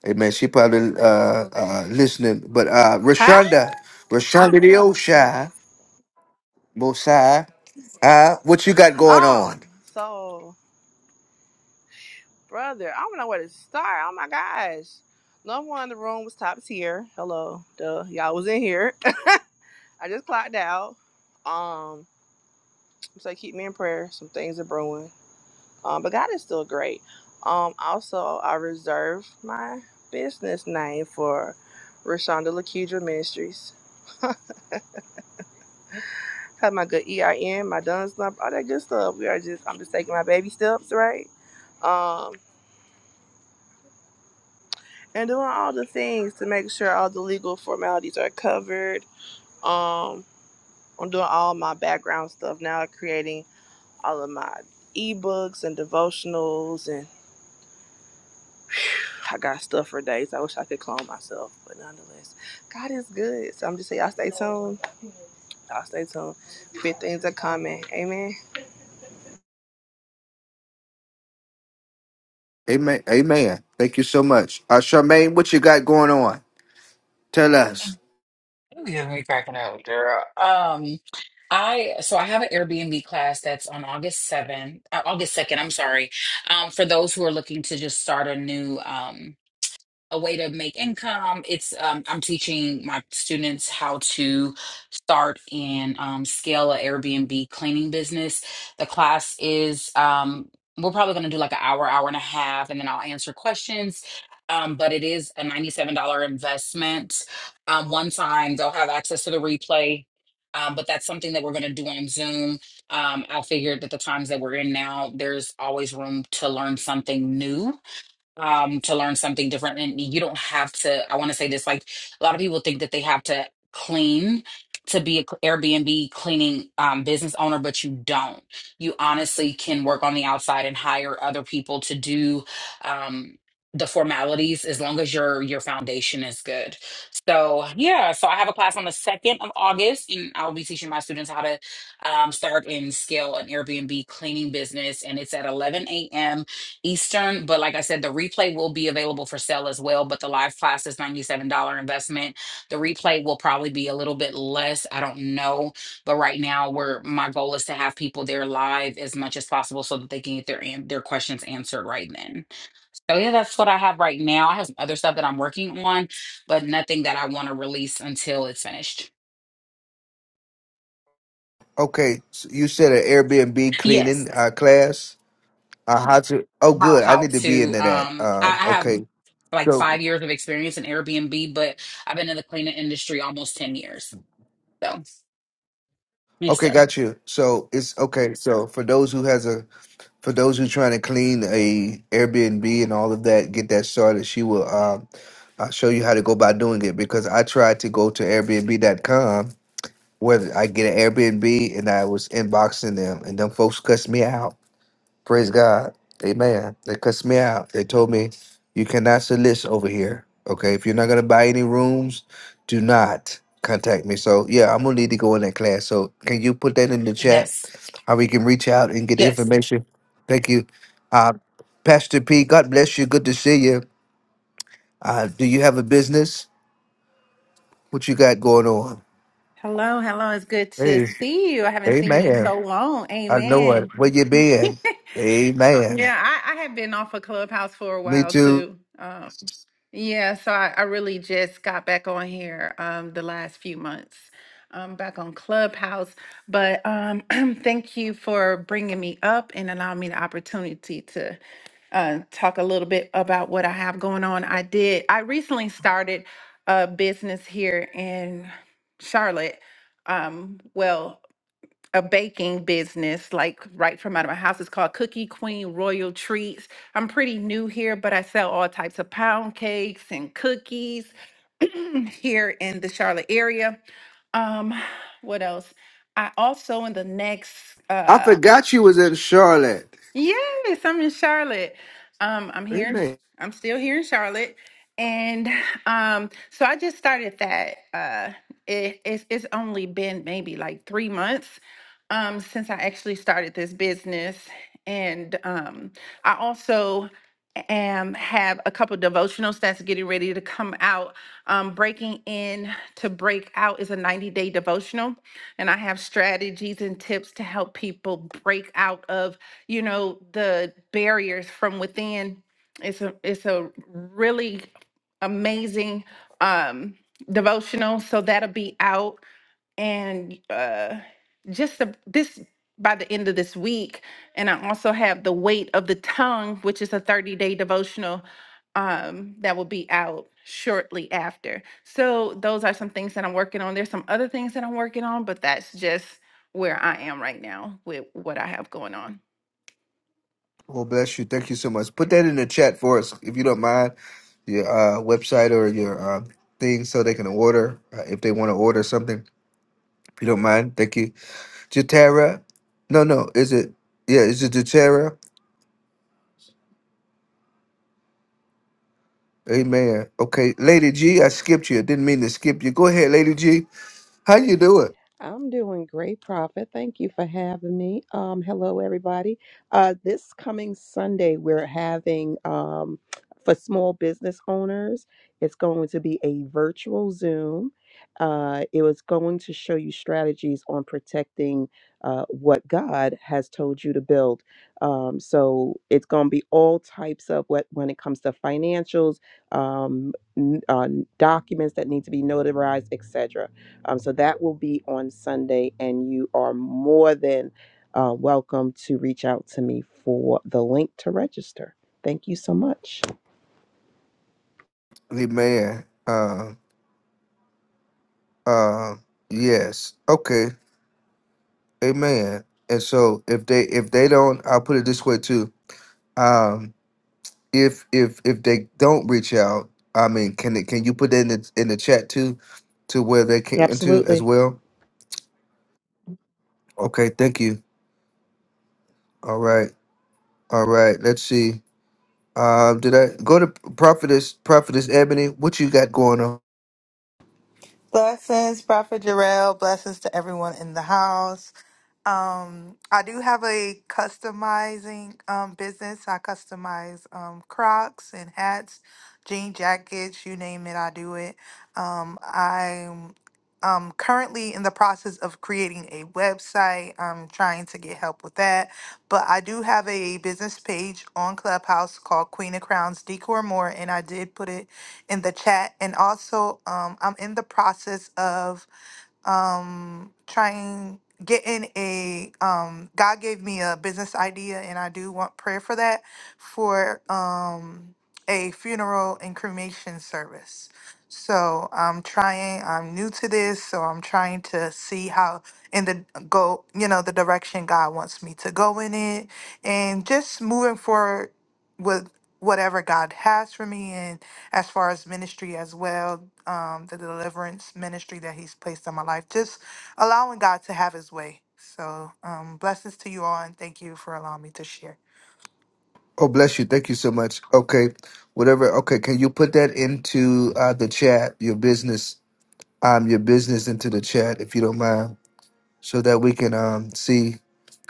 [SPEAKER 1] Amen. She probably uh, uh, listening. But uh,
[SPEAKER 6] Huh?
[SPEAKER 1] Rashonda,
[SPEAKER 6] Ah,
[SPEAKER 1] Rashonda
[SPEAKER 6] da,
[SPEAKER 1] the
[SPEAKER 6] da, ba, see ya.
[SPEAKER 1] Oshai, Mosai, uh, what you got going on?
[SPEAKER 6] Um, so brother, I don't know where to start. Oh my gosh. Number one, the room was top tier. Hello, duh. Y'all was in here. I just clocked out. Um, so keep me in prayer. Some things are brewing. Um, but God is still great. Um, also I reserved my business name for Rashonda Lakedra Ministries. Have my good EIN, my done slump, all that good stuff. We are just I'm just taking my baby steps, right? Um, and doing all the things to make sure all the legal formalities are covered. Um, I'm doing all my background stuff now, creating all of my ebooks and devotionals and I got stuff for days. I wish I could clone myself, but nonetheless, God is good. So I'm just saying y'all stay tuned. Y'all stay tuned. Big things are coming. Amen.
[SPEAKER 1] Amen. Amen. Thank you so much. Uh, Charmaine, what you got going on? Tell us.
[SPEAKER 12] You have me cracking up, girl. Um, I so I have an Airbnb class that's on August 7th, uh, August 2nd, I'm sorry. Um, for those who are looking to just start a new um a way to make income. It's um, I'm teaching my students how to start and um, scale a Airbnb cleaning business. The class is um, we're probably going to do like an hour, hour and a half, and then I'll answer questions. Um, but it is a $97 investment. Um, one time they'll have access to the replay. Um, but that's something that we're going to do on Zoom. Um, I figured that the times that we're in now, there's always room to learn something new um, to learn something different. And you don't have to, I want to say this, like a lot of people think that they have to clean to be an Airbnb cleaning um, business owner, but you don't. You honestly can work on the outside and hire other people to do um, the formalities as long as your your foundation is good. So yeah, so I have a class on the 2nd of August and I'll be teaching my students how to um, start and scale an Airbnb cleaning business and it's at 11 a.m Eastern, but like I said, the replay will be available for sale as well. But the live class is $97 investment. The replay will probably be a little bit less. I don't know. But right now we're my goal is to have people there live as much as possible so that they can get their an- their questions answered right then. So yeah, that's what I have right now. I have some other stuff that I'm working on, but nothing that I want to release until it's finished.
[SPEAKER 1] Okay, so you said an Airbnb
[SPEAKER 12] Yes.
[SPEAKER 1] cleaning uh, class. I had to. Oh,
[SPEAKER 12] How
[SPEAKER 1] good. I
[SPEAKER 12] how
[SPEAKER 1] need to be
[SPEAKER 12] to
[SPEAKER 1] into that.
[SPEAKER 12] um I,
[SPEAKER 1] Um,
[SPEAKER 12] I have
[SPEAKER 1] okay.
[SPEAKER 12] like
[SPEAKER 1] So,
[SPEAKER 12] five years of experience in Airbnb, but I've been in the cleaning industry almost 10 years. So, yes,
[SPEAKER 1] okay,
[SPEAKER 12] sir.
[SPEAKER 1] got you. So it's okay. So for those who has a, for those who trying to clean a Airbnb and all of that, get that started. She will um, uh, show you how to go by doing it because I tried to go to Airbnb. dot com where I get an Airbnb and I was inboxing them and them folks cussed me out. Praise God. Amen. They cussed me out. They told me, you cannot solicit over here. Okay. If you're not going to buy any rooms, do not contact me. So, yeah, I'm going to need to go in that class. So, can you put that in the chat?
[SPEAKER 12] Yes.
[SPEAKER 1] How we can reach out and get the
[SPEAKER 12] Yes.
[SPEAKER 1] information? Thank you. Uh, Pastor P, God bless you. Good to see you. Uh, do you have a business? What you got going on?
[SPEAKER 13] Hello, hello. It's good to
[SPEAKER 1] Hey,
[SPEAKER 13] see you. I haven't seen you in
[SPEAKER 1] amen.
[SPEAKER 13] so long.
[SPEAKER 1] I know
[SPEAKER 13] Amen.
[SPEAKER 1] it. Where you been? Amen.
[SPEAKER 13] Yeah, I, I had been off of Clubhouse for a
[SPEAKER 1] Me
[SPEAKER 13] while
[SPEAKER 1] too.
[SPEAKER 13] too. Um, yeah, so I, I really just got back on here um, the last few months. I'm back on Clubhouse, but um, thank you for bringing me up and allowing me the opportunity to uh, talk a little bit about what I have going on. I did. I recently started a business here in Charlotte. Um, well, a baking business like right from out of my house. It's called Cookie Queen Royal Treats. I'm pretty new here, but I sell all types of pound cakes and cookies here in the Charlotte area. Um, what else? I also in the next
[SPEAKER 1] I
[SPEAKER 13] uh,
[SPEAKER 1] forgot you was in Charlotte.
[SPEAKER 13] Yes, I'm in Charlotte. Um, I'm here. in-
[SPEAKER 1] Amen.
[SPEAKER 13] I'm still here in Charlotte, and um, so I just started that. Uh, it, it's it's only been maybe like three months um, since I actually started this business, and um, I also am have a couple devotionals that's getting ready to come out. Um, Breaking in to break out is a 90 day devotional, and I have strategies and tips to help people break out of you know the barriers from within it's a it's a really amazing um devotional so that'll be out and uh just the, this by the end of this week and i also have the weight of the tongue which is a 30 day devotional um that will be out shortly after so those are some things that i'm working on there's some other things that i'm working on but that's just where i am right now with what i have going on
[SPEAKER 1] Well, bless you. Thank you so much. Put that in the chat for us, if you don't mind, your uh, website or your uh, thing, so they can order uh, if they want to order something. If you don't mind, thank you. Jatara, no, no, is it? Yeah, is it Jatara? Amen. Okay, Lady G, I skipped you. I didn't mean to skip you. Go ahead, Lady G. How you doing?
[SPEAKER 14] I'm doing great, Prophet. Thank you for having me. Um, hello, everybody. Uh, this coming Sunday, we're having um, for small business owners, it's going to be a virtual Zoom. Uh, it was going to show you strategies on protecting uh, what God has told you to build. Um, so it's going to be all types of what when it comes to financials, um, n- uh, documents that need to be notarized, etc. Um, so that will be on Sunday, and you are more than uh, welcome to reach out to me for the link to register. Thank you so much.
[SPEAKER 1] Amen. Uh, uh, yes. Okay. Amen. And so if they if they don't, I'll put it this way too. Um, if if if they don't reach out, I mean, can it can you put that in the in the chat too, to where they can to as
[SPEAKER 14] Absolutely.
[SPEAKER 1] well? Okay, thank you. All right, all right. Let's see. Um, did I go to prophetess prophetess Ebony? What you got going on?
[SPEAKER 15] Blessings, Prophet Jarrell. Blessings to everyone in the house. Um, I do have a customizing um, business. I customize um, Crocs and hats, jean jackets, you name it, I do it. Um, I'm um, currently in the process of creating a website. I'm trying to get help with that. But I do have a business page on Clubhouse called Queen of Crowns Decor More, and I did put it in the chat. And also, um, I'm in the process of um, trying getting a um, God gave me a business idea, and I do want prayer for that for um, a funeral and cremation service. So I'm trying. I'm new to this, so I'm trying to see how in the go, you know, the direction God wants me to go in it, and just moving forward with whatever God has for me and as far as ministry as well, um, the deliverance ministry that He's placed in my life, just allowing God to have His way. So, um, blessings to you all, and thank you for allowing me to share.
[SPEAKER 1] Oh, bless you. Thank you so much. Okay, whatever. Okay, can you put that into uh, the chat? Your business, um, your business into the chat if you don't mind, so that we can um see.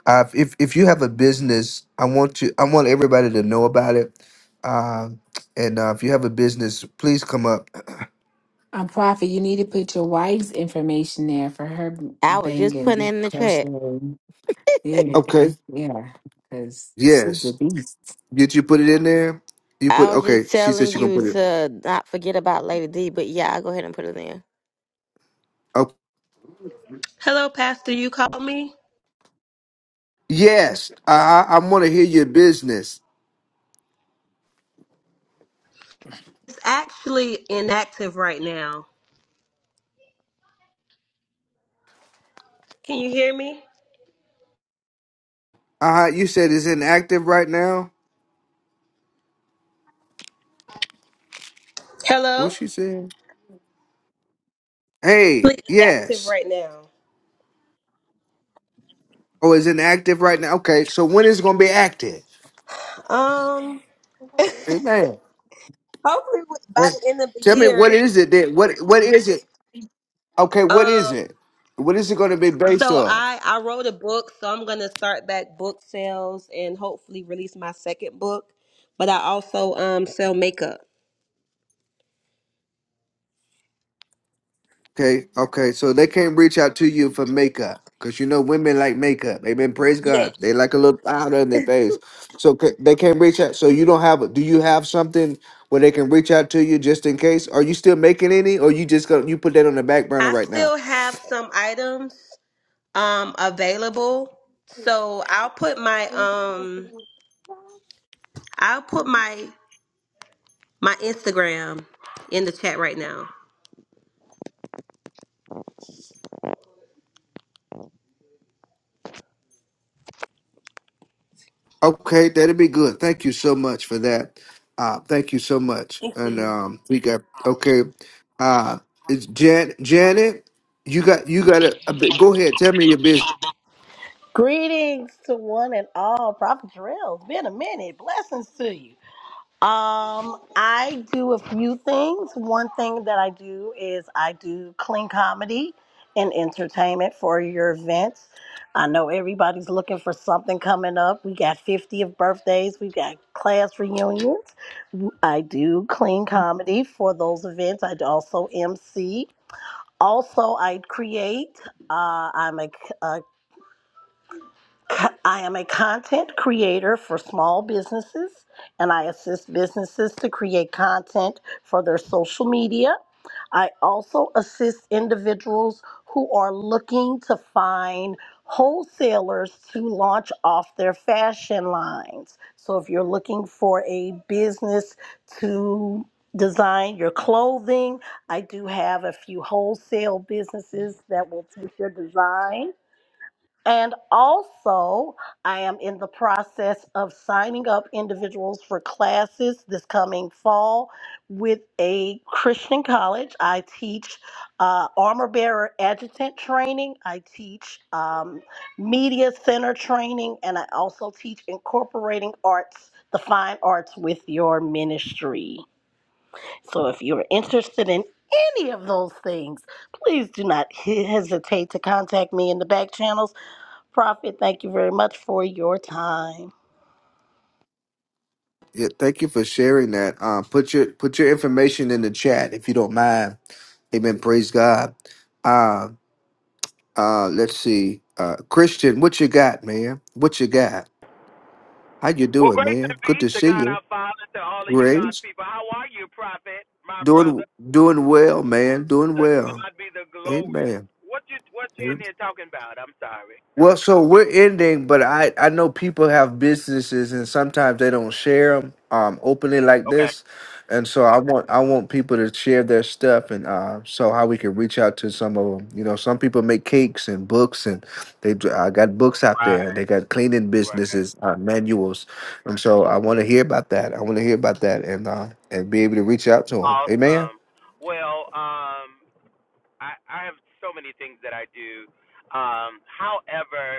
[SPEAKER 1] Uh, if if you have a business, I want to I want everybody to know about it. Um, and uh, if you have a business, please come up.
[SPEAKER 11] Um, Prophet, you need to put your wife's information there for her
[SPEAKER 8] i was just putting it
[SPEAKER 11] banging
[SPEAKER 8] in the chat
[SPEAKER 11] personally. Yeah,
[SPEAKER 1] Okay.
[SPEAKER 11] yeah, because she's a
[SPEAKER 1] Yes.
[SPEAKER 11] beast.
[SPEAKER 1] Did you put it in there? You put
[SPEAKER 8] i was
[SPEAKER 1] okay.
[SPEAKER 8] just
[SPEAKER 1] She
[SPEAKER 8] telling
[SPEAKER 1] said she gonna
[SPEAKER 8] you
[SPEAKER 1] put it.
[SPEAKER 8] to not forget about lady d but yeah i'll go ahead and put it in
[SPEAKER 1] Okay.
[SPEAKER 16] Hello, Pastor. You called me?
[SPEAKER 1] yes. I I, I want to hear your business.
[SPEAKER 16] It's actually inactive right now. Can you hear me?
[SPEAKER 1] Uh you said it's inactive right now. What
[SPEAKER 16] Hello?
[SPEAKER 1] she said? Hey,
[SPEAKER 16] It's Inactive
[SPEAKER 1] yes.
[SPEAKER 16] right now.
[SPEAKER 1] Oh, it's inactive right now. Okay, so when is it gonna be active?
[SPEAKER 16] Um,
[SPEAKER 1] Amen.
[SPEAKER 16] hopefully by
[SPEAKER 1] Hey,
[SPEAKER 16] the end of the
[SPEAKER 1] Tell me what
[SPEAKER 16] year.
[SPEAKER 1] is it that what what is it? Okay, what is
[SPEAKER 16] Um,
[SPEAKER 1] it? What is it going to be based
[SPEAKER 16] so
[SPEAKER 1] off?
[SPEAKER 16] I I wrote a book, so I'm gonna start back book sales and hopefully release my second book. But I also um sell makeup.
[SPEAKER 1] Okay, okay, so they can't reach out to you for makeup because you know women like makeup. Amen. Praise
[SPEAKER 16] Yes,
[SPEAKER 1] God. They like a little powder in their face, so ca- they can't reach out. So you don't have. Do you have something where they can reach out to you just in case? Are you still making any, or you just gonna you put that on the back burner
[SPEAKER 16] I
[SPEAKER 1] right now?
[SPEAKER 16] still have some items um available. So I'll put my um I'll put my my Instagram in the chat right now.
[SPEAKER 1] Okay, that'd be good. Thank you so much for that. Uh, thank you so much.
[SPEAKER 16] Thank
[SPEAKER 1] And
[SPEAKER 16] you.
[SPEAKER 1] um, we got okay. Uh, it's Jan Janet. You got you got a, a bit- go ahead. Tell me your business.
[SPEAKER 17] Greetings to one and all, Prophet Jarrell. It's been a minute. Blessings to you. Um, I do a few things. One thing that I do is I do clean comedy and entertainment for your events. I know everybody's looking for something coming up. We got 50th birthdays, we got class reunions. I do clean comedy for those events. I also MC. Also, I create. Uh, I'm a, Co- I am a content creator for small businesses, and I assist businesses to create content for their social media. I also assist individuals who are looking to find wholesalers to launch off their fashion lines. So, if you're looking for a business to design your clothing, I do have a few wholesale businesses that will take your design and also, I am in the process of signing up individuals for classes this coming fall with a Christian college. I teach uh, armor bearer adjutant training, I teach um, media center training, and I also teach incorporating arts, the fine arts with your ministry. So if you're interested in any of those things, please do not hesitate to contact me in the back channels Prophet, thank you very much for your time.
[SPEAKER 1] Yeah, thank you for sharing that. Um, put your put your information in the chat if you don't mind. Amen. Praise God. Uh, uh, let's see. Uh, Christian, what you got, man? What you got? How you
[SPEAKER 18] Well,
[SPEAKER 1] doing,
[SPEAKER 18] grace and
[SPEAKER 1] man? Good to
[SPEAKER 18] peace to
[SPEAKER 1] see
[SPEAKER 18] God
[SPEAKER 1] you.
[SPEAKER 18] our Father, to all of you God's
[SPEAKER 1] Grace,
[SPEAKER 18] people. How are you, prophet, my
[SPEAKER 1] doing
[SPEAKER 18] brother?
[SPEAKER 1] doing well, man. Doing
[SPEAKER 18] To
[SPEAKER 1] well.
[SPEAKER 18] God be the glory.
[SPEAKER 1] Amen.
[SPEAKER 18] What you what you in here talking about? I'm sorry.
[SPEAKER 1] Well, so we're ending, but I I know people have businesses and sometimes they don't share them um openly like
[SPEAKER 18] Okay.
[SPEAKER 1] this, and so I want I want people to share their stuff and uh so how we can reach out to some of them. You know, some people make cakes and books and they d- uh, got books out there.
[SPEAKER 18] Right,
[SPEAKER 1] They got cleaning
[SPEAKER 18] right.
[SPEAKER 1] businesses uh, manuals, and so I want to hear about that. I want to hear about that and uh and be able to reach out to them. Amen.
[SPEAKER 18] Awesome. Well, um, I, I have so many things that I do. Um, however,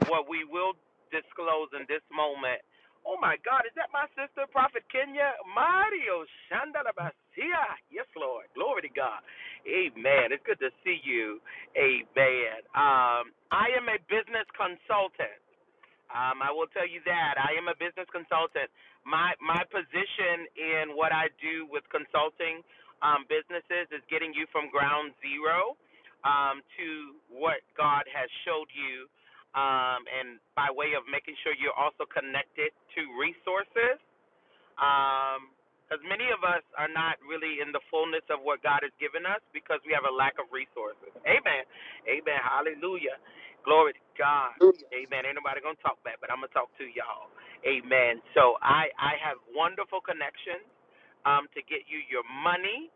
[SPEAKER 18] What we will disclose in this moment. Oh my God, is that my sister, Prophet Kenya? Mario Shandalabasia. Yes, Lord. Glory to God. Amen. It's good to see you. Amen. Um, I am a business consultant. Um, I will tell you that I am a business consultant. My my position in what I do with consulting um, businesses is getting you from ground zero um, to what God has showed you, um, and by way of making sure you're also connected to resources um, Because many of us are not really in the fullness of what God has given us because we have a lack of resources. Amen. Amen. Hallelujah. Glory to God. Amen. Ain't nobody gonna talk back, but I'm gonna talk to y'all. Amen. So I I have wonderful connections um, to get you your money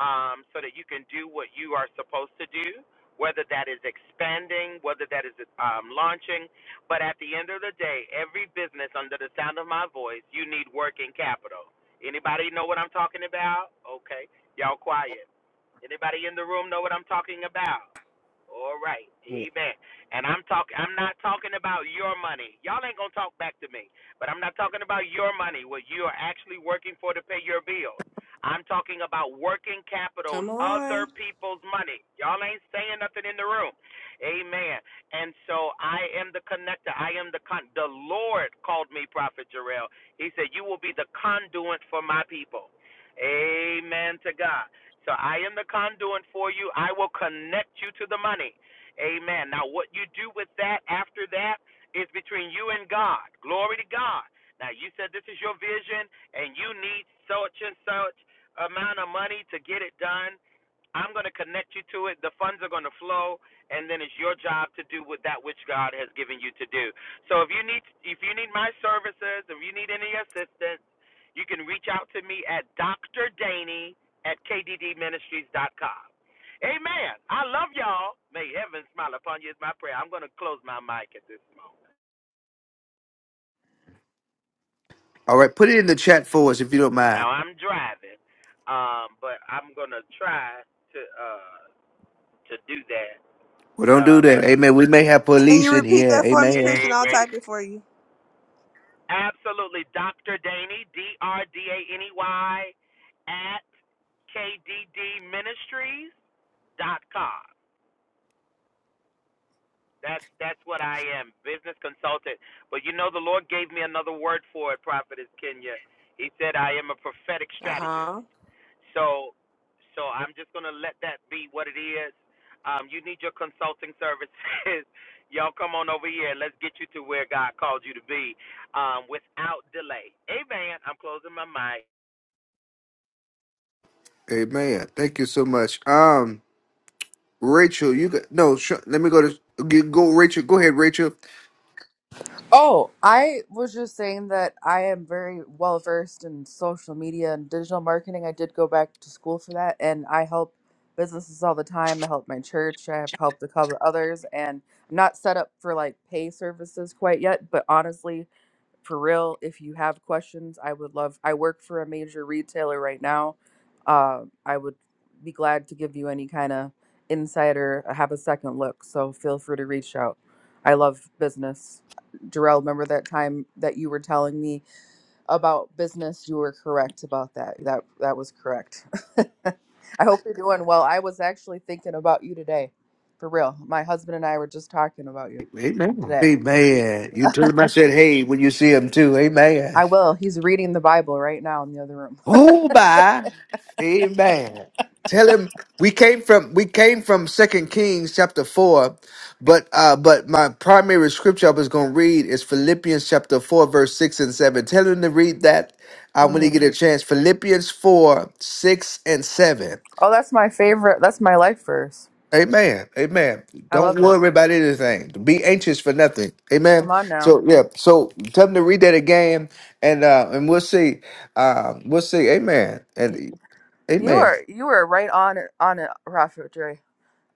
[SPEAKER 18] um, so that you can do what you are supposed to do, whether that is expanding, whether that is um, launching, but at the end of the day, every business under the sound of my voice, you need working capital. Anybody know what I'm talking about? Okay. Y'all quiet. Anybody in the room know what I'm talking about? All right,
[SPEAKER 2] Yeah.
[SPEAKER 18] amen. And I'm talking. I'm not talking about your money. Y'all ain't gonna talk back to me. But I'm not talking about your money, what you are actually working for to pay your bills. I'm talking about working capital, and
[SPEAKER 6] Come
[SPEAKER 18] other
[SPEAKER 6] on.
[SPEAKER 18] people's money. Y'all ain't saying nothing in the room, amen. And so I am the connector. I am the con. The Lord called me Prophet Jarrell. He said, "You will be the conduit for my people." Amen to God. So I am the conduit for you. I will connect you to the money. Amen. Now, what you do with that after that is between you and God. Glory to God. Now, you said this is your vision and you need such and such amount of money to get it done. I'm going to connect you to it. The funds are going to flow, and then it's your job to do with that which God has given you to do. So if you need if you need my services, if you need any assistance, you can reach out to me at Dr. Daney at kddministries.com. Amen. I love y'all. May heaven smile upon you is my prayer. I'm going to close my mic at this moment.
[SPEAKER 1] All right, put it in the chat for us if you don't mind.
[SPEAKER 18] Now I'm driving, um, but I'm going to try to uh, to do that.
[SPEAKER 1] Well, don't do
[SPEAKER 18] Uh, but
[SPEAKER 1] that. Amen. We may have
[SPEAKER 6] Can you
[SPEAKER 1] police in
[SPEAKER 6] repeat
[SPEAKER 1] here.
[SPEAKER 6] that for me, Christian?
[SPEAKER 1] Amen.
[SPEAKER 18] hey,
[SPEAKER 6] I'll
[SPEAKER 18] ready?
[SPEAKER 6] type it for you.
[SPEAKER 18] Absolutely, Dr. Daney, D R D A N E Y, at kddministries.com. That's that's what I am, business consultant. But you know, the Lord gave me another word for it, Prophetess Kenya. He said I am a prophetic
[SPEAKER 6] Uh
[SPEAKER 18] strategist.
[SPEAKER 6] huh.
[SPEAKER 18] So, so I'm just gonna let that be what it is. Um, you need your consulting services. Y'all come on over here. Let's get you to where God called you to be, um, without delay. Amen. I'm closing my mic.
[SPEAKER 1] Amen. Thank you so much. Um, Rachel, you got no. Sh- let me go to g- go. Rachel, go ahead, Rachel.
[SPEAKER 19] Oh, I was just saying that I am very well versed in social media and digital marketing. I did go back to school for that, and I help businesses all the time. I help my church. I have helped a couple of others, and I'm not set up for like pay services quite yet. But honestly, for real if you have questions i would love i work for a major retailer right now uh, i would be glad to give you any kind of insider have a second look so feel free to reach out i love business Darrell, remember that time that you were telling me about business you were correct about that that that was correct i hope you're doing well i was actually thinking about you today for real my husband and i were just talking about you
[SPEAKER 1] Amen.
[SPEAKER 19] today
[SPEAKER 1] Amen. You tell him I said, hey, when you see him too. Amen.
[SPEAKER 19] i will he's reading the bible right now in the other room
[SPEAKER 1] who by amen tell him we came from we came from second kings chapter 4 but uh but my primary scripture i was going to read is philippians chapter 4 verse 6 and 7 tell him to read that uh, when
[SPEAKER 19] hmm
[SPEAKER 1] he get a chance philippians 4 6 and 7
[SPEAKER 19] Oh, that's my favorite. That's my life verse.
[SPEAKER 1] Amen. Amen.
[SPEAKER 19] I
[SPEAKER 1] Don't
[SPEAKER 19] love it.
[SPEAKER 1] worry about anything. Be anxious for nothing. Amen.
[SPEAKER 19] Come on now.
[SPEAKER 1] So yeah. So tell them to read that again, and uh, and we'll see. Uh, we'll see. Amen.
[SPEAKER 19] Y-
[SPEAKER 1] And
[SPEAKER 19] You
[SPEAKER 1] Amen.
[SPEAKER 19] are you are right on it- on it, Prophet Dre.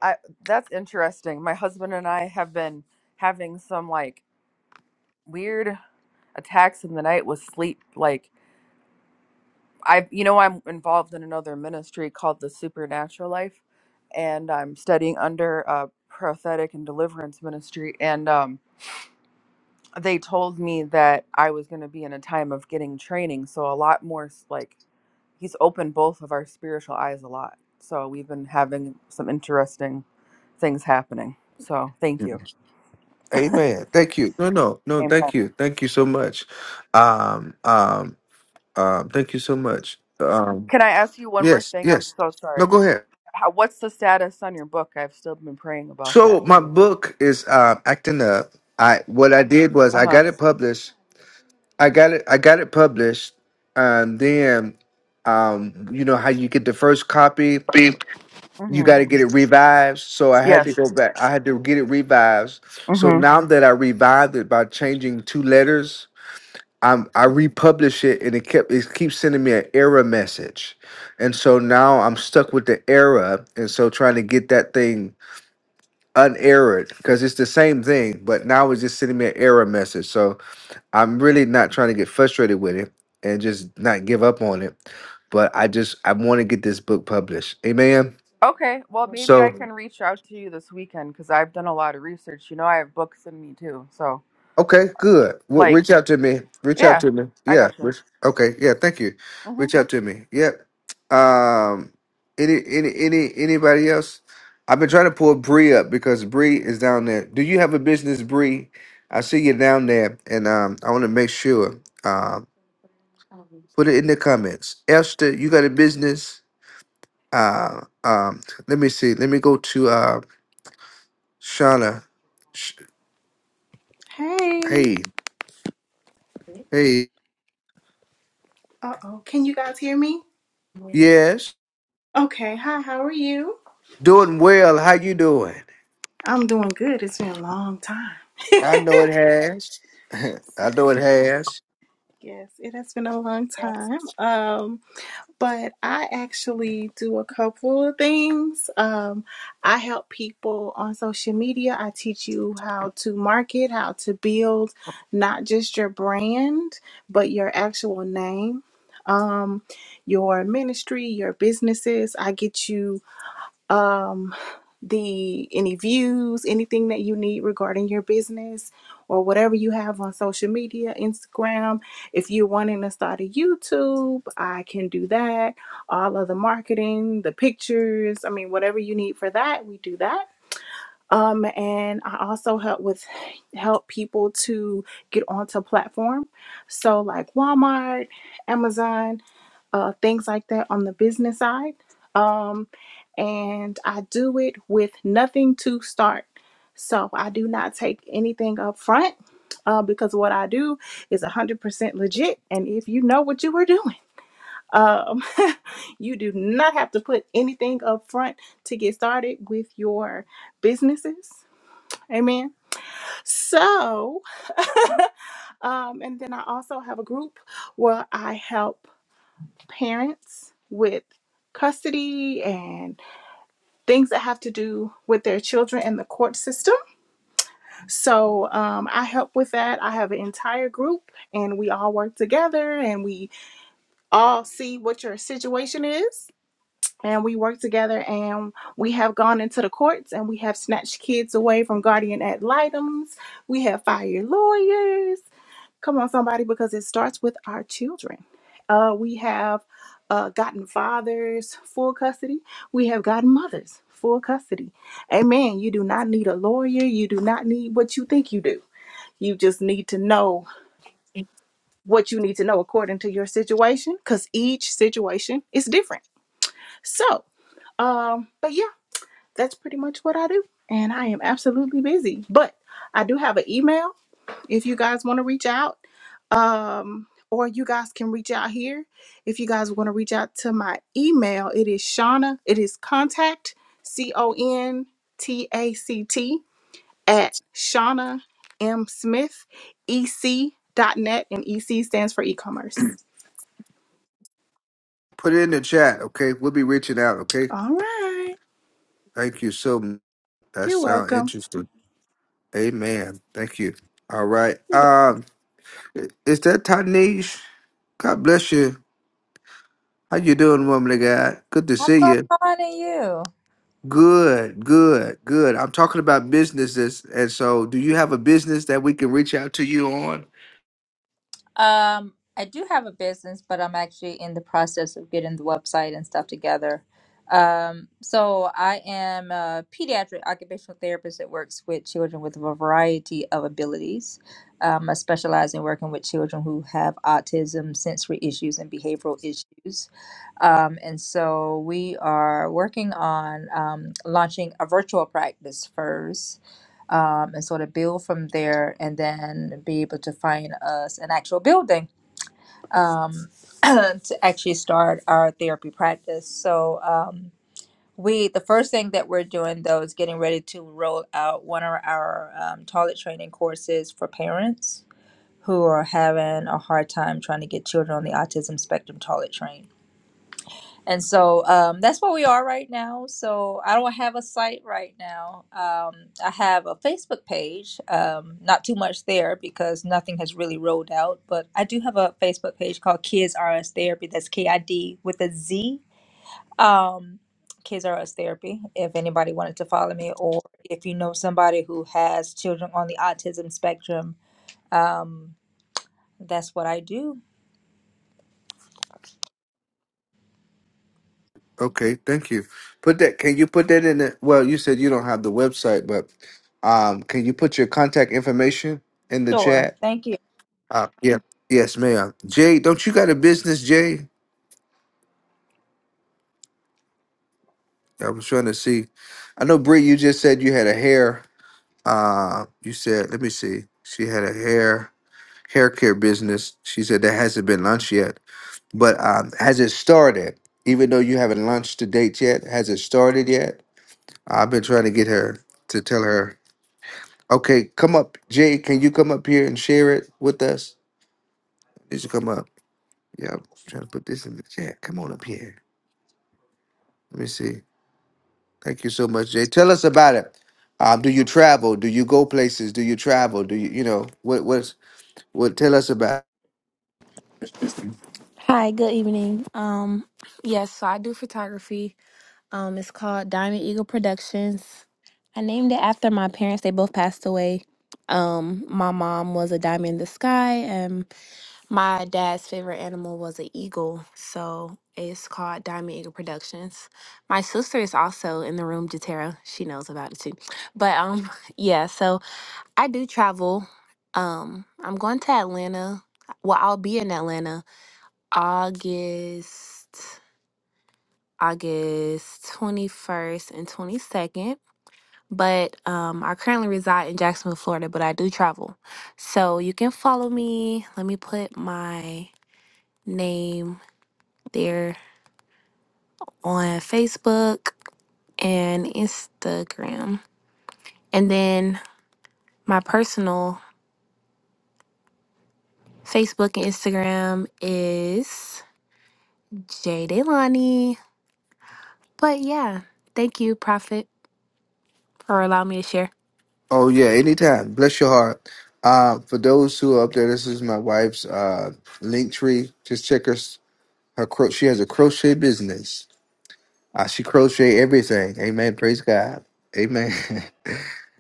[SPEAKER 19] I that's interesting. My husband and I have been having some like weird attacks in the night with sleep. Like I, you know, I'm involved in another ministry called the Supernatural Life, and I'm studying under a prophetic and deliverance ministry. And um, they told me that I was going to be in a time of getting training. So a lot more s- like he's opened both of our spiritual eyes a lot. So we've been having some interesting things happening. So thank you.
[SPEAKER 1] Amen. Thank you. No, no, no.
[SPEAKER 19] Amen.
[SPEAKER 1] Thank you. Thank you so much. Um, um, um. Thank you so much. Um.
[SPEAKER 19] Can I ask you one more
[SPEAKER 1] Yes.
[SPEAKER 19] thing? I'm
[SPEAKER 1] Yes.
[SPEAKER 19] so
[SPEAKER 1] No.
[SPEAKER 19] sorry.
[SPEAKER 1] Go ahead.
[SPEAKER 19] How, what's the status on your book? I've still been praying about
[SPEAKER 1] So
[SPEAKER 19] that
[SPEAKER 1] my
[SPEAKER 19] too.
[SPEAKER 1] book is uh, acting up. I what I did was
[SPEAKER 19] Uh
[SPEAKER 1] I
[SPEAKER 19] huh.
[SPEAKER 1] got it published. I got it. I got it published, and then, um, you know how you get the first copy. You got
[SPEAKER 19] Mm-hmm.
[SPEAKER 1] to get it revived. So I had to
[SPEAKER 19] Yes.
[SPEAKER 1] go back. I had to get it revived. So
[SPEAKER 19] Mm-hmm.
[SPEAKER 1] now that I revived it by changing two letters, I'm I republish it and it kept it keeps sending me an error message. And so now I'm stuck with the error and so trying to get that thing unerrored because it's the same thing, but now it's just sending me an error message. So I'm really not trying to get frustrated with it and just not give up on it. But I just I want to get this book published. Amen.
[SPEAKER 19] Okay. Well, maybe I
[SPEAKER 1] So
[SPEAKER 19] can reach out to you this weekend because I've done a lot of research. You know, I have books in me too. So,
[SPEAKER 1] Okay, good. Well,
[SPEAKER 19] like,
[SPEAKER 1] reach out to me. Reach out
[SPEAKER 19] yeah,
[SPEAKER 1] to me.
[SPEAKER 19] I
[SPEAKER 1] Yeah.
[SPEAKER 19] gotcha.
[SPEAKER 1] Reach, okay. Yeah. Thank you.
[SPEAKER 19] Mm-hmm.
[SPEAKER 1] Reach out to me. Yep. Um. Any any any anybody else? I've been trying to pull Bree up because Bree is down there. Do you have a business, Bree? I see you down there, and um, I want to make sure. Um, put it in the comments. Esther, you got a business? Uh, um, let me see. Let me go to uh, Shauna. Sh-
[SPEAKER 20] Hey.
[SPEAKER 1] hey, hey.
[SPEAKER 20] Uh oh. Can you guys hear me?
[SPEAKER 1] Yes,
[SPEAKER 20] Okay. Hi. How are you?
[SPEAKER 1] doing well. How you doing?
[SPEAKER 20] I'm doing good. It's been a long time.
[SPEAKER 1] I know it has. I know it has.
[SPEAKER 20] Yes, it has been a long time. Um, but I actually do a couple of things. Um, I help people on social media. I teach you how to market, how to build not just your brand, but your actual name, um, your ministry, your businesses. I get you um, the any views, anything that you need regarding your business or whatever you have on social media, Instagram. If you're wanting to start a YouTube, I can do that. All of the marketing, the pictures, I mean, whatever you need for that, we do that um, and I also help with help people to get onto platform, so like Walmart, Amazon, uh, things like that on the business side. Um, and I do it with nothing to start, so I do not take anything up front. Uh, because what I do is 100% legit, and if you know what you are doing, um, you do not have to put anything up front to get started with your businesses. Amen. So, um, and then I also have a group where I help parents with custody and things that have to do with their children in the court system. So, um, I help with that. I have an entire group and we all work together and we all see what your situation is. And we work together and we have gone into the courts and we have snatched kids away from guardian ad litems. We have fired lawyers Come on, somebody, because it starts with our children. Uh, we have uh, gotten fathers full custody. We have gotten mothers full custody. Amen. You do not need a lawyer. You do not need what you think you do. You just need to know what you need to know according to your situation because each situation is different. So, um, but yeah, that's pretty much what I do. And I am absolutely busy. But I do have an email if you guys want to reach out um or you guys can reach out here if you guys want to reach out to my email it is shauna it is contact c-o-n-t-a-c-t at shauna m smith e c dot net, and ec stands for e-commerce
[SPEAKER 1] Put it in the chat, okay? We'll be reaching out, okay?
[SPEAKER 20] all right
[SPEAKER 1] Thank you so much. That
[SPEAKER 20] you're
[SPEAKER 1] sounds
[SPEAKER 20] welcome
[SPEAKER 1] interesting. Amen. Thank you. All right.
[SPEAKER 20] You're welcome.
[SPEAKER 1] Um, i- is that Tanish? God bless you. How you doing, woman of God? Good to
[SPEAKER 21] I'm
[SPEAKER 1] see
[SPEAKER 21] going
[SPEAKER 1] you.
[SPEAKER 21] on to you.
[SPEAKER 1] Good, good, good. I'm talking about businesses, and so do you have a business that we can reach out to you on?
[SPEAKER 21] Um, I do have a business, but I'm actually in the process of getting the website and stuff together. Um, so I am a pediatric occupational therapist that works with children with a variety of abilities. Um, I specialize in working with children who have autism, sensory issues, and behavioral issues. Um, and so we are working on um, launching a virtual practice first um, and sort of build from there and then be able to find us an actual building um, to actually start our therapy practice. So, um, we the first thing that we're doing though is getting ready to roll out one of our um, toilet training courses for parents who are having a hard time trying to get children on the autism spectrum toilet trained and so um, that's where we are right now. So I don't have a site right now. Um, I have a Facebook page, um, not too much there because nothing has really rolled out. But I do have a Facebook page called Kids RS Therapy. That's K I D with a Z. Um, Kids RS Therapy. If anybody wanted to follow me, or if you know somebody who has children on the autism spectrum, um, that's what I do.
[SPEAKER 1] Okay, thank you. Put that. Can you put that in the? Well, you said you don't have the website, but um, can you put your contact information in the
[SPEAKER 21] Sure.
[SPEAKER 1] chat?
[SPEAKER 21] Thank you.
[SPEAKER 1] Uh, yeah. Yes, ma'am. Jay, don't you got a business, Jay? I was trying to see. I know, Brie, you just said you had a hair. Uh, you said, let me see. She had a hair hair care business. She said that hasn't been launched yet, but um, has it started? Even though you haven't launched the date yet, has it started yet? I've been trying to get her to tell her Okay, come up, Jay. Can you come up here and share it with us? You should come up. Yeah, I'm trying to put this in the chat. Come on up here. Let me see. Thank you so much, Jay. Tell us about it. Um, do you travel? Do you go places? Do you travel? Do you, you know, what, what's, what? Tell us about.
[SPEAKER 22] Hi, good evening. Um, yes, so I do photography. Um, it's called Diamond Eagle Productions. I named it after my parents. They both passed away. Um, my mom was a diamond in the sky, and my dad's favorite animal was an eagle. So it's called Diamond Eagle Productions. My sister is also in the room, Jatera. She knows about it too. But um, yeah, so I do travel. Um, I'm going to Atlanta. Well, I'll be in Atlanta August, August 21st and 22nd. But um, I currently reside in Jacksonville, Florida, but I do travel. So you can follow me. Let me put my name there on Facebook and Instagram. And then my personal Facebook and Instagram is J Delani. But yeah, thank you, Prophet, for allowing me to share.
[SPEAKER 1] Oh yeah, anytime. Bless your heart. Uh, for those who are up there, this is my wife's uh link tree. Just check her s- her cro- she has a crochet business Uh, she crochet everything. Amen. Praise God. Amen.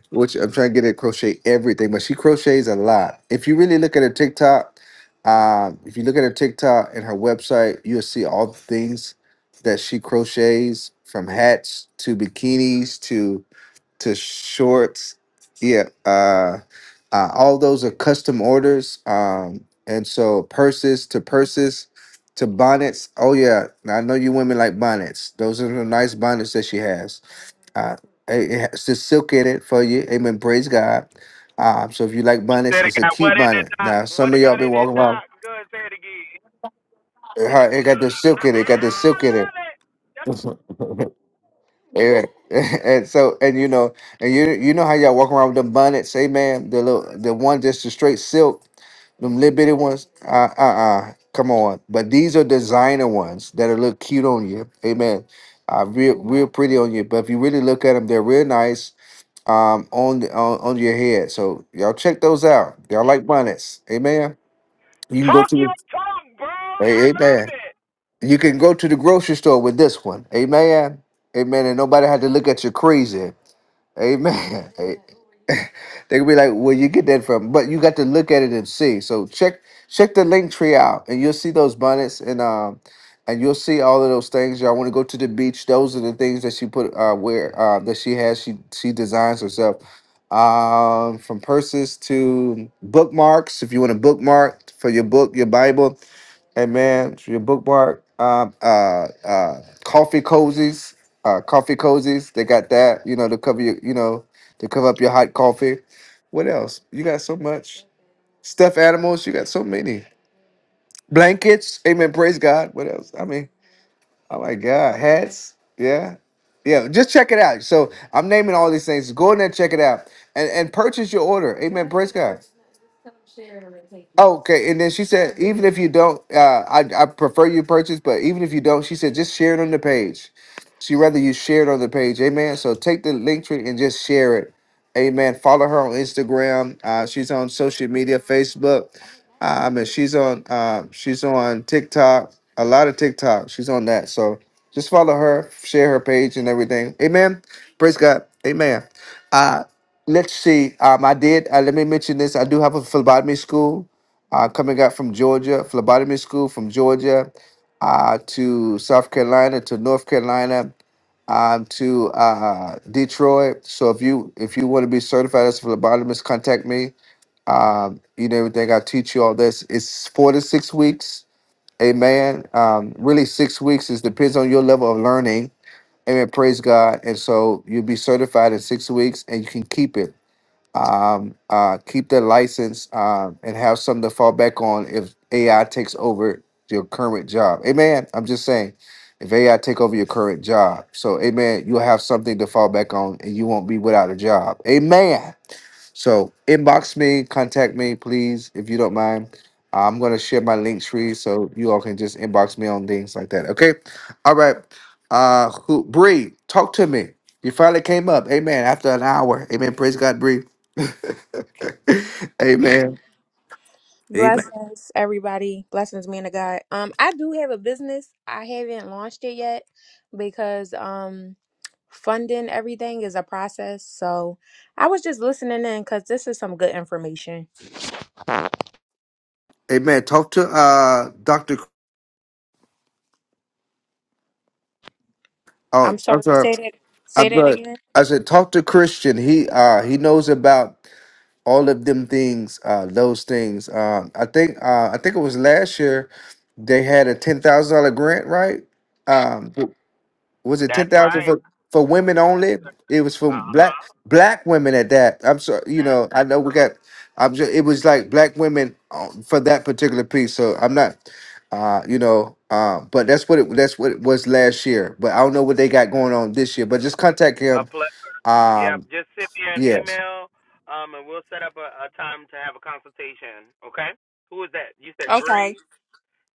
[SPEAKER 1] Which I'm trying to get her to crochet everything, but she crochets a lot. If you really look at her TikTok, um, if you look at her TikTok and her website, you'll see all the things that she crochets from hats to bikinis to shorts. Yeah, uh, uh, all those are custom orders. Um, and so purses to purses to bonnets. Oh yeah, I know you women like bonnets. Those are the nice bonnets that she has. Uh, it it has the silk in it for you. Amen. Praise God. Um, so if you like
[SPEAKER 18] You
[SPEAKER 1] bonnets,
[SPEAKER 18] said it
[SPEAKER 1] it's a
[SPEAKER 18] got
[SPEAKER 1] cute
[SPEAKER 18] what in it,
[SPEAKER 1] bonnet.
[SPEAKER 18] Doc?
[SPEAKER 1] Now some
[SPEAKER 18] What
[SPEAKER 1] of
[SPEAKER 18] it
[SPEAKER 1] y'all
[SPEAKER 18] got
[SPEAKER 1] been
[SPEAKER 18] in it,
[SPEAKER 1] walking around.
[SPEAKER 18] Doc? Good. Say it again.
[SPEAKER 1] uh, It got the silk in it. It Got the silk
[SPEAKER 18] I
[SPEAKER 1] in
[SPEAKER 18] love
[SPEAKER 1] it.
[SPEAKER 18] it. That's
[SPEAKER 1] Yeah. And so and you know and you you know how y'all walk around with them bonnets, Hey man, The little the one just the straight silk, them little bitty ones. Uh uh uh. Come on. But these are designer ones that are look cute on you. Amen. Uh real real pretty on you. But if you really look at them, they're real nice um on the on, on your head. So y'all check those out. Y'all like bonnets. Amen. You can go
[SPEAKER 18] Talk your
[SPEAKER 1] to
[SPEAKER 18] talk, bro. I
[SPEAKER 1] hey,
[SPEAKER 18] love
[SPEAKER 1] amen.
[SPEAKER 18] it.
[SPEAKER 1] You can go to the grocery store with this one. Amen. Amen. And nobody had to look at you crazy. Amen. they could be like, "Where you get that from?" But you got to look at it and see. So check check the link tree out, and you'll see those bonnets and um, and you'll see all of those things. Y'all want to go to the beach? Those are the things that she put uh where uh that she has. She she designs herself. Um, from purses to bookmarks. If you want to bookmark for your book, your Bible, Hey man, it's your bookmark. Um, uh, uh, coffee cozies, uh, coffee cozies. They got that. You know to cover your, you know, to cover up your hot coffee. What else? You got so much stuffed animals. You got so many blankets. Amen. Praise God. What else? I mean, oh my God, hats. Yeah, yeah. Just check it out. So I'm naming all these things. Go in there, and check it out, and and purchase your order. Amen. Praise God. Okay, and then she said, even if you don't, uh, I I prefer you purchase, but even if you don't, she said, just share it on the page. She rather you share it on the page, amen. So take the link tree and just share it, amen. Follow her on Instagram. Uh, she's on social media, Facebook. Um, and she's on uh, she's on TikTok, a lot of TikTok. She's on that, so just follow her, share her page and everything, amen. Praise God, amen. Uh, let's see. Um, I did. Uh, let me mention this. I do have a phlebotomy school uh, coming out from Georgia, phlebotomy school from Georgia uh, to South Carolina to North Carolina um, to uh, Detroit. So if you if you want to be certified as a phlebotomist, contact me. Um, you know everything. I teach you all this. It's four to six weeks. Amen. Um, really, six weeks. is depends on your level of learning. Amen. Praise God. And so you'll be certified in six weeks, and you can keep it um, uh, keep their license um, and have something to fall back on if AI takes over your current job. Amen. I'm just saying, if AI take over your current job, so amen, you'll have something to fall back on and you won't be without a job. Amen. So inbox me, contact me, please, if you don't mind. I'm gonna share my link tree so you all can just inbox me on things like that. Okay. All right. Uh who Bree, talk to me. You finally came up. Amen. After an hour. Amen. Praise God, Bree. Amen. Amen.
[SPEAKER 23] Blessings, everybody. Blessings, man of God. Um, I do have a business. I haven't launched it yet because um funding everything is a process. So I was just listening in because this is some good information.
[SPEAKER 1] Amen. Talk to uh Dr. C- Oh,
[SPEAKER 23] I'm
[SPEAKER 1] I'm
[SPEAKER 23] sorry.
[SPEAKER 1] sorry.
[SPEAKER 23] Say that. Say
[SPEAKER 1] I'm
[SPEAKER 23] that
[SPEAKER 1] sorry.
[SPEAKER 23] again.
[SPEAKER 1] I said talk to Christian. He uh he knows about all of them things, uh, those things. Um, I think uh, I think it was last year they had a ten thousand dollar grant, right? Um, w- was it ten
[SPEAKER 18] That's
[SPEAKER 1] thousand
[SPEAKER 18] right.
[SPEAKER 1] for for women only? It was for
[SPEAKER 18] Uh
[SPEAKER 1] black
[SPEAKER 18] huh.
[SPEAKER 1] black women at that. I'm sorry, you know, I know we got. I'm just. It was like black women uh, for that particular piece. So I'm not. Uh, you know, uh, but that's what it that's what it was last year. But I don't know what they got going on this year. But just contact
[SPEAKER 18] A
[SPEAKER 1] him.
[SPEAKER 18] pleasure. Yep.
[SPEAKER 1] Um,
[SPEAKER 18] Just send me an
[SPEAKER 1] yes,
[SPEAKER 18] email, um, and we'll set up a, a time to have a consultation. Okay. Who is that? You said
[SPEAKER 23] Okay.
[SPEAKER 18] Bree.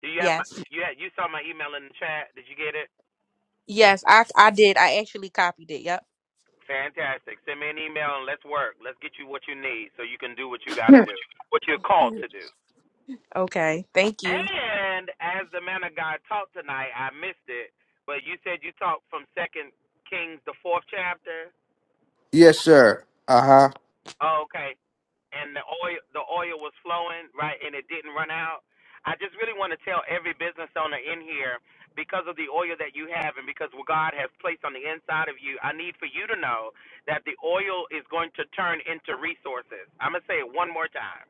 [SPEAKER 18] Do you have my?
[SPEAKER 23] Yes.
[SPEAKER 18] You had, you saw my email in the chat. Did you get it?
[SPEAKER 23] Yes. I I did. I actually copied it. Yep.
[SPEAKER 18] Fantastic. Send me an email and let's work. Let's get you what you need so you can do what you got to do, what you're called to do.
[SPEAKER 23] Okay. Thank you.
[SPEAKER 18] And as the man of God talked tonight, I missed it, but you said you talked from Second Kings, the fourth chapter.
[SPEAKER 1] yes, sir. Uh huh.
[SPEAKER 18] Oh, okay. And the oil the oil was flowing, right, and it didn't run out. I just really want to tell every business owner in here because of the oil that you have and because what God has placed on the inside of you, I need for you to know that the oil is going to turn into resources. I'm going to say it one more time.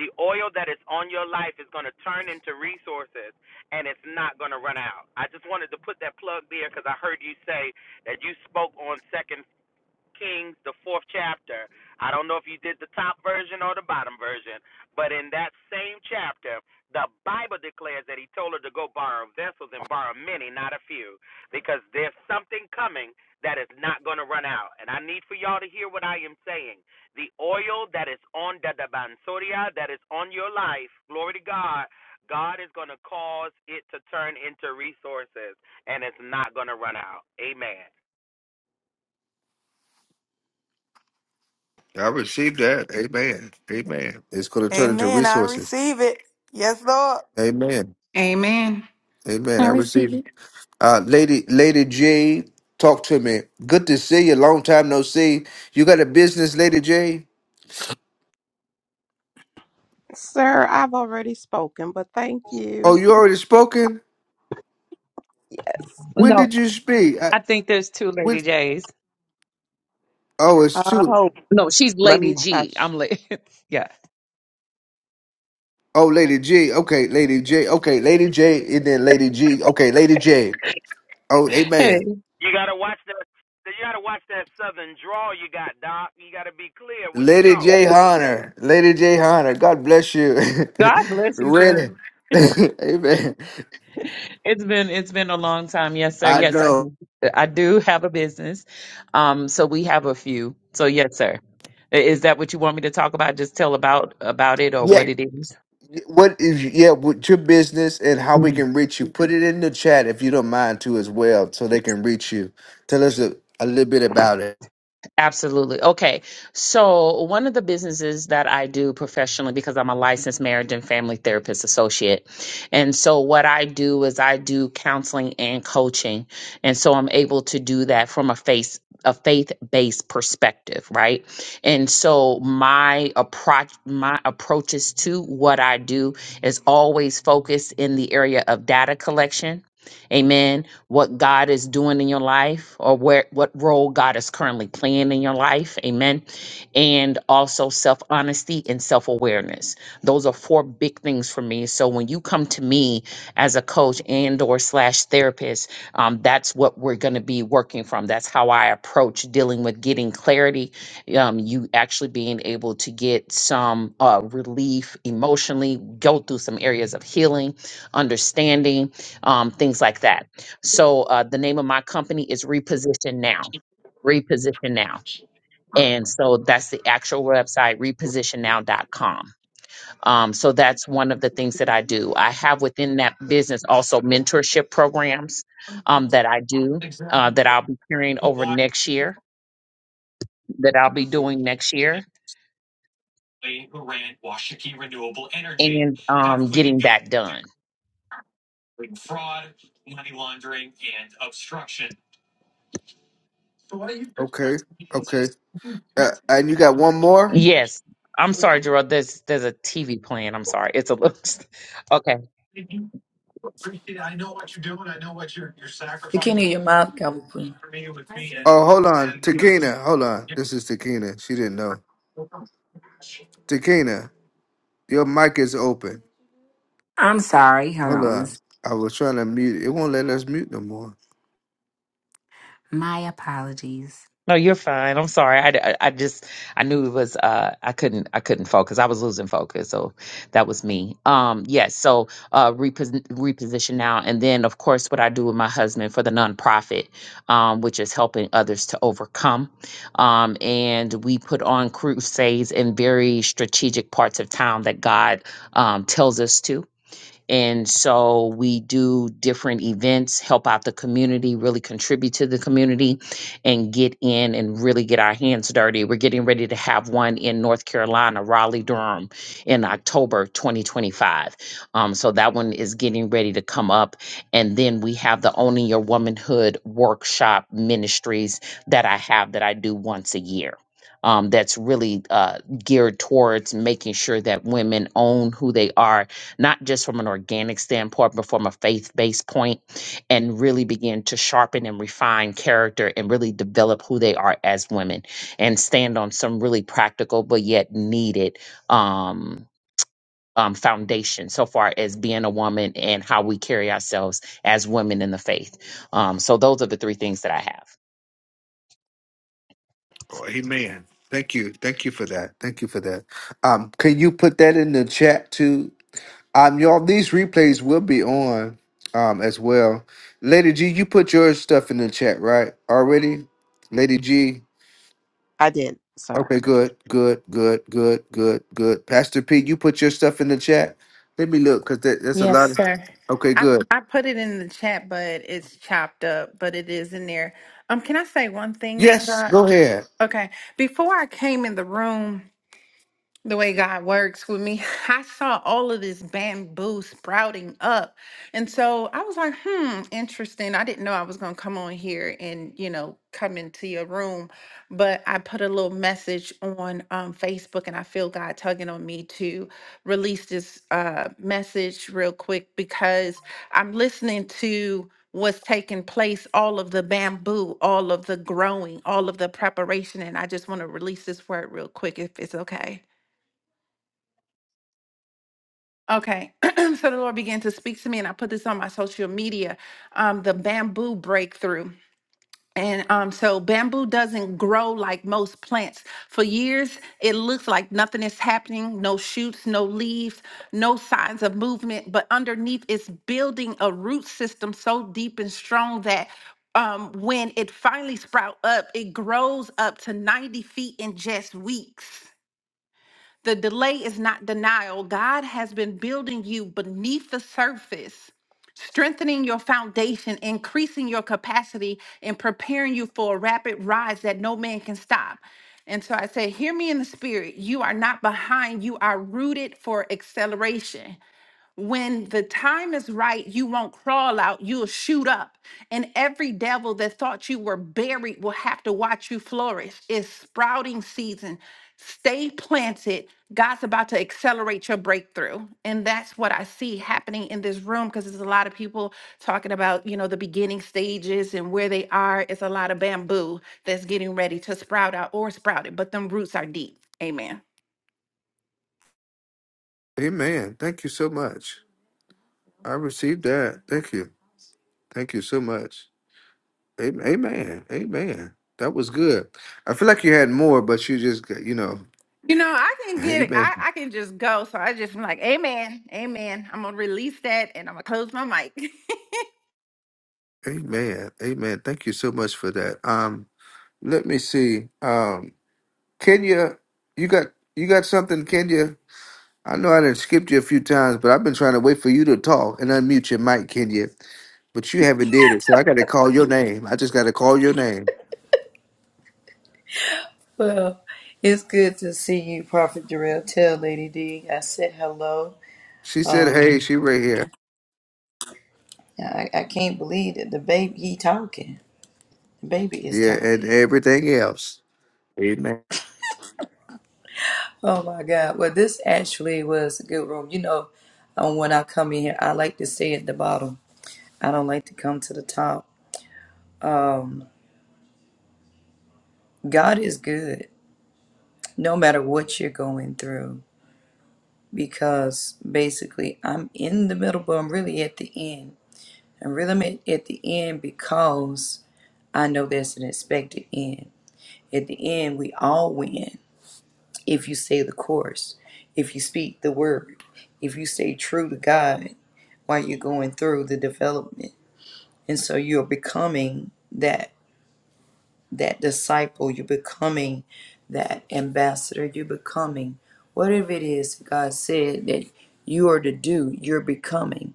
[SPEAKER 18] The oil that is on your life is going to turn into resources and it's not going to run out. I just wanted to put that plug there because I heard you say that you spoke on second. Kings, the fourth chapter. I don't know if you did the top version or the bottom version, but in that same chapter, the Bible declares that he told her to go borrow vessels and borrow many, not a few, because there's something coming that is not going to run out. And I need for y'all to hear what I am saying. The oil that is on the Dabansoria, that is on your life, glory to God, God is going to cause it to turn into resources and it's not going to run out. Amen.
[SPEAKER 1] I received that. Amen. Amen. It's going to turn into
[SPEAKER 15] Amen. I
[SPEAKER 1] resources.
[SPEAKER 15] receive it. Yes, Lord.
[SPEAKER 1] Amen. Amen.
[SPEAKER 22] I
[SPEAKER 1] I
[SPEAKER 22] receive
[SPEAKER 1] receive.
[SPEAKER 22] it.
[SPEAKER 1] Uh, Lady Lady J, talk to me. Good to see you. Long time no see. You got a business, Lady J?
[SPEAKER 14] Sir, I've already spoken, but thank
[SPEAKER 1] Oh,
[SPEAKER 14] you.
[SPEAKER 1] you already spoken?
[SPEAKER 14] Yes.
[SPEAKER 1] When
[SPEAKER 24] No,
[SPEAKER 1] did you speak? I,
[SPEAKER 24] I think there's two
[SPEAKER 1] when?
[SPEAKER 24] Lady J's.
[SPEAKER 1] Oh, it's
[SPEAKER 14] Uh,
[SPEAKER 1] two.
[SPEAKER 14] Oh,
[SPEAKER 24] No, she's
[SPEAKER 14] let
[SPEAKER 24] Lady
[SPEAKER 14] me
[SPEAKER 24] G.
[SPEAKER 14] hush.
[SPEAKER 24] I'm like, yeah.
[SPEAKER 1] Oh, Lady G. Okay, Lady J. Okay, Lady J. And then Lady G. Okay, Lady J. Oh,
[SPEAKER 24] Hey,
[SPEAKER 1] amen.
[SPEAKER 18] You gotta watch that. You gotta watch that southern drawl you got, Doc. You gotta be clear when you're
[SPEAKER 1] Lady J.
[SPEAKER 18] talking. Amen.
[SPEAKER 1] Honor. Lady J. Honor. God bless you.
[SPEAKER 24] God bless you, sir.
[SPEAKER 1] Ready. amen.
[SPEAKER 24] It's been it's been a long time. Yes, sir.
[SPEAKER 1] I
[SPEAKER 24] Yes, I
[SPEAKER 1] know.
[SPEAKER 24] do. I do have a business. Um, so we have a few. So yes, sir. I- Is that what you want me to talk about? Just tell about about it or what
[SPEAKER 1] Yeah.
[SPEAKER 24] it is?
[SPEAKER 1] What is yeah? With your business and how we can reach you? Put it in the chat if you don't mind too, as well, so they can reach you. Tell us a, a little bit about it.
[SPEAKER 24] Absolutely. Okay. So, one of the businesses that I do professionally, because I'm a licensed marriage and family therapist associate. And so, what I do is I do counseling and coaching. And so, I'm able to do that from a face a faith-based perspective, right? And so my approach my approaches to what I do is always focused in the area of data collection. Amen what God is doing in your life or where what role God is currently playing in your life. Amen. And also self-honesty and self-awareness. Those are four big things for me. So when you come to me as a coach and or slash therapist, um, that's what we're gonna be working from. That's how I approach dealing with getting clarity, um, you actually being able to get some uh, relief emotionally, go through some areas of healing, understanding, um, things like that. So uh, the name of my company is Reposition Now. Reposition Now. And so that's the actual website, repositionnow.com. Um, so that's one of the things that I do. I have within that business also mentorship programs um, that I do uh, that I'll be carrying over next year, that I'll be doing next year, and um, getting that done.
[SPEAKER 1] Okay. Okay. Uh, and you got one more?
[SPEAKER 24] Yes. I'm sorry, Gerald. There's there's a TV playing. I'm sorry. It's a little. Okay.
[SPEAKER 25] The king of your mouth, Calvin Queen.
[SPEAKER 1] Oh, hold on, Takina. Hold on. This is Takina. She didn't know. Takina, your mic is open.
[SPEAKER 11] I'm sorry. Hold
[SPEAKER 1] Hold
[SPEAKER 11] on. It
[SPEAKER 1] on. I was trying to mute. It It won't let us mute no more.
[SPEAKER 11] my apologies.
[SPEAKER 24] No, you're fine. I'm sorry. I, I, I just I knew it was uh I couldn't I couldn't focus. I was losing focus, so that was me. Um, yes. So uh, repos- reposition now, and then of course what I do with my husband for the nonprofit, um, which is helping others to overcome. Um, and we put on crusades in very strategic parts of town that God um tells us to. And so we do different events, help out the community, really contribute to the community, and get in and really get our hands dirty. We're getting ready to have one in North Carolina, Raleigh Durham, in October 2025. Um, so that one is getting ready to come up. And then we have the Owning Your Womanhood workshop ministries that I have that I do once a year. Um, that's really uh, geared towards making sure that women own who they are not just from an organic standpoint, but from a faith based point, and really begin to sharpen and refine character and really develop who they are as women and stand on some really practical but yet needed um, um, foundation so far as being a woman and how we carry ourselves as women in the faith. Um, so, those are the three things that I have.
[SPEAKER 1] Oh, amen. Thank you. Thank you for that. Thank you for that. Um, can you put that in the chat too? Um, y'all, these replays will be on um as well. Lady G, you put your stuff in the chat, right? Already? Lady G.
[SPEAKER 14] I did, sir.
[SPEAKER 1] Okay, good, good, good, good, good, good. Pastor Pete, you put your stuff in the chat. Let me look, because that, that's a
[SPEAKER 13] Yes,
[SPEAKER 1] lot of
[SPEAKER 13] sir.
[SPEAKER 1] okay,
[SPEAKER 13] I,
[SPEAKER 1] good.
[SPEAKER 13] I put it in the chat, but it's chopped up, but it is in there. Um, can I say one thing, man? of
[SPEAKER 1] Yes,
[SPEAKER 13] God?
[SPEAKER 1] go ahead.
[SPEAKER 13] Okay. Before I came in the room, the way God works with me, I saw all of this bamboo sprouting up. And so I was like, hmm, interesting. I didn't know I was going to come on here and, you know, come into your room. But I put a little message on um, Facebook and I feel God tugging on me to release this uh, message real quick because I'm listening to what's taking place, all of the bamboo, all of the growing, all of the preparation. And I just want to release this word real quick if it's okay. Okay. so the Lord began to speak to me, and I put this on my social media um, the bamboo breakthrough. And um, so bamboo doesn't grow like most plants. For years, it looks like nothing is happening no shoots, no leaves, no signs of movement. But underneath, it's building a root system so deep and strong that um, when it finally sprout up, it grows up to 90 feet in just weeks. The delay is not denial. God has been building you beneath the surface, strengthening your foundation, increasing your capacity, and preparing you for a rapid rise that no man can stop. And so I say, Hear me in the spirit. You are not behind, you are rooted for acceleration when the time is right, you won't crawl out, you'll shoot up. And every devil that thought you were buried will have to watch you flourish. It's sprouting season. Stay planted. God's about to accelerate your breakthrough. And that's what I see happening in this room because there's a lot of people talking about, you know, the beginning stages and where they are. It's a lot of bamboo that's getting ready to sprout out or sprouted, but them roots are deep. Amen.
[SPEAKER 1] Amen. Thank you so much. I received that. Thank you. Thank you so much. Am- Amen. Amen. That was good. I feel like you had more, but you just, got- you know,
[SPEAKER 13] You know, I can get it.
[SPEAKER 1] amen.
[SPEAKER 13] I, I can just go. So I just am like, Amen, Amen. I'm gonna release that and I'm gonna close my mic.
[SPEAKER 1] Amen. Amen. Thank you so much for that. Um, let me see. Um, Kenya, you got you got something, Kenya? I know I done skipped you a few times, but I've been trying to wait for you to talk and unmute your mic, Kenya. But you haven't did it, so I got to call your name. I just got to call your name.
[SPEAKER 25] Well, it's good to see you, Prophet Jarrell. Tell Lady D I said hello.
[SPEAKER 1] She said, "Hey,
[SPEAKER 25] Um,
[SPEAKER 1] she right here."
[SPEAKER 25] I, I can't believe that the baby he talking. The baby is
[SPEAKER 1] Yeah, and
[SPEAKER 25] talking.
[SPEAKER 1] everything else. Amen.
[SPEAKER 25] Oh my God! Well, this actually was a good room. You know, um, when I come in here, I like to stay at the bottom. I don't like to come to the top. Um, God is good, no matter what you're going through, because basically I'm in the middle, but I'm really at the end. and rhythm it at the end because I know there's an expected end. At the end, we all win if you say the course, if you speak the word, if you stay true to God while you're going through the development. And so you're becoming that that disciple, you're becoming that ambassador, you're becoming whatever it is that God said that you are to do, you're becoming.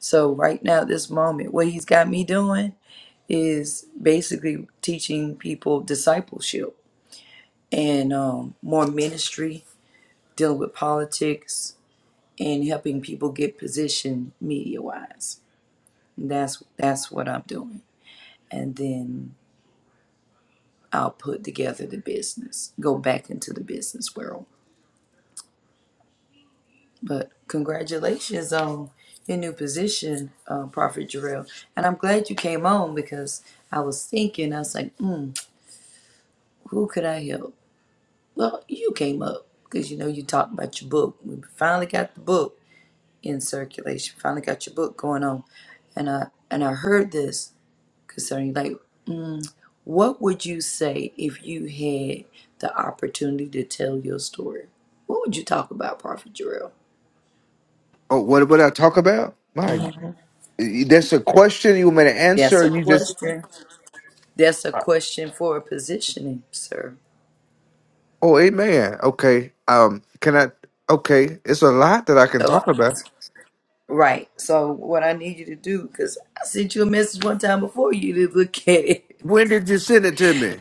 [SPEAKER 25] So right now, this moment, what he's got me doing, is basically teaching people discipleship and um, more ministry, dealing with politics, and helping people get positioned media wise. That's that's what I'm doing, and then I'll put together the business, go back into the business world. But congratulations on your new position, uh, Prophet Jarrell, and I'm glad you came on because I was thinking, I was like, mm, who could I help? Well, you came up because you know you talked about your book. We finally got the book in circulation. Finally got your book going on, and I and I heard this concerning like, what would you say if you had the opportunity to tell your story? What would you talk about, Prophet Jarrell?
[SPEAKER 1] Oh, what what I talk about? My, God. that's a question you want me to
[SPEAKER 25] That's
[SPEAKER 1] answer?
[SPEAKER 25] a
[SPEAKER 1] or You just
[SPEAKER 25] question. That's a question for a positioning, sir.
[SPEAKER 1] Oh, amen. Okay. Um, can I? Okay, it's a lot that I can talk
[SPEAKER 25] So,
[SPEAKER 1] about.
[SPEAKER 25] right. So, what I need you to do, because I sent you a message one time before you didn't look at it.
[SPEAKER 1] When did you send it to me?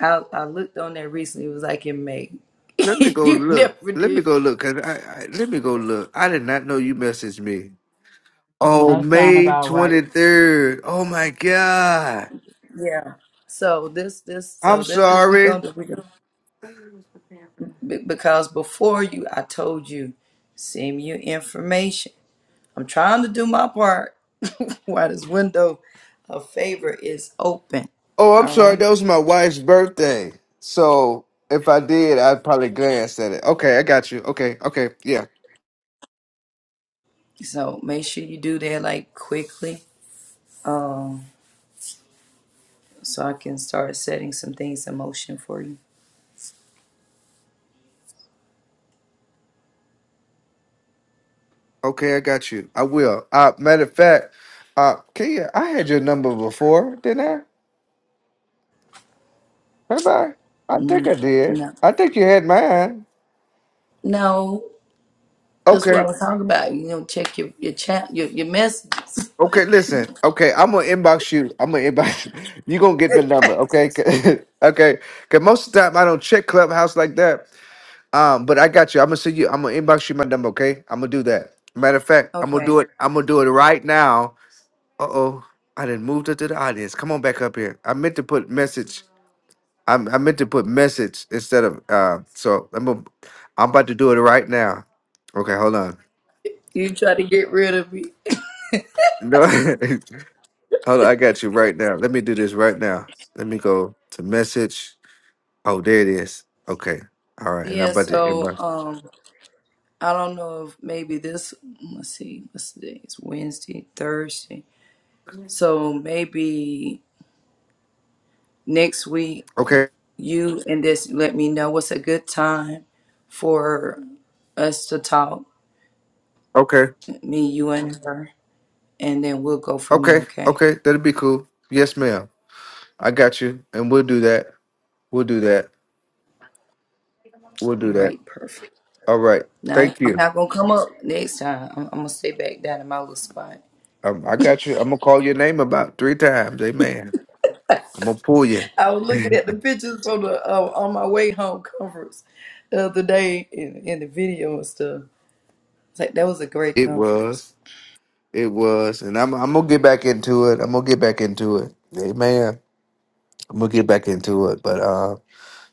[SPEAKER 25] I, I looked on there recently. It was like in May.
[SPEAKER 1] Let me go
[SPEAKER 25] you
[SPEAKER 1] look.
[SPEAKER 25] never
[SPEAKER 1] Let me
[SPEAKER 25] did.
[SPEAKER 1] go look. Cause I, I let me go look. I did not know you messaged me. Oh,
[SPEAKER 12] That sound
[SPEAKER 1] May
[SPEAKER 12] about right.
[SPEAKER 1] twenty third. Oh my God.
[SPEAKER 25] Yeah. So this this
[SPEAKER 1] I'm
[SPEAKER 25] so this what we
[SPEAKER 1] sorry.
[SPEAKER 25] gonna do. We gonna, be- because before you, I told you, send me your information. I'm trying to do my part. While this window of favor is open.
[SPEAKER 1] Oh, I'm
[SPEAKER 25] All
[SPEAKER 1] sorry.
[SPEAKER 25] right.
[SPEAKER 1] That was my wife's birthday. So if I did, I probably glanced at it. Okay, I got you. Okay, okay, Yeah.
[SPEAKER 25] So make sure you do that like quickly. Um, so I can start setting some things in motion for you.
[SPEAKER 1] Okay, I got you. I will. Uh, matter of fact, uh, Kia, I had your number before, didn't I? Have I? I think
[SPEAKER 25] Mm,
[SPEAKER 1] I did.
[SPEAKER 25] No.
[SPEAKER 1] I think you had mine.
[SPEAKER 25] No. That's what I
[SPEAKER 1] Okay.
[SPEAKER 25] was talking about. You know, check your your chat your your messages.
[SPEAKER 1] Okay. Listen. Okay, I'm gonna inbox you. I'm gonna inbox you. You gonna get my number? Okay. 'Cause- okay. Cause most of the time I don't check Clubhouse like that. Um, but I got you. I'm gonna send you. I'm gonna inbox you my number. Okay. I'm gonna do that. Matter of fact, I'm gonna
[SPEAKER 25] okay.
[SPEAKER 1] do it. I'm gonna do it right now. Uh oh. I didn't move her to the audience. Come on back up here. I meant to put message. I, I meant to put message instead of uh. So I'm a, I'm about to do it right now. Okay, hold on.
[SPEAKER 25] You try to get rid of me.
[SPEAKER 1] No, hold on. I got you right now. Let me do this right now. Let me go to message. Oh, there it is. Okay. All right, and I'm
[SPEAKER 25] Yeah,
[SPEAKER 1] about to
[SPEAKER 25] so
[SPEAKER 1] inbox.
[SPEAKER 25] um I don't know if maybe this let's see, what's today? It's Wednesday, Thursday. So maybe next week
[SPEAKER 1] Okay.
[SPEAKER 25] you and this let me know what's a good time for us to talk,
[SPEAKER 1] Okay.
[SPEAKER 25] me, you and her, and then we'll go from there,
[SPEAKER 1] Okay.
[SPEAKER 25] okay?
[SPEAKER 1] Okay. That'll be cool. Yes, ma'am. I got you, and we'll do that. We'll do that. We'll do that.
[SPEAKER 25] Right, perfect.
[SPEAKER 1] All right.
[SPEAKER 25] Now,
[SPEAKER 1] Thank
[SPEAKER 25] I'm
[SPEAKER 1] you.
[SPEAKER 25] not gonna come up next time. I'm, I'm gonna stay back down in my little spot.
[SPEAKER 1] Um, I got you. I'm gonna call your name about three times. Amen. I'm gonna pull you.
[SPEAKER 25] I was looking at
[SPEAKER 1] it
[SPEAKER 25] the pictures from the uh, on my way home conference the other day in, in the video and stuff. It's like that was a great conference.
[SPEAKER 1] was. It was, and I'm I'm gonna get back into it. I'm gonna get back into it. Amen. I'm gonna get back into it. But um,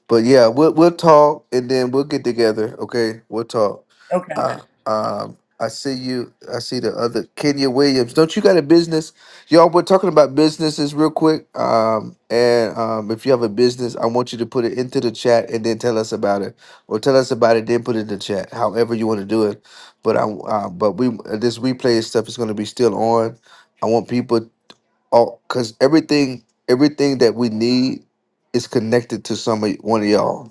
[SPEAKER 1] but yeah, we'll we'll talk and then we'll get together. Okay, we'll talk.
[SPEAKER 25] Okay.
[SPEAKER 1] Uh, um, I see you. I see the other Kenya Williams. Don't you got a business? Y'all, we're talking about businesses real quick. Um, and um, if you have a business, I want you to put it into the chat and then tell us about it, or tell us about it, then put it in the chat. However you want to do it. But I, uh, but we uh, this replay stuff is going to be still on. I want people Oh, cause everything everything that we need is connected to some of one of y'all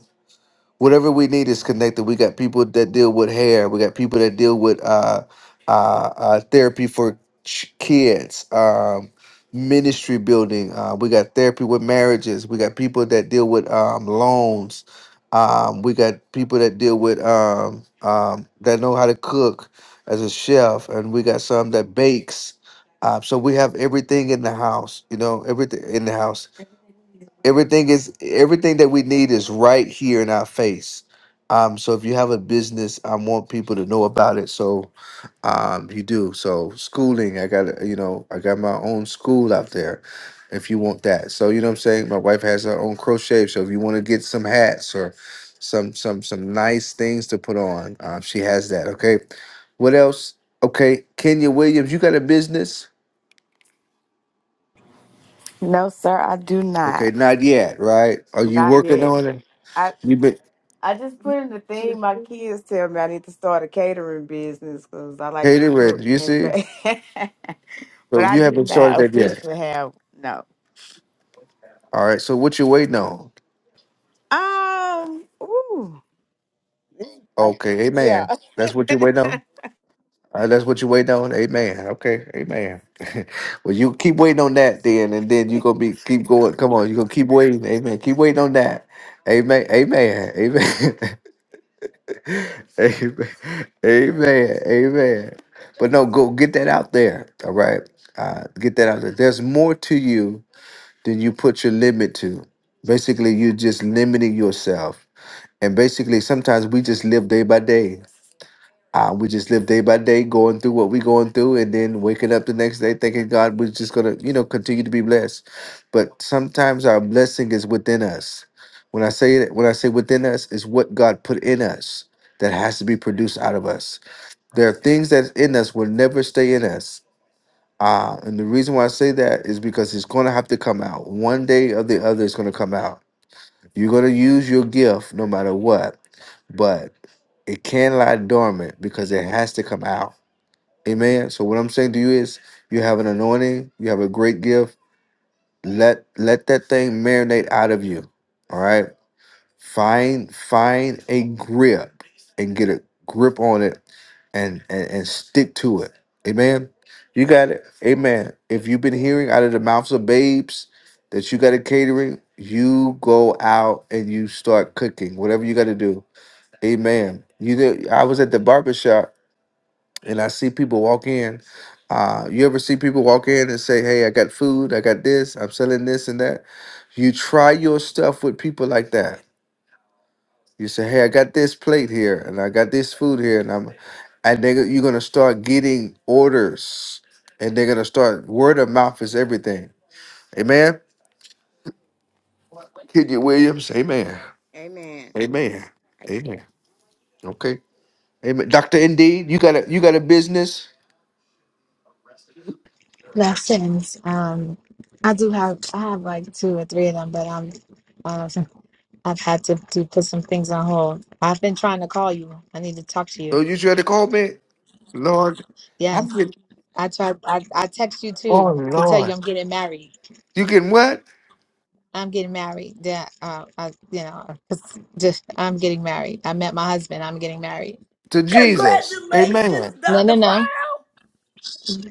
[SPEAKER 1] whatever we need is connected. We got people that deal with hair. We got people that deal with uh, uh, uh, therapy for ch- kids, um, ministry building. Uh, we got therapy with marriages. We got people that deal with um, loans. Um, we got people that deal with um, um, that know how to cook as a chef, and we got some that bakes. Uh, so we have everything in the house, you know, everything in the house everything is everything that we need is right here in our face. Um, so if you have a business, I want people to know about it. So um, you do. So schooling, I got you know, I got my own school out there. If you want that, so you know what I'm saying. My wife has her own crochet. So if you want to get some hats or some some some nice things to put on, um, she has that. Okay. What else? Okay, Kenya Williams, you got a business?
[SPEAKER 26] No, sir, I do
[SPEAKER 1] Okay,
[SPEAKER 26] not.
[SPEAKER 1] not yet, right? Are you
[SPEAKER 26] Not
[SPEAKER 1] working
[SPEAKER 26] yet.
[SPEAKER 1] on it?
[SPEAKER 26] I
[SPEAKER 1] You been
[SPEAKER 26] I just put in the thing. My kids tell me I need to start a catering business because I like to
[SPEAKER 1] Hated red.
[SPEAKER 26] cook
[SPEAKER 1] You
[SPEAKER 26] and
[SPEAKER 1] see?
[SPEAKER 26] bake. but
[SPEAKER 1] So
[SPEAKER 26] I
[SPEAKER 1] you
[SPEAKER 26] do
[SPEAKER 1] haven't started
[SPEAKER 26] not
[SPEAKER 1] that yet.
[SPEAKER 26] officially have no.
[SPEAKER 1] All right. So what you waiting on?
[SPEAKER 26] Um. Ooh. I,
[SPEAKER 1] Okay. Amen.
[SPEAKER 26] yeah.
[SPEAKER 1] That's what you waiting on. All right, that's what you waiting on. Amen. Okay. Amen. well, you keep waiting on that then, and then you gonna be keep going. Come on, you gonna keep waiting. Amen. Keep waiting on that. Amen. Amen. Amen. Amen. Amen. Amen. But no, go get that out there. All right. Uh, get that out there. There's more to you then you put your limit to. Basically, you're just limiting yourself. And basically, sometimes we just live day by day. Uh, we just live day by day, going through what we're going through, and then waking up the next day thinking God, we're just gonna, you know, continue to be blessed. But sometimes our blessing is within us. When I say it, when I say within us, is what God put in us that has to be produced out of us. There are things that's in us will never stay in us uh, and the reason why I say that is because it's going to have to come out. One day or the other, it's going to come out. You're going to use your gift no matter what, but it can lie dormant because it has to come out. Amen. So what I'm saying to you is you have an anointing, you have a great gift. Let let that thing marinate out of you. All right. Find find a grip and get a grip on it and and, and stick to it. Amen. You got it. Amen. If you've been hearing out of the mouths of babes that you got a catering, you go out and you start cooking. Whatever you got to do. Amen. You know, I was at the barber shop and I see people walk in. Uh, you ever see people walk in and say, "Hey, I got food. I got this. I'm selling this and that." You try your stuff with people like that you say, "Hey, I got this plate here, and I got this food here, and I'm," and they you're gonna start getting orders, and they're gonna start word of mouth is everything. Amen. Kenya Williams, Amen.
[SPEAKER 26] Amen.
[SPEAKER 1] Amen. Amen. Okay. Amen. Doctor, indeed, you got a you got a business.
[SPEAKER 27] lessons. Um, I do have I have like two or three of them, but I'm um, I've had to, to put some things on hold. I've been trying to call you. I need to talk to
[SPEAKER 1] Oh,
[SPEAKER 27] you.
[SPEAKER 1] you trying to call me, Lord?
[SPEAKER 27] Yes,
[SPEAKER 1] I'm getting.
[SPEAKER 27] I tried. I, I text you
[SPEAKER 1] Oh
[SPEAKER 27] too to tell
[SPEAKER 1] Lord,
[SPEAKER 27] you I'm getting married.
[SPEAKER 1] you getting what
[SPEAKER 27] I'm getting married. Yeah, uh, I, you know, just I'm getting married. I met my husband. I'm getting married.
[SPEAKER 1] to Jesus?
[SPEAKER 25] Congratulations,
[SPEAKER 1] Amen.
[SPEAKER 27] No,
[SPEAKER 25] Dr.
[SPEAKER 27] no, no.
[SPEAKER 25] Brown.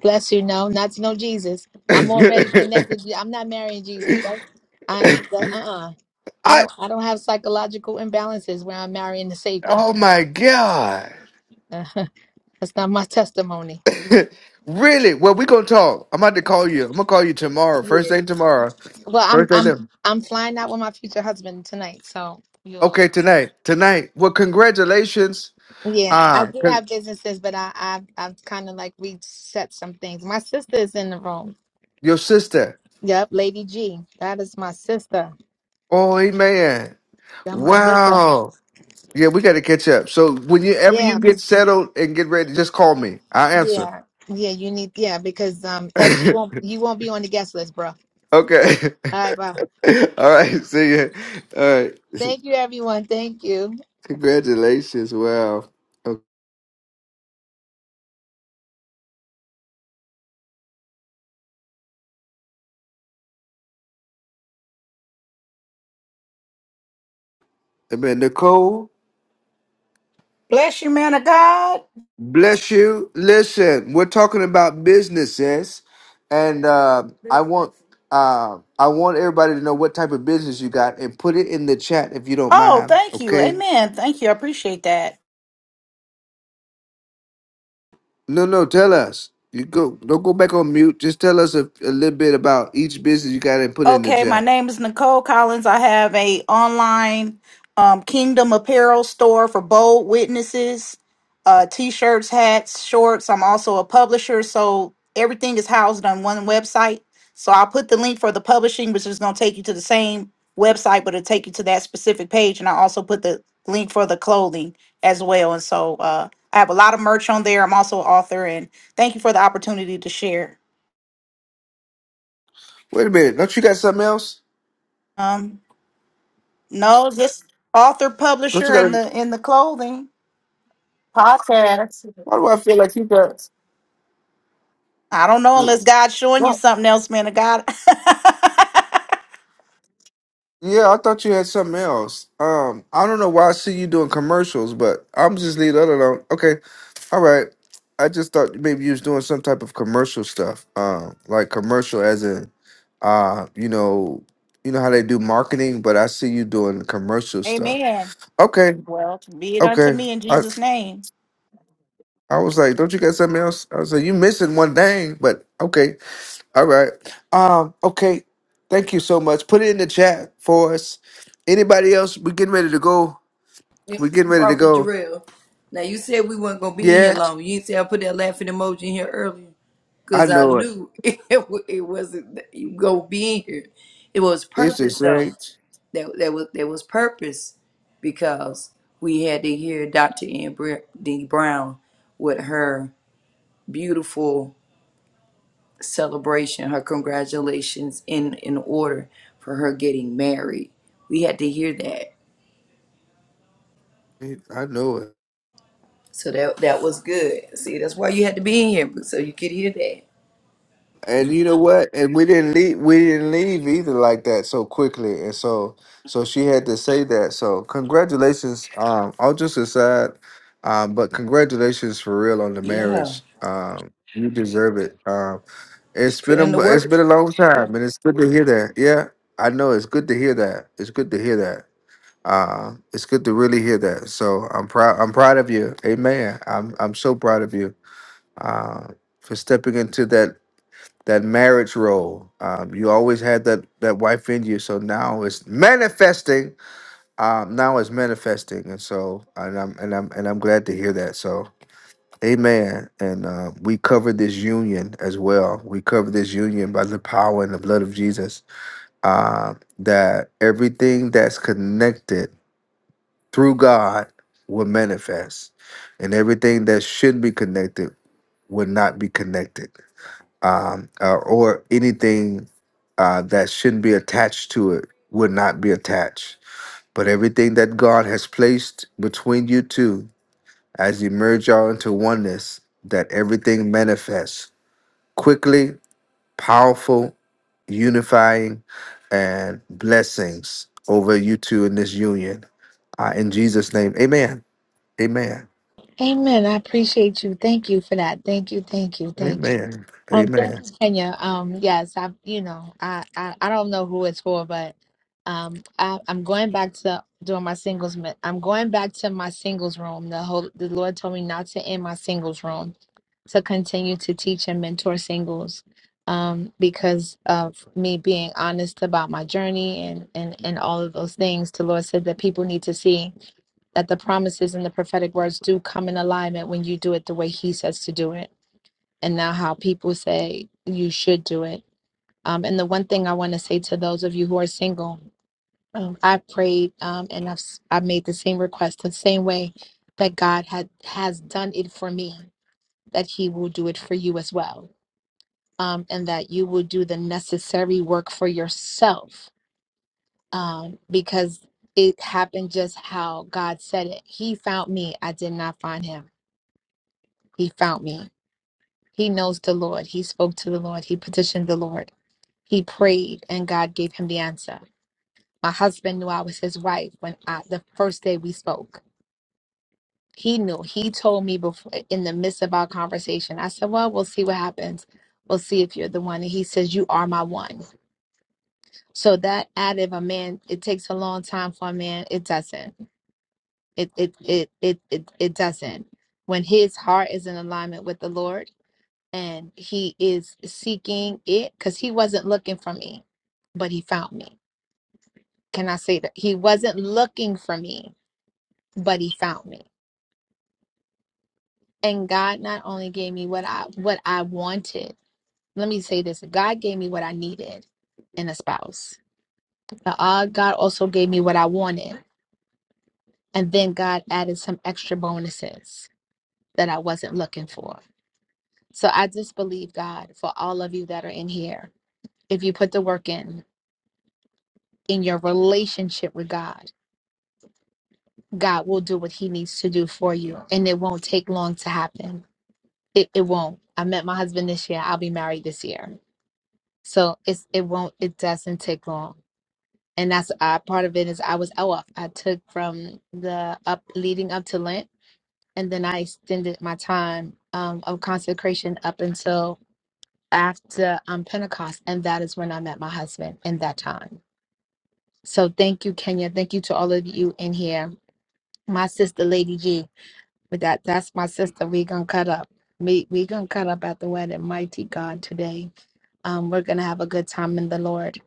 [SPEAKER 27] Bless you. No, not to know Jesus. I'm already connected. I'm not marrying Jesus.
[SPEAKER 1] I.
[SPEAKER 27] Don't, I, uh, uh-uh. I don't, I don't have psychological imbalances where I'm marrying the Savior.
[SPEAKER 1] Oh my God.
[SPEAKER 27] that's not my testimony.
[SPEAKER 1] really? Well, we gonna talk. I'm about to call you. I'm gonna call you tomorrow. First
[SPEAKER 27] Yeah.
[SPEAKER 1] thing tomorrow.
[SPEAKER 27] Well, I'm,
[SPEAKER 1] First thing
[SPEAKER 27] I'm,
[SPEAKER 1] then.
[SPEAKER 27] I'm flying out with my future husband tonight. So you'll,
[SPEAKER 1] Okay, tonight. Tonight. Well, congratulations.
[SPEAKER 27] yeah, I
[SPEAKER 1] Ah,
[SPEAKER 27] do
[SPEAKER 1] con-
[SPEAKER 27] have businesses, but I, i I've kind of like reset some things. My sister is in the room.
[SPEAKER 1] your sister.
[SPEAKER 27] Yep, Lady G. That is my sister.
[SPEAKER 1] Oh, man.
[SPEAKER 27] That's my sister.
[SPEAKER 1] Wow. Yeah, we gotta catch up. So whenever you
[SPEAKER 27] Yeah,
[SPEAKER 1] get settled and get ready, just call me. I'll answer.
[SPEAKER 27] Yeah, yeah, you need yeah because um else you won't you won't be on the guest list, bro. All
[SPEAKER 1] okay.
[SPEAKER 27] right, bye.
[SPEAKER 1] All right. See ya. All right.
[SPEAKER 27] Thank you, everyone. Thank you.
[SPEAKER 1] Congratulations. Wow. Okay. Man, Nicole.
[SPEAKER 28] Bless you, man of God.
[SPEAKER 1] Bless you. Listen, we're talking about businesses, and uh, I want uh, I want everybody to know what type of business you got, and put it in the chat if you don't
[SPEAKER 28] Oh,
[SPEAKER 1] mind.
[SPEAKER 28] thank you.
[SPEAKER 1] Okay?
[SPEAKER 28] Amen. Thank you. I appreciate that.
[SPEAKER 1] No, no, tell us. You go. Don't go back on mute. Just tell us a, a little bit about each business you got, and put it in the
[SPEAKER 28] Okay, my
[SPEAKER 1] chat.
[SPEAKER 28] name is Nicole Collins. I have a online um, Kingdom Apparel store for bold witnesses, uh, t-shirts, hats, shorts. I'm also a publisher, so everything is housed on one website. So I'll put the link for the publishing, which is going to take you to the same website, but it'll take you to that specific page. And I also put the link for the clothing as well. And so uh, I have a lot of merch on there. I'm also an author, and thank you for the opportunity to share.
[SPEAKER 1] Wait a minute. Don't you got something else?
[SPEAKER 28] Um, No, just author,
[SPEAKER 1] Don't you
[SPEAKER 28] publisher,
[SPEAKER 1] got?
[SPEAKER 28] and
[SPEAKER 1] a-
[SPEAKER 28] the in the clothing podcast.
[SPEAKER 1] Why do I feel like you got?
[SPEAKER 28] I don't know unless
[SPEAKER 1] No.
[SPEAKER 28] God's showing you something else, man of God.
[SPEAKER 1] Yeah, I thought you had something else. Um, I don't know why I see you doing commercials, but I'm just leave that alone. Okay. All right. I just thought maybe you was doing some type of commercial stuff. Um, like commercial as in uh, you know, you know how they do marketing, but I see you doing commercial stuff.
[SPEAKER 28] Amen.
[SPEAKER 1] Okay,
[SPEAKER 28] Well, be it unto
[SPEAKER 1] okay.
[SPEAKER 28] me in
[SPEAKER 1] I
[SPEAKER 28] Jesus' name.
[SPEAKER 1] I was like, don't you got something else? I was like, you missing one thing, but okay, all right. Um, okay. Thank you so much. Put it in the chat for us. Anybody else? We're getting ready to go.
[SPEAKER 25] Yep,
[SPEAKER 1] We're getting ready to
[SPEAKER 25] Prophet
[SPEAKER 1] go.
[SPEAKER 25] Jarrell. Now you said we weren't gonna be in here
[SPEAKER 1] Yeah,
[SPEAKER 25] long. You didn't say I put that laughing emoji in here earlier
[SPEAKER 1] I
[SPEAKER 25] because I
[SPEAKER 1] know it.
[SPEAKER 25] knew it, wa- it wasn't that you gonna be in here. It was
[SPEAKER 1] It's the
[SPEAKER 25] purpose though.
[SPEAKER 1] Saints.
[SPEAKER 25] There, there was there was purpose because we had to hear Dr. Ann Br- D. Brown with her beautiful celebration, her congratulations in in order for her getting married. We had to hear that.
[SPEAKER 1] I know it.
[SPEAKER 25] So that that was good. See, that's why you had to be in here so you could hear that.
[SPEAKER 1] And you know what? And we didn't leave. We didn't leave either like that so quickly. And so, so she had to say that. So, congratulations. Um, all just aside, um, but congratulations for real on the
[SPEAKER 25] Yeah.
[SPEAKER 1] marriage. Um, you deserve it. Um,
[SPEAKER 25] She
[SPEAKER 1] it's
[SPEAKER 25] put
[SPEAKER 1] been
[SPEAKER 25] in the
[SPEAKER 1] a it's
[SPEAKER 25] work.
[SPEAKER 1] been a long time, and it's good to hear that. Yeah, I know it's good to hear that. It's good to hear that. Uh, it's good to really hear that. So I'm proud. I'm proud of you. Amen. I'm I'm so proud of you. Um, for stepping into that that marriage role. Um, you always had that that wife in you, so now it's manifesting. Um, now it's manifesting, and so and I'm and I'm and I'm glad to hear that. So, Amen. And uh, we cover this union as well. We cover this union by the power and the blood of Jesus. Uh, that everything that's connected through God will manifest, and everything that should be connected will not be connected um, uh, or anything uh, that shouldn't be attached to it would not be attached. But everything that God has placed between you two, as you merge y'all into oneness, that everything manifests quickly, powerful, unifying, and blessings over you two in this union. Uh, in Jesus' name, amen. Amen.
[SPEAKER 27] Amen. I appreciate you. Thank you for that. Thank you. Thank you. Thank you.
[SPEAKER 1] Amen.
[SPEAKER 27] Um, thank
[SPEAKER 1] Amen.
[SPEAKER 27] you, Kenya. Um, yes, I, you know, I, I, I don't know who it's for, but um, I, I'm going back to doing my singles. mi- I'm going back to my singles room. The whole, the Lord told me not to end my singles room, to continue to teach and mentor singles, um, because of me being honest about my journey and and and all of those things. The Lord said that people need to see that the promises and the prophetic words do come in alignment when you do it the way he says to do it and not how people say you should do it um, and the one thing i want to say to those of you who are single um, i prayed um, and I've, s- I made the same request the same way that god had has done it for me that he will do it for you as well um, and that you will do the necessary work for yourself um, because it happened just how god said it he found me i did not find him He found me. He knows the Lord. He spoke to the Lord. He petitioned the Lord. He prayed, and God gave him the answer. My husband knew I was his wife when I, the first day we spoke. He knew. He told me before in the midst of our conversation. I said, "Well, we'll see what happens. We'll see if you're the one." And he says, "You are my one." So that added a man. It takes a long time for a man. It doesn't. It it it it it, it doesn't. When his heart is in alignment with the Lord and he is seeking it because he wasn't looking for me, but he found me. Can I say that? He wasn't looking for me, but he found me. And God not only gave me what I what I wanted. Let me say this. God gave me what I needed in a spouse. But, uh, God also gave me what I wanted. And then God added some extra bonuses that I wasn't looking for. So I just believe God for all of you that are in here. If you put the work in in your relationship with God God will do what he needs to do for you. And it won't take long to happen. It, it won't. I met my husband this year. I'll be married this year. So it's it won't it doesn't take long. And that's uh, part of it is I was off. I took from the up leading up to Lent and then I extended my time um, of consecration up until after um, Pentecost. And that is when I met my husband in that time. So thank you, Kenya. Thank you to all of you in here. My sister, Lady G. But that that's my sister. We gonna cut up. We we gonna cut up at the wedding. Mighty God today. Um, we're gonna have a good time in the Lord.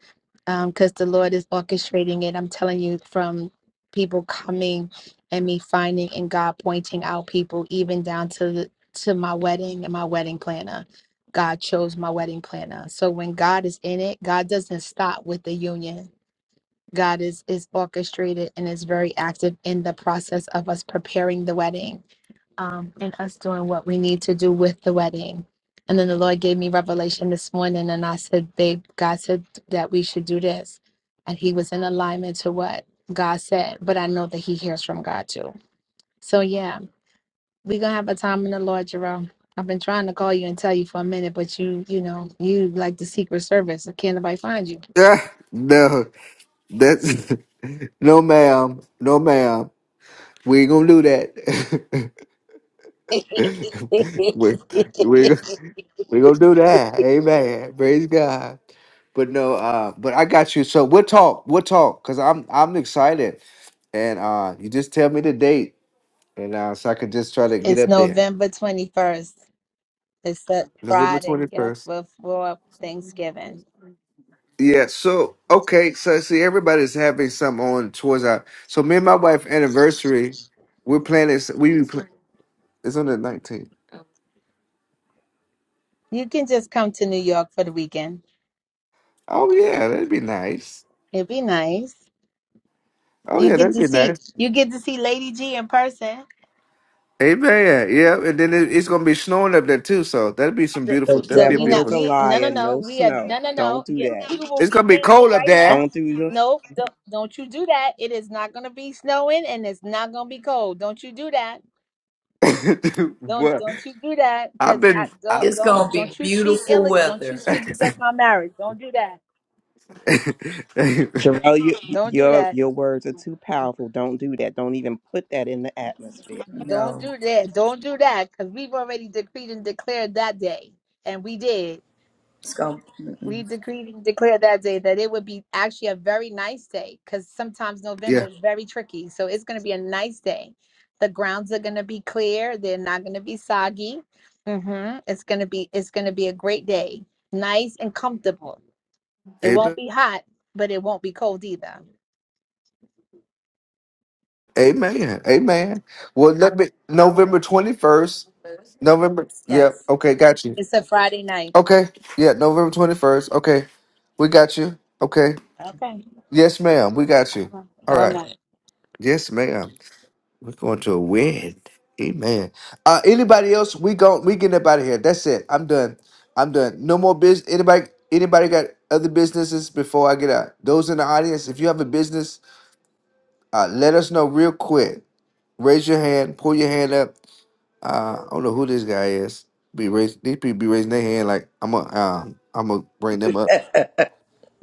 [SPEAKER 27] Um, because the Lord is orchestrating it. I'm telling you, from people coming and me finding and God pointing out people, even down to the, to my wedding and my wedding planner. God chose my wedding planner. So when God is in it, God doesn't stop with the union. God is is orchestrated and is very active in the process of us preparing the wedding um, and us doing what we need to do with the wedding. And then the Lord gave me revelation this morning, and I said, "Babe, God said that we should do this," and He was in alignment to what God said. But I know that He hears from God too. So yeah, we gonna have a time in the Lord, Jerome. I've been trying to call you and tell you for a minute, but you, you know, you like the Secret Service. Can't nobody find you.
[SPEAKER 1] Ah, no, that's no, ma'am. No, ma'am. We ain't gonna do that. we we we gonna do that. Amen. Praise God. But no, uh, but I got you. So we'll talk. We'll talk. Cause I'm I'm excited, and uh, you just tell me the date, and uh, so I can just try to get
[SPEAKER 27] It's
[SPEAKER 1] up there.
[SPEAKER 27] November 21st. It's that
[SPEAKER 1] November
[SPEAKER 27] Friday
[SPEAKER 1] twenty
[SPEAKER 27] yeah,
[SPEAKER 1] first.
[SPEAKER 27] before Thanksgiving.
[SPEAKER 1] Yeah. So okay. So see, everybody's having some on towards our. So me and my wife anniversary. We're planning. We be pla- it's on the nineteenth.
[SPEAKER 27] You can just come to New York for the weekend.
[SPEAKER 1] Oh yeah, that'd be nice.
[SPEAKER 27] It'd be nice.
[SPEAKER 1] Oh
[SPEAKER 27] You
[SPEAKER 1] yeah,
[SPEAKER 27] get
[SPEAKER 1] that'd
[SPEAKER 27] to
[SPEAKER 1] be nice.
[SPEAKER 27] see you get to see Lady G in person.
[SPEAKER 1] Amen. Yeah, and then it, it's gonna be snowing up there too. So that'll be some
[SPEAKER 27] The,
[SPEAKER 14] The
[SPEAKER 1] beautiful. That'll
[SPEAKER 27] the-
[SPEAKER 1] be a
[SPEAKER 27] we
[SPEAKER 14] devil is
[SPEAKER 27] not
[SPEAKER 14] a
[SPEAKER 1] beautiful.
[SPEAKER 27] we no no
[SPEAKER 14] liar.
[SPEAKER 27] no
[SPEAKER 14] No
[SPEAKER 27] we are
[SPEAKER 14] snow.
[SPEAKER 27] no no no
[SPEAKER 14] Don't do
[SPEAKER 27] yeah, you
[SPEAKER 14] that.
[SPEAKER 27] will
[SPEAKER 1] It's gonna
[SPEAKER 27] get
[SPEAKER 1] be cold
[SPEAKER 27] canceled
[SPEAKER 1] up
[SPEAKER 27] right
[SPEAKER 1] there.
[SPEAKER 27] now.
[SPEAKER 14] Don't do this.
[SPEAKER 27] No, don't, don't you do that. It is not gonna be snowing and it's not gonna be cold. Don't you do that. Don't
[SPEAKER 1] what?
[SPEAKER 27] don't you do that
[SPEAKER 1] I've
[SPEAKER 27] because I
[SPEAKER 1] been. I,
[SPEAKER 27] don't
[SPEAKER 25] It's
[SPEAKER 27] don't
[SPEAKER 25] gonna be
[SPEAKER 27] don't you speak ill
[SPEAKER 25] beautiful
[SPEAKER 27] don't you
[SPEAKER 25] weather.
[SPEAKER 27] speak against my marriage. Don't do that.
[SPEAKER 14] Jarrell, you,
[SPEAKER 27] Don't do
[SPEAKER 14] your
[SPEAKER 27] that.
[SPEAKER 14] your words are too powerful. Don't do that. Don't even put that in the atmosphere.
[SPEAKER 27] Don't
[SPEAKER 25] No,
[SPEAKER 27] do that. Don't do that because we've already decreed and declared that day. And we did.
[SPEAKER 25] it's gonna.
[SPEAKER 27] We
[SPEAKER 25] Mm-mm.
[SPEAKER 27] decreed and declared that day that it would be actually a very nice day because sometimes November
[SPEAKER 1] yeah.
[SPEAKER 27] is very tricky. So it's going to be a nice day. The grounds are going to be clear. They're not going to be soggy. hmm It's going to be it's going to be a great day. Nice and comfortable. It won't
[SPEAKER 1] Amen.
[SPEAKER 27] be hot, but it won't be cold either.
[SPEAKER 1] Amen. Amen. Well, let me.
[SPEAKER 27] All right.
[SPEAKER 1] November twenty first. November. Yeah.
[SPEAKER 27] Yes.
[SPEAKER 1] Okay. Got you.
[SPEAKER 27] It's a Friday night.
[SPEAKER 1] Okay. Yeah. November twenty first. Okay. We got you. Okay.
[SPEAKER 27] Okay.
[SPEAKER 1] Yes, ma'am. We got
[SPEAKER 27] All
[SPEAKER 1] you.
[SPEAKER 27] right.
[SPEAKER 1] All
[SPEAKER 27] All
[SPEAKER 1] right.
[SPEAKER 27] right.
[SPEAKER 1] Yes, ma'am. We're going to win. Amen. Uh anybody else? We go we getting up out of here. That's it. I'm done. I'm done. No more business. Anybody anybody got other businesses before I get out? Those in the audience, if you have a business, uh let us know real quick. Raise your hand, pull your hand up. Uh I don't know who this guy is. Be raise these people be raising their hand like I'm a um I'm gonna bring them up.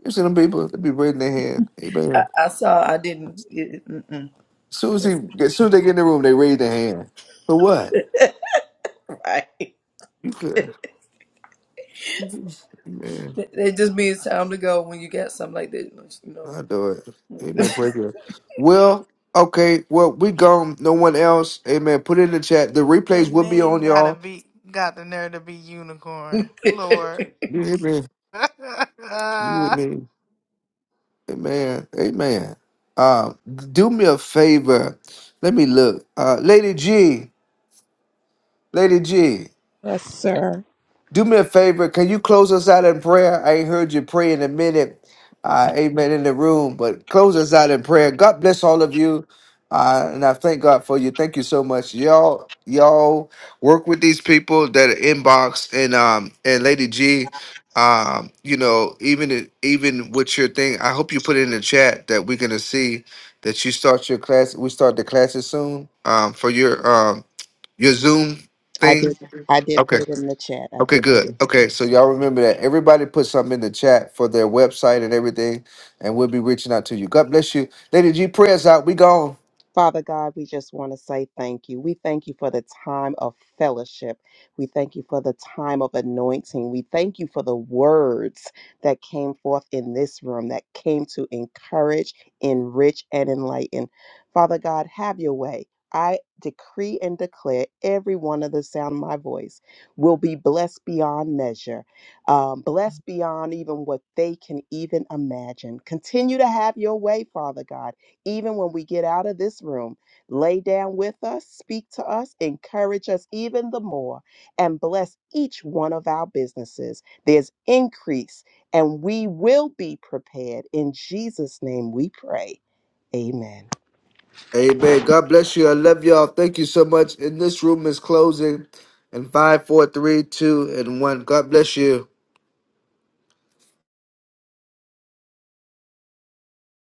[SPEAKER 1] You see them people, they be raising their hand.
[SPEAKER 25] I,
[SPEAKER 1] Amen.
[SPEAKER 25] I saw. I didn't. it- Mm-mm.
[SPEAKER 1] As soon as he
[SPEAKER 25] That's
[SPEAKER 1] as soon as they get in the room, they raise their hand. For what?
[SPEAKER 25] right.
[SPEAKER 1] You could. Man.
[SPEAKER 25] It just means time to go when you got something like that, you know.
[SPEAKER 1] I do it. Amen. Praise God. Well, okay. Well, we gone. No one else. Amen. Put it in the chat. The replays
[SPEAKER 15] And
[SPEAKER 1] will be on
[SPEAKER 15] name gotta
[SPEAKER 1] y'all.
[SPEAKER 15] be got the nerve to be unicorn. Lord.
[SPEAKER 1] You hear me? You with me? Amen. Amen. Uh, do me a favor. Let me look. Uh, Lady G. Lady G.
[SPEAKER 14] Yes, sir.
[SPEAKER 1] Do me a favor. Can you close us out in prayer? I ain't heard you pray in a minute.
[SPEAKER 14] I
[SPEAKER 1] Uh, amen in the room, but close us out in prayer. God bless all of you. Uh, and I thank God for you. Thank you so much. Y'all, y'all work with these people that are inbox and, um, and Lady G, um, you know, even, even with your thing, I hope you put it in the chat that we're going to see that you start your class. We start the classes soon, um, for your, um, your Zoom
[SPEAKER 14] I did.
[SPEAKER 1] thing.
[SPEAKER 14] I did
[SPEAKER 1] Okay.
[SPEAKER 14] put it in the chat. I
[SPEAKER 1] Okay,
[SPEAKER 14] did put it.
[SPEAKER 1] good. Okay, so y'all remember that everybody put something in the chat for their website and everything, and we'll be reaching out to you. God bless you, Lady G. Prayers out. We gone.
[SPEAKER 14] Father God, we just want to say thank you. We thank you for the time of fellowship. We thank you for the time of anointing. We thank you for the words that came forth in this room that came to encourage, enrich, and enlighten. Father God, have your way. I decree and declare every one of the sound of my voice will be blessed beyond measure, um, blessed beyond even what they can even imagine. Continue to have your way, Father God even when we get out of this room. Lay down with us, speak to us, encourage us even the more, and bless each one of our businesses. There's increase, and we will be prepared. In Jesus' name we pray. Amen.
[SPEAKER 1] Amen. God bless you. I love y'all. Thank you so much. And this room is closing in five, four, three, two, and one. God bless you.